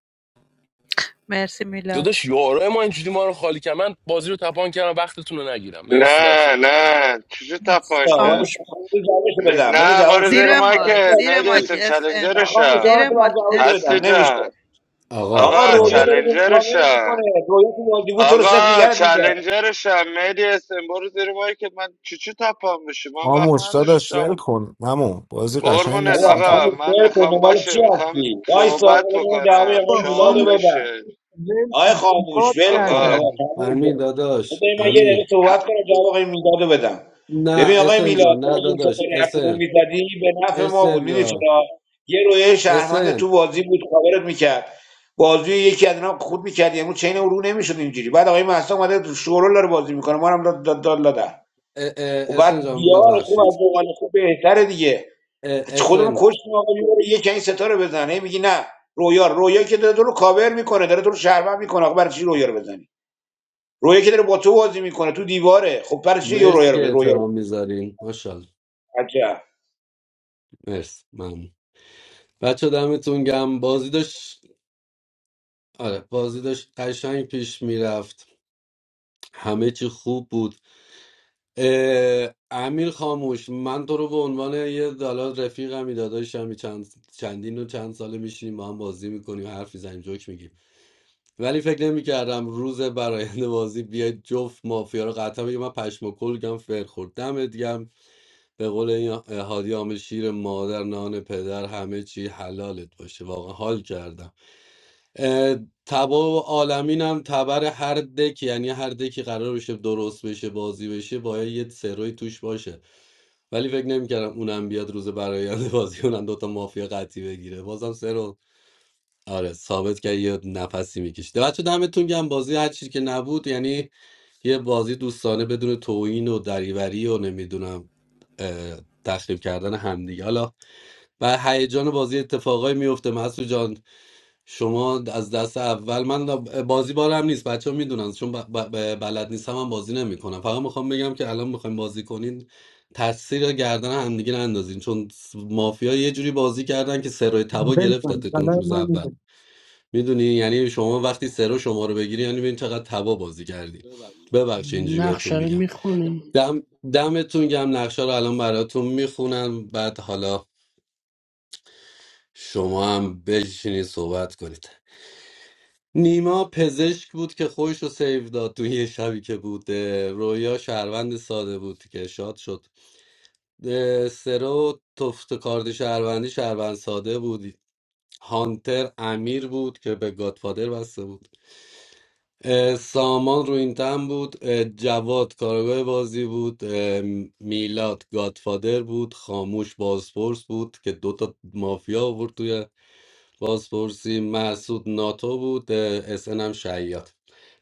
Speaker 6: مرسی میلاد
Speaker 16: داداش یارای ما اینجوری ما رو خالی کردن من بازی رو تپان کردم وقتتون رو نگیرم مرسی بچه‌ها
Speaker 17: نه نه. چجور
Speaker 6: مرسی.
Speaker 17: تپان
Speaker 14: آه، وایسا،
Speaker 6: خاموش
Speaker 17: کردی
Speaker 14: بذار جوابشو بدم بذار
Speaker 17: نه بار
Speaker 14: جوابشو
Speaker 17: زیر
Speaker 6: زیر
Speaker 14: بدم
Speaker 6: مایک
Speaker 17: مایکت
Speaker 6: زیر
Speaker 17: مهدی
Speaker 6: مایک
Speaker 17: اسن
Speaker 6: اس ان.
Speaker 14: من خاموش
Speaker 17: چلنجرشم
Speaker 14: آره
Speaker 6: زیر
Speaker 14: تو باید
Speaker 6: مایک
Speaker 14: جوابشو
Speaker 6: اس
Speaker 14: بدم
Speaker 17: هستی جان
Speaker 14: نمیشه
Speaker 5: آقا
Speaker 14: آقا
Speaker 17: آقا
Speaker 14: رویا
Speaker 5: آقا
Speaker 14: داره تو کاور میکنه
Speaker 17: چلنجرشم
Speaker 14: رویا تو بازی بود تو رو صفر
Speaker 17: آقا
Speaker 14: نگرد میده
Speaker 17: چلنجرشم مهدی اسم برو زیر مایی که من چی چی تپم بشه من وقت
Speaker 8: آموش داداش
Speaker 17: نداشتم
Speaker 8: ول کن ممو بازی قشنگ
Speaker 17: قربونت
Speaker 14: آقا
Speaker 8: نیست
Speaker 17: آقا
Speaker 14: خاموش
Speaker 17: من
Speaker 14: بر کن
Speaker 17: میخوام
Speaker 14: دنبال
Speaker 17: باشه
Speaker 14: چی
Speaker 17: میخوام
Speaker 14: هستی وایسا آقا
Speaker 17: صحبت
Speaker 14: بذار من جواب
Speaker 17: بکنم
Speaker 14: آقای
Speaker 13: با
Speaker 14: میلاد
Speaker 13: خام
Speaker 14: بدم
Speaker 17: چالشه
Speaker 13: ول
Speaker 14: آقای
Speaker 13: کن. باد
Speaker 14: خاموش ول کن
Speaker 17: آقا
Speaker 13: کردن
Speaker 14: آقا خاموش کن.
Speaker 5: امین
Speaker 13: دیگه.
Speaker 5: داداش
Speaker 14: بذاری من یه
Speaker 5: امین
Speaker 14: دقیقه
Speaker 17: ت-
Speaker 14: صحبت کنم جواب آقای میلاد رو بدم
Speaker 5: نه
Speaker 14: ببین آقای
Speaker 5: اسن
Speaker 14: میلاد
Speaker 5: جان
Speaker 14: تو
Speaker 5: نه
Speaker 14: اگه این
Speaker 5: داداش
Speaker 14: ستاره حرف رو
Speaker 5: اسن
Speaker 14: میزدی به نفع ما بود
Speaker 5: اسن
Speaker 14: میدونی
Speaker 5: جان
Speaker 14: چرا یه رویه شهروند تو
Speaker 5: اسن
Speaker 14: بازی بود کاورت میکرد بازی یکی از اینا خود میکرد یعنی چین او رو نمیشد اینجوری بعد آقای مهسا اومده تو شورول داره بازی میکنه ما هم داد داد داد داده.
Speaker 5: اه،
Speaker 14: و
Speaker 5: اه،
Speaker 14: بعد
Speaker 5: اسن جان
Speaker 14: دیار خوب از
Speaker 5: ببخشید
Speaker 14: مقال خوب بهتره دیگه
Speaker 5: اه،
Speaker 14: از خودمون
Speaker 5: اسن
Speaker 14: کشتیم آقا یه بار یکی این ستا بزنه میگی نه رویا رویا که داره تو رو کاور میکنه داره تو رو شرمن میکنه آقا برای چی رویا رو بزنی رویا که داره با تو بازی میکنه تو دیواره خب برای چی یه رویا
Speaker 5: مرسی
Speaker 14: رو ب-
Speaker 5: که
Speaker 14: رویا رو
Speaker 5: احترام میذارین ماشاءالله
Speaker 14: عجب
Speaker 5: مرسی ممنون. بچه دمتون گم بازی داشت آره بازی داشت قشنگ پیش میرفت همه چی خوب بود اه، امیر خاموش من تو رو به عنوان یه حالا رفیقمی داداشمی چند چندین و چند ساله میشینیم با هم بازی میکنیم حرف میزنیم جوک میگیم ولی فکر نمیکردم روز براینده بازی بیاید جفت مافیا رو قطعا بگه من پشم و کلگم فر خورد دمت گرم. به قول این هادی عامل شیر مادر نان پدر همه چی حلالت باشه واقعا حال کردم تبا عالمین هم تبر هر دک یعنی هر دکی قرار بشه درست بشه بازی بشه باید یه سروی توش باشه ولی فکر نمیکردم اونم بیاد روز برآینده بازی اونم دوتا مافیا قطعی بگیره بازم سرو آره ثابت کرد یه نفسی میکشید بچه دمتون گم بازی هر چی که نبود یعنی یه بازی دوستانه بدون توهین و دریوری و نمیدونم تخریب کردن همدیگه حالا و هیجان بازی اتفاقایی میفته مسعود جان شما از دست اول من بازی بارم نیست بچه ها میدونن چون ب- ب- بلد نیستم من بازی نمیکنم فقط میخوام بگم که الان میخوایم بازی کنین تاثیر گردن همدیگه نندازین چون مافیا یه جوری بازی کردن که سرای تبا
Speaker 13: ول کن
Speaker 5: گرفتتتون
Speaker 13: حالا
Speaker 5: روز
Speaker 13: من
Speaker 5: اول
Speaker 13: میگم
Speaker 5: میدونی یعنی شما وقتی سرو شما رو بگیری یعنی ببین چقدر تبا بازی کردی ببخشید اینجوری
Speaker 9: نقشه
Speaker 5: بهتون
Speaker 9: رو
Speaker 5: میگم
Speaker 9: میخونیم
Speaker 5: دم دمتون گم نقشه رو الان براتون میخونم بعد حالا شما هم بشینید صحبت کنید نیما پزشک بود که خودش رو سیو داد تو یه شبی که بود اه، رویا شهروند ساده بود که شاد شد اه، سرو تفت کارد شهروندی شهروند ساده بود هانتر امیر بود که به گادفادر بسته بود اه، سامان رو این تن بود اه، جواد کارگاه بازی بود اه، میلاد گادفادر بود خاموش بازپرس بود که دوتا مافیا آورد توی بازپرسی محسود ناتو بود اس هم شعیات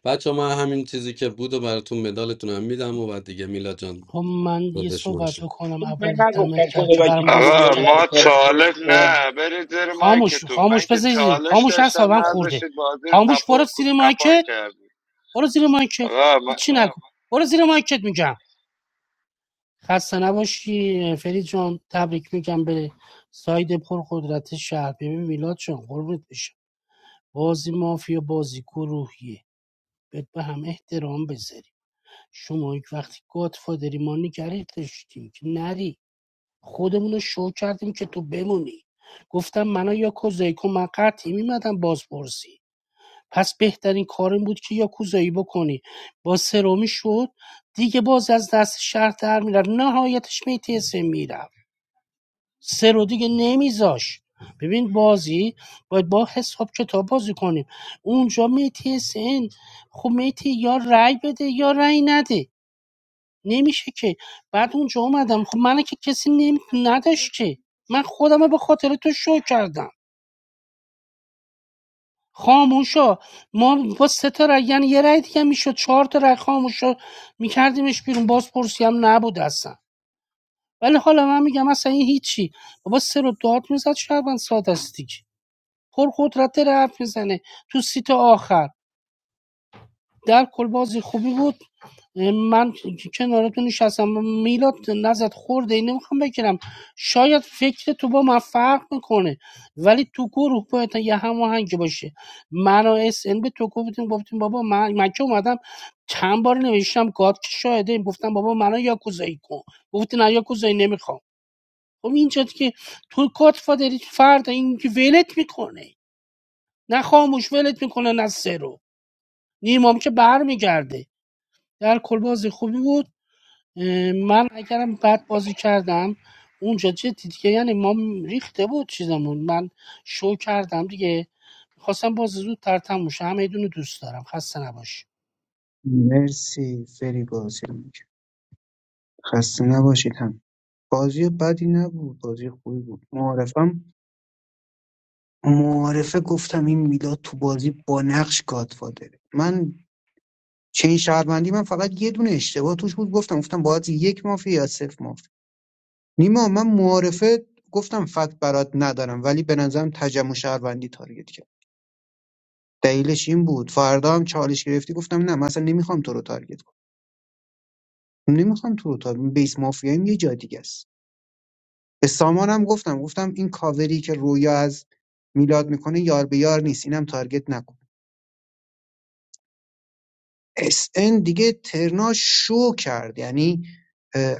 Speaker 5: بچه من همین چیزی که بود و براتون مدالتون هم میدم و بعد دیگه میلاد جان
Speaker 9: خب من یه
Speaker 5: بهش
Speaker 9: صحبت بکنم اولی
Speaker 14: من نگفتم
Speaker 9: دمت کم که
Speaker 14: خدا وکیل
Speaker 9: برام بازران
Speaker 14: رویا
Speaker 17: آقا
Speaker 9: کردی
Speaker 14: شرم
Speaker 17: ما
Speaker 14: فرم
Speaker 17: چالش
Speaker 14: فرسته.
Speaker 17: نه برید زیر
Speaker 9: خاموش
Speaker 17: مایکتون من
Speaker 9: خاموش
Speaker 17: که
Speaker 9: بذاری
Speaker 17: چالش
Speaker 9: خاموش
Speaker 17: داشتم
Speaker 9: اصابم خورده
Speaker 17: نداشتید بازی رو
Speaker 9: خاموش برو
Speaker 17: تپون
Speaker 9: زیر
Speaker 17: تپان
Speaker 9: مایکت
Speaker 17: کردید
Speaker 9: برو زیر مایکت
Speaker 17: آقا
Speaker 9: هیچی نکن برو زیر مایکت میگم خسته نباشی فرید جان تبریک میگم به ساید پرقدرت شهر ببین میلاد جان قربونت بشم بازی مافیا بازی گروهیه باید به هم احترام بذاریم شما یک وقتی گادفادری ما نگره داشتیم که نری خودمون رو شو کردیم که تو بمونی گفتم منو یا کوزایی کن من قطعی میمدم بازپرسی پس بهترین کارم بود که یا کوزایی بکنی با سرومی شد دیگه باز از دست شهر در میرم نهایتش میتیسه میرم سه رو دیگه نمیذاش ببین بازی باید با حساب کتاب بازی کنیم اونجا میتی سن خب میتی یا رای بده یا رای نده نمیشه که بعد اونجا اومدم خب من که کسی نمی... نداشت که من خودم رو به خاطر تو شو کردم خاموشا ما با سه تا رأی یعنی یه رای دیگه میشد چهار تا رأی خاموشا میکردیمش بیرون باز پرسی هم نبود اصلا ولی حالا من میگم اصلا این هیچی بابا سه رو داد میزد شهروند ساده است دیگه پرقدرت حرف میزنه تو سیت آخر در کل بازی خوبی بود من کنارتون نشستم میلاد نزد خورده این نمیخوام بگیرم شاید فکر تو با من فرق میکنه ولی تو گروه باید یه هماهنگی باشه من و اس ان به تو گفتیم گفتیم بابا من, من که اومدم چند بار نوشتم گاد که شاهده این گفتم بابا منو یاکوزایی کن گفتی نه یاکوزایی نمیخوام خب اینجا که تو گاد فادری فرد این که ولت میکنه نه خاموش ولت میکنه از سه نیمام که بر میگرده. در کل بازی خوبی بود من اگرم بد بازی کردم اونجا چه دیگه یعنی ما ریخته بود چیزمون من شو کردم دیگه میخواستم بازی زودتر تموم شه همه دونو دوست دارم خسته نباش
Speaker 13: مرسی سری بازی رو می‌کرد. خسته نباشید هم بازی بدی نبود بازی خوبی بود معارفم معارفه گفتم این میلاد تو بازی با نقش گادفادره من چین شهروندی من فقط یه دونه اشتباه توش بود گفتم گفتم باید یک مافیا یا صفر مافیا نیما من معارفه گفتم فقط برات ندارم ولی به نظرم تجمع شهروندی تارگت کرد دلیلش این بود فردا هم چالش گرفتی گفتم نه مثلا نمیخوام تو رو تارگت کنم نمیخوام تو رو تارگت بیس مافیایم یه جا دیگه است به سامانم گفتم گفتم این کاوری که رویا از میلاد میکنه یار به یار نیست اینم تارگت نکن اس ان دیگه ترناش شو کرد یعنی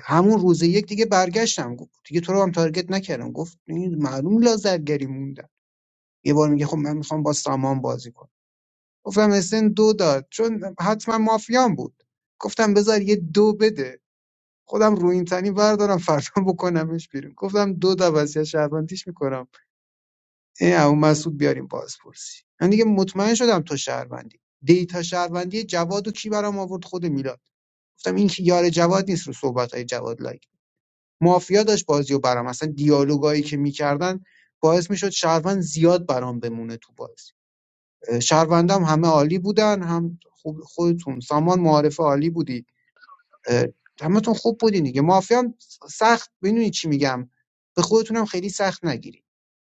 Speaker 13: همون روز یک دیگه برگشتم گفت دیگه تو رو هم تارگت نکردم گفت این معلوم لازرگری موندن یه بار میگه خب من میخوام با سامان بازی کنم گفتم اسن دو داد چون حتما مافیان بود گفتم بذار یه دو بده خودم رو این تنی بردارم فردا بکنمش بیرون گفتم دو تا وصیت شهروندیش میکنم این ابو مسعود بیاریم بازپرسی من دیگه مطمئن شدم تو شهروندی دیتا شهروندی جواد و کی برام آورد خود میلاد گفتم این که یار جواد نیست رو صحبت های جواد لایک مافیا داشت بازیو و برام اصلا دیالوگایی که میکردن باعث میشد شهروند زیاد برام بمونه تو بازی اه، شهروندام هم همه عالی بودن هم خوب خودتون سامان معارف عالی بودی اه، همتون خوب بودین دیگه مافیام سخت ببینید چی میگم به خودتونم خیلی سخت نگیرید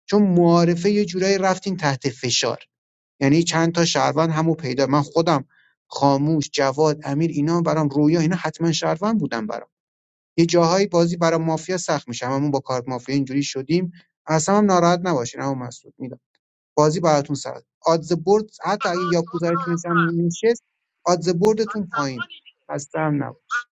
Speaker 13: چون معارفه یه جورایی رفتین تحت فشار یعنی چند تا شهروند همو پیدا من خودم خاموش جواد امیر اینا برام رویا اینا حتما شهروند بودن برام یه جاهایی بازی برای مافیا سخت میشه هممون با کارت مافیا اینجوری شدیم اصلا هم ناراحت نباشین اما مسعود میدم بازی براتون سخت آدز برد حتی اگه یاکوزارتونش هم نشست آدز بردتون پایین خسته هم نباش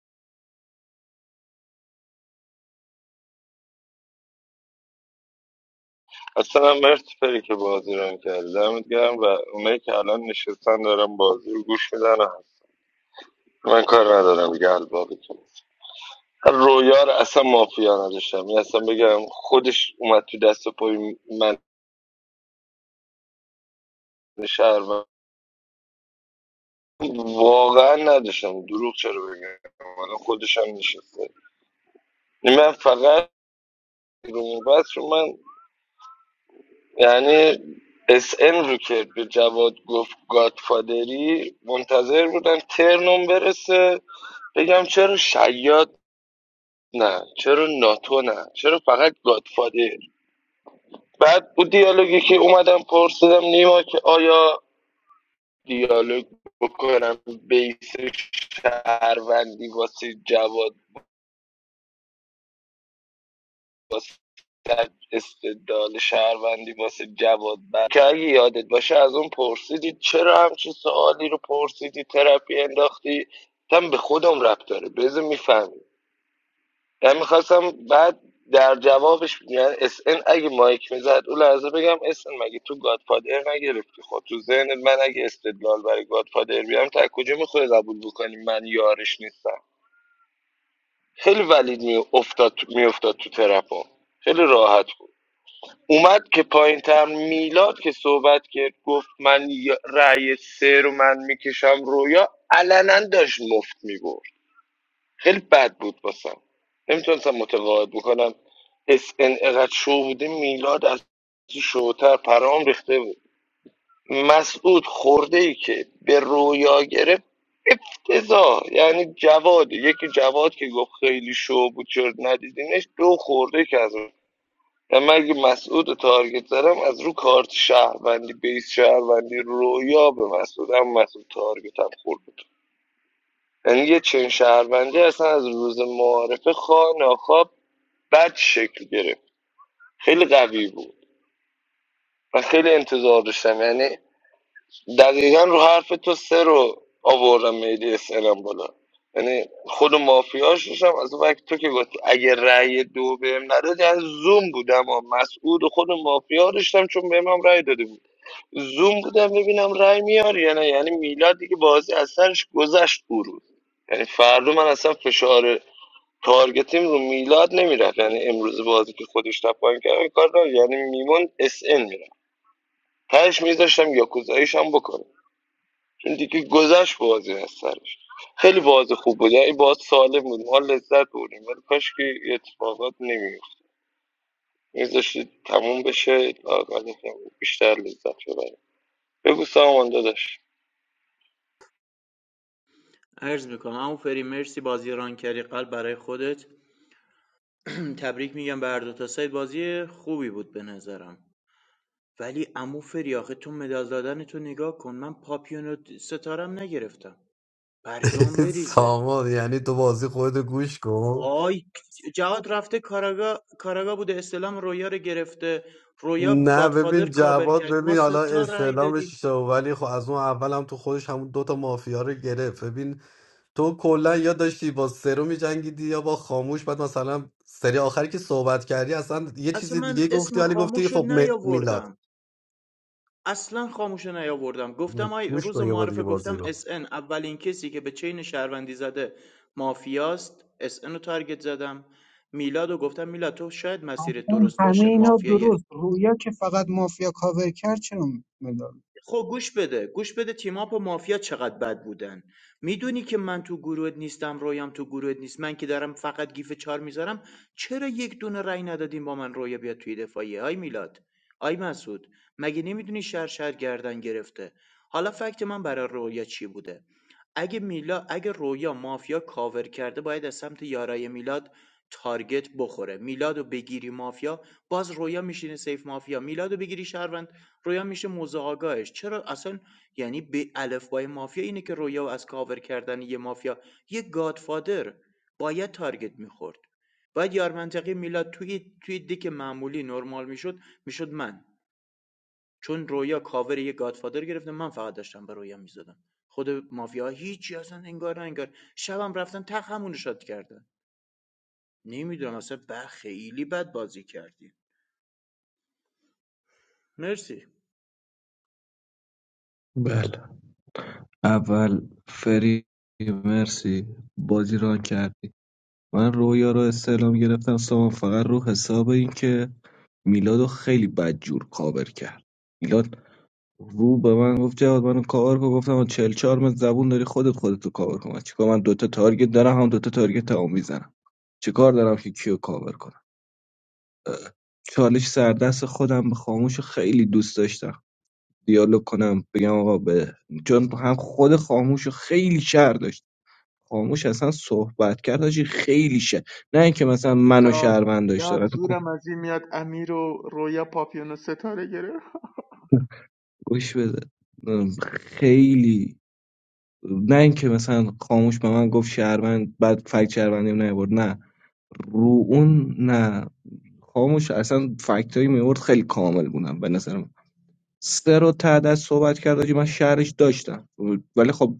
Speaker 17: اصلا مرسی پری که بازی رو کردی دمت گرم و اونایی که الان نشستن دارم بازی رو گوش میدن من کار ندارم دیگه البابتون رویا رو اصلا مافیا نداشتم این اصلا بگم خودش اومد تو دست و پای من شهر و واقعا نداشتم دروغ چرا بگم الان خودش هم نشسته یعنی من فقط رو بس رو من یعنی اس ام رو که به جواد گفت گادفادری منتظر بودن ترنم برسه بگم چرا شیاد نه چرا ناتو نه چرا فقط گادفادر بعد اون دیالوگی که اومدم پرسیدم نیما که آیا دیالوگ بکنم بیس شهروندی واسه جواد در استدلال شهروندی واسه جواد بر که اگه یادت باشه از اون پرسیدی چرا همچین سوالی رو پرسیدی ترپی انداختی تم به خودم ربط داره بذار میفهمی من میخواستم بعد در جوابش میگن اس ان اگه مایک میزد اون لحظه بگم اس ان مگه تو گادفادر نگرفتی خب تو ذهنت من اگه استدلال برای گادفادر بیام تا کجا میخوای قبول بکنی من یارش نیستم خیلی ولید میافتاد میافتاد تو ترپم خیلی راحت بود اومد که پایین تر میلاد که صحبت کرد گفت من ی- رأی سه رو من میکشم رویا علنا داشت مفت میبرد خیلی بد بود باسم نمیتونستم متقاعد بکنم اس ان اقدر شو بوده میلاد از شوتر پرام ریخته بود مسعود خورده ای که به رویا گرفت افتضاح یعنی جواد یکی جواد که گفت خیلی شو بود چرا ندیدینش دو خورده که از و من اگه مسعود رو تارگت دارم از رو کارت شهروندی بیس شهروندی رویا به مسعود هم مسعود تارگت هم خورد بود یعنی یه چین شهروندی اصلا از روز معارفه خواه ناخواه بد شکل گرفت خیلی قوی بود و خیلی انتظار داشتم یعنی دقیقا رو حرف تو سه رو آوردم میلی اسلم بالا یعنی خود مافیاش داشتم از اون وقت تو که گفتی اگه رأی دو بهم نداد یعنی زوم بودم و مسعود و خود مافیا داشتم چون بهم هم رأی داده بود زوم بودم ببینم رای میاری یا نه یعنی میلاد دیگه بازی از سرش گذشت اون روز یعنی فردا من اصلا فشار تارگتیم رو میلاد نمیرفت یعنی امروز بازی که خودش تپاین کرد این کار رو یعنی میمون اس ان میرفت تهش میذاشتم یاکوزاییش هم بکنه چون دیگه گذشت بازی از سرش خیلی بازی خوب بود یعنی باز سالم بود ما لذت بردیم ولی کاش که یه اتفاقات نمیفت میذاشتی تموم بشه لااقل یکم بیشتر لذت ببریم بگو سامان داداش
Speaker 2: عرض میکنم عمو فری مرسی بازی ران کردی قلب برای خودت تبریک میگم به هر دو تا سایت بازی خوبی بود به نظرم ولی عمو فری آخه تو مدال دادن تو نگاه کن من پاپیون و ستارم نگرفتم برگام بریزه
Speaker 5: سامان یعنی تو بازی خود گوش کن
Speaker 2: وای جهاد رفته کاراگا کاراگا بوده استلام رویا رو گرفته رویا
Speaker 5: نه
Speaker 2: گادفادر
Speaker 5: ببین
Speaker 2: کاور
Speaker 5: جواد
Speaker 2: کرد ما
Speaker 5: ببین
Speaker 2: سه
Speaker 5: حالا
Speaker 2: تا رای
Speaker 5: استعلامش
Speaker 2: دادیم
Speaker 5: شو ولی خب از اون اول هم تو خودش همون دوتا مافیا رو گرفت ببین تو کلا یا داشتی با سرو میجنگیدی یا با خاموش بعد مثلا سری آخری که صحبت کردی اصلا یه چیز
Speaker 2: اصلا من
Speaker 5: دیگه گفتی
Speaker 2: اسم
Speaker 5: ولی گفتی
Speaker 2: خاموش رو
Speaker 5: خب م- میلاد
Speaker 2: نیاوردم اصلا خاموشه نیاوردم گفتم آی
Speaker 5: گوش
Speaker 2: روز
Speaker 5: کن یه بار
Speaker 2: معارفه
Speaker 5: دیگه بازی
Speaker 2: گفتم
Speaker 5: رو
Speaker 2: اس ان اولین کسی که به چین شهروندی زده مافیاست اس ان رو تارگت زدم میلاد و گفتم میلاد تو شاید مسیرت
Speaker 13: اصلا
Speaker 2: درست
Speaker 13: همه
Speaker 2: باشه
Speaker 13: اینا
Speaker 2: مافیای
Speaker 13: درست رویا که فقط مافیا کاور کرد چرا مدال
Speaker 2: خب گوش بده گوش بده تیماپ و مافیا چقدر بد بودن میدونی که من تو گروهت نیستم رویام تو گروهت نیست من که دارم فقط گیف چار میذارم چرا یک دونه رأی ندادیم با من رویا بیاد توی دفاعیه آی میلاد آی مسعود مگه نمیدونی شهر شهر گردن گرفته حالا فکت من برای رویا چی بوده اگه میلا اگه رویا مافیا کاور کرده باید از سمت یارای میلاد تارگت بخوره میلادو بگیری مافیا باز رویا میشینه سیف مافیا میلادو بگیری شهروند رویا میشه موضوع آگاهش چرا اصلا یعنی به الفبای مافیا اینه که رویا از کاور کردن یه مافیا یه گادفادر باید تارگت میخورد باید یار منطقی میلاد توی توی دیک معمولی نرمال میشد میشد من چون رویا کاور یه گادفادر گرفته من فقط داشتم به رویا میزدم خود مافیا هیچی اصلا انگار نه انگار شبم رفتن تق همونو شاد کردن نمیدونم اصلا بر خیلی بد بازی کردی مرسی
Speaker 1: اول فری مرسی بازی ران کردی من رویا رو استعلام گرفتم سامان فقط رو حساب این که میلاد رو خیلی بدجور کاور کرد میلاد رو به من گفت جواد منو کاور کن گفتم آقا چهار متر زبون داری خودت خودت رو کاور کن من چیکار من دوتا تارگت دارم هم دوتا تارگت هم میزنم چیکار دارم که کیو کاور کنم اه، چالش سردست خودم به خاموش رو خیلی دوست داشتم دیالوگ کنم بگم آقا به چون هم خود خاموش رو خیلی شهر داشتم خاموش اصلا صحبت کرد حاجی خیلی شه نه اینکه مثلا منو
Speaker 2: داد
Speaker 1: شهروند داشته
Speaker 2: داد
Speaker 1: باشه.
Speaker 2: زورم از این میاد امیر و رویا پاپیون و ستاره گرفت
Speaker 1: گوش بده ام، خیلی نه اینکه مثلا خاموش به من گفت شهروند بعد فکت شهروندیم نیورد نه رو اون نه خاموش اصلا فکت هایی میورد خیلی کامل بودن به نظر من سه رو تعداد صحبت کرد حاجی من شهرش داشتم ولی خب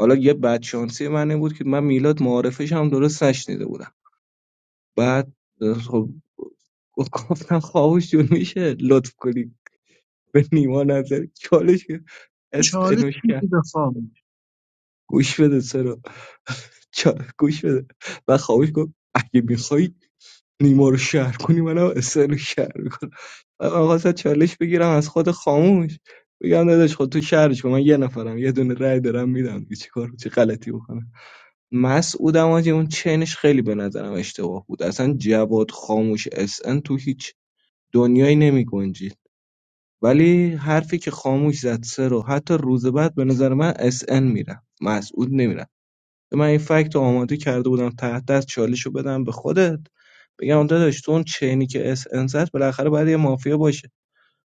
Speaker 1: حالا یه بدشانسی من این بود که من میلاد معارفش هم درست نشنیده بودم بعد اه، خب گفتم خواهوش جون میشه لطف کنی به نیما نظر چالش که اس
Speaker 13: چالش
Speaker 1: انوش کرد
Speaker 13: میدی به خاموش
Speaker 1: گوش بده سرو چا- گوش بده و خواهوش گفت اگه میخوای نیما رو شهر کنی منم اس رو شهر میکنم من خواستم چالش بگیرم از خود خاموش بگم داداش خود تو شهرش کن من یه نفرم یه دونه رای دارم میدم چی کار چه غلطی بکنم مسعود اماجیان چینش خیلی به نظرم اشتباه بود اصلا جواد خاموش اس ان تو هیچ دنیایی نمی گنجید ولی حرفی که خاموش زد سه رو حتی روز بعد به نظر من اس ان میرم مسعود نمیرم من این فکت رو آماده کرده بودم تحت دست چالش رو بدم به خودت بگم داداش تو اون چینی که اس ان زد بالاخره باید یه مافیا باشه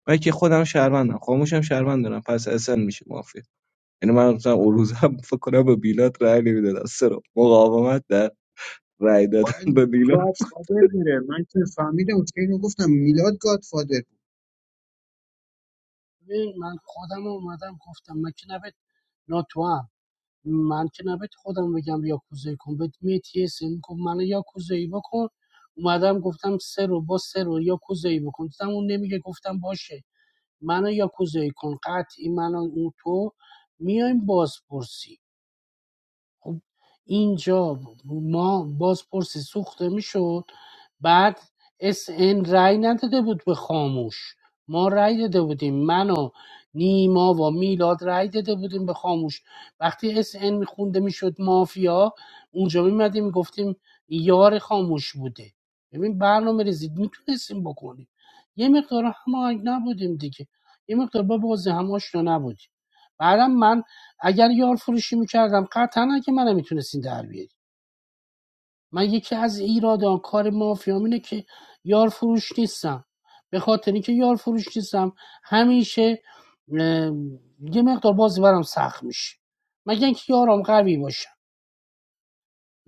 Speaker 1: من که خودم شهروندم خاموشم شهروند دارم پس اس ان میشه مافیا یعنی من مثلا اون روزم فکر کنم به بیلات رأی نمیدادم سه رو مقاومت رأی دادن
Speaker 13: باید
Speaker 1: به میلاد
Speaker 13: گاد فادر بره من که فهمیدم که اینو گفتم میلاد گاد
Speaker 9: ببین، من خودم اومدم گفتم من که نبید ناتوام. من که نباید خودم بگم یاکوزایی کن بهت میتی یه سن گفت منو یاکوزایی بکن اومدم گفتم سه رو با سه رو یاکوزایی بکن دیدم اون نمیگه گفتم باشه منو یاکوزایی کن قطعی منو اون تو میایم بازپرسی خب اینجا ما بازپرسی سوخته میشد بعد اس ان رأی نداده بود به خاموش ما رای داده بودیم من و نیما و میلاد رای داده بودیم به خاموش وقتی اس ان میخونده میشد مافیا اونجا میمدیم گفتیم یار خاموش بوده ببین برنامه ریزید میتونستیم بکنیم یه مقدار هماهنگ نبودیم دیگه یه مقدار با بازی هم آشنا نبودیم بعدم من اگر یار فروشی میکردم قطعا اگه منم میتونستین در بیاری من یکی از ایرادان کار مافیام اینه که یار فروش نیستم به خاطر اینکه یار فروش نیستم همیشه اه، یه مقدار بازی برام سخت میشه مگه اینکه یارم قوی باشه.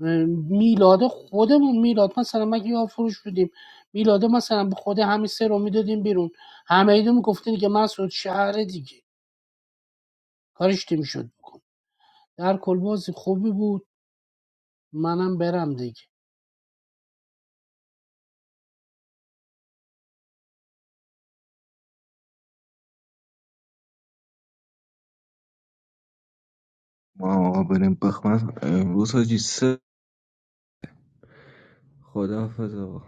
Speaker 9: اه، میلاد خودمون میلاد مثلا مگه یار فروش بودیم میلاد مثلا به خود همین سه رو میدادیم بیرون همه ایدو میگفتین که مسعود شهر دیگه کارش نمیشد بکن در کل بازی خوبی بود منم برم دیگه
Speaker 1: ما بریم بخمن امروز حاجی سه خداحافظ آقا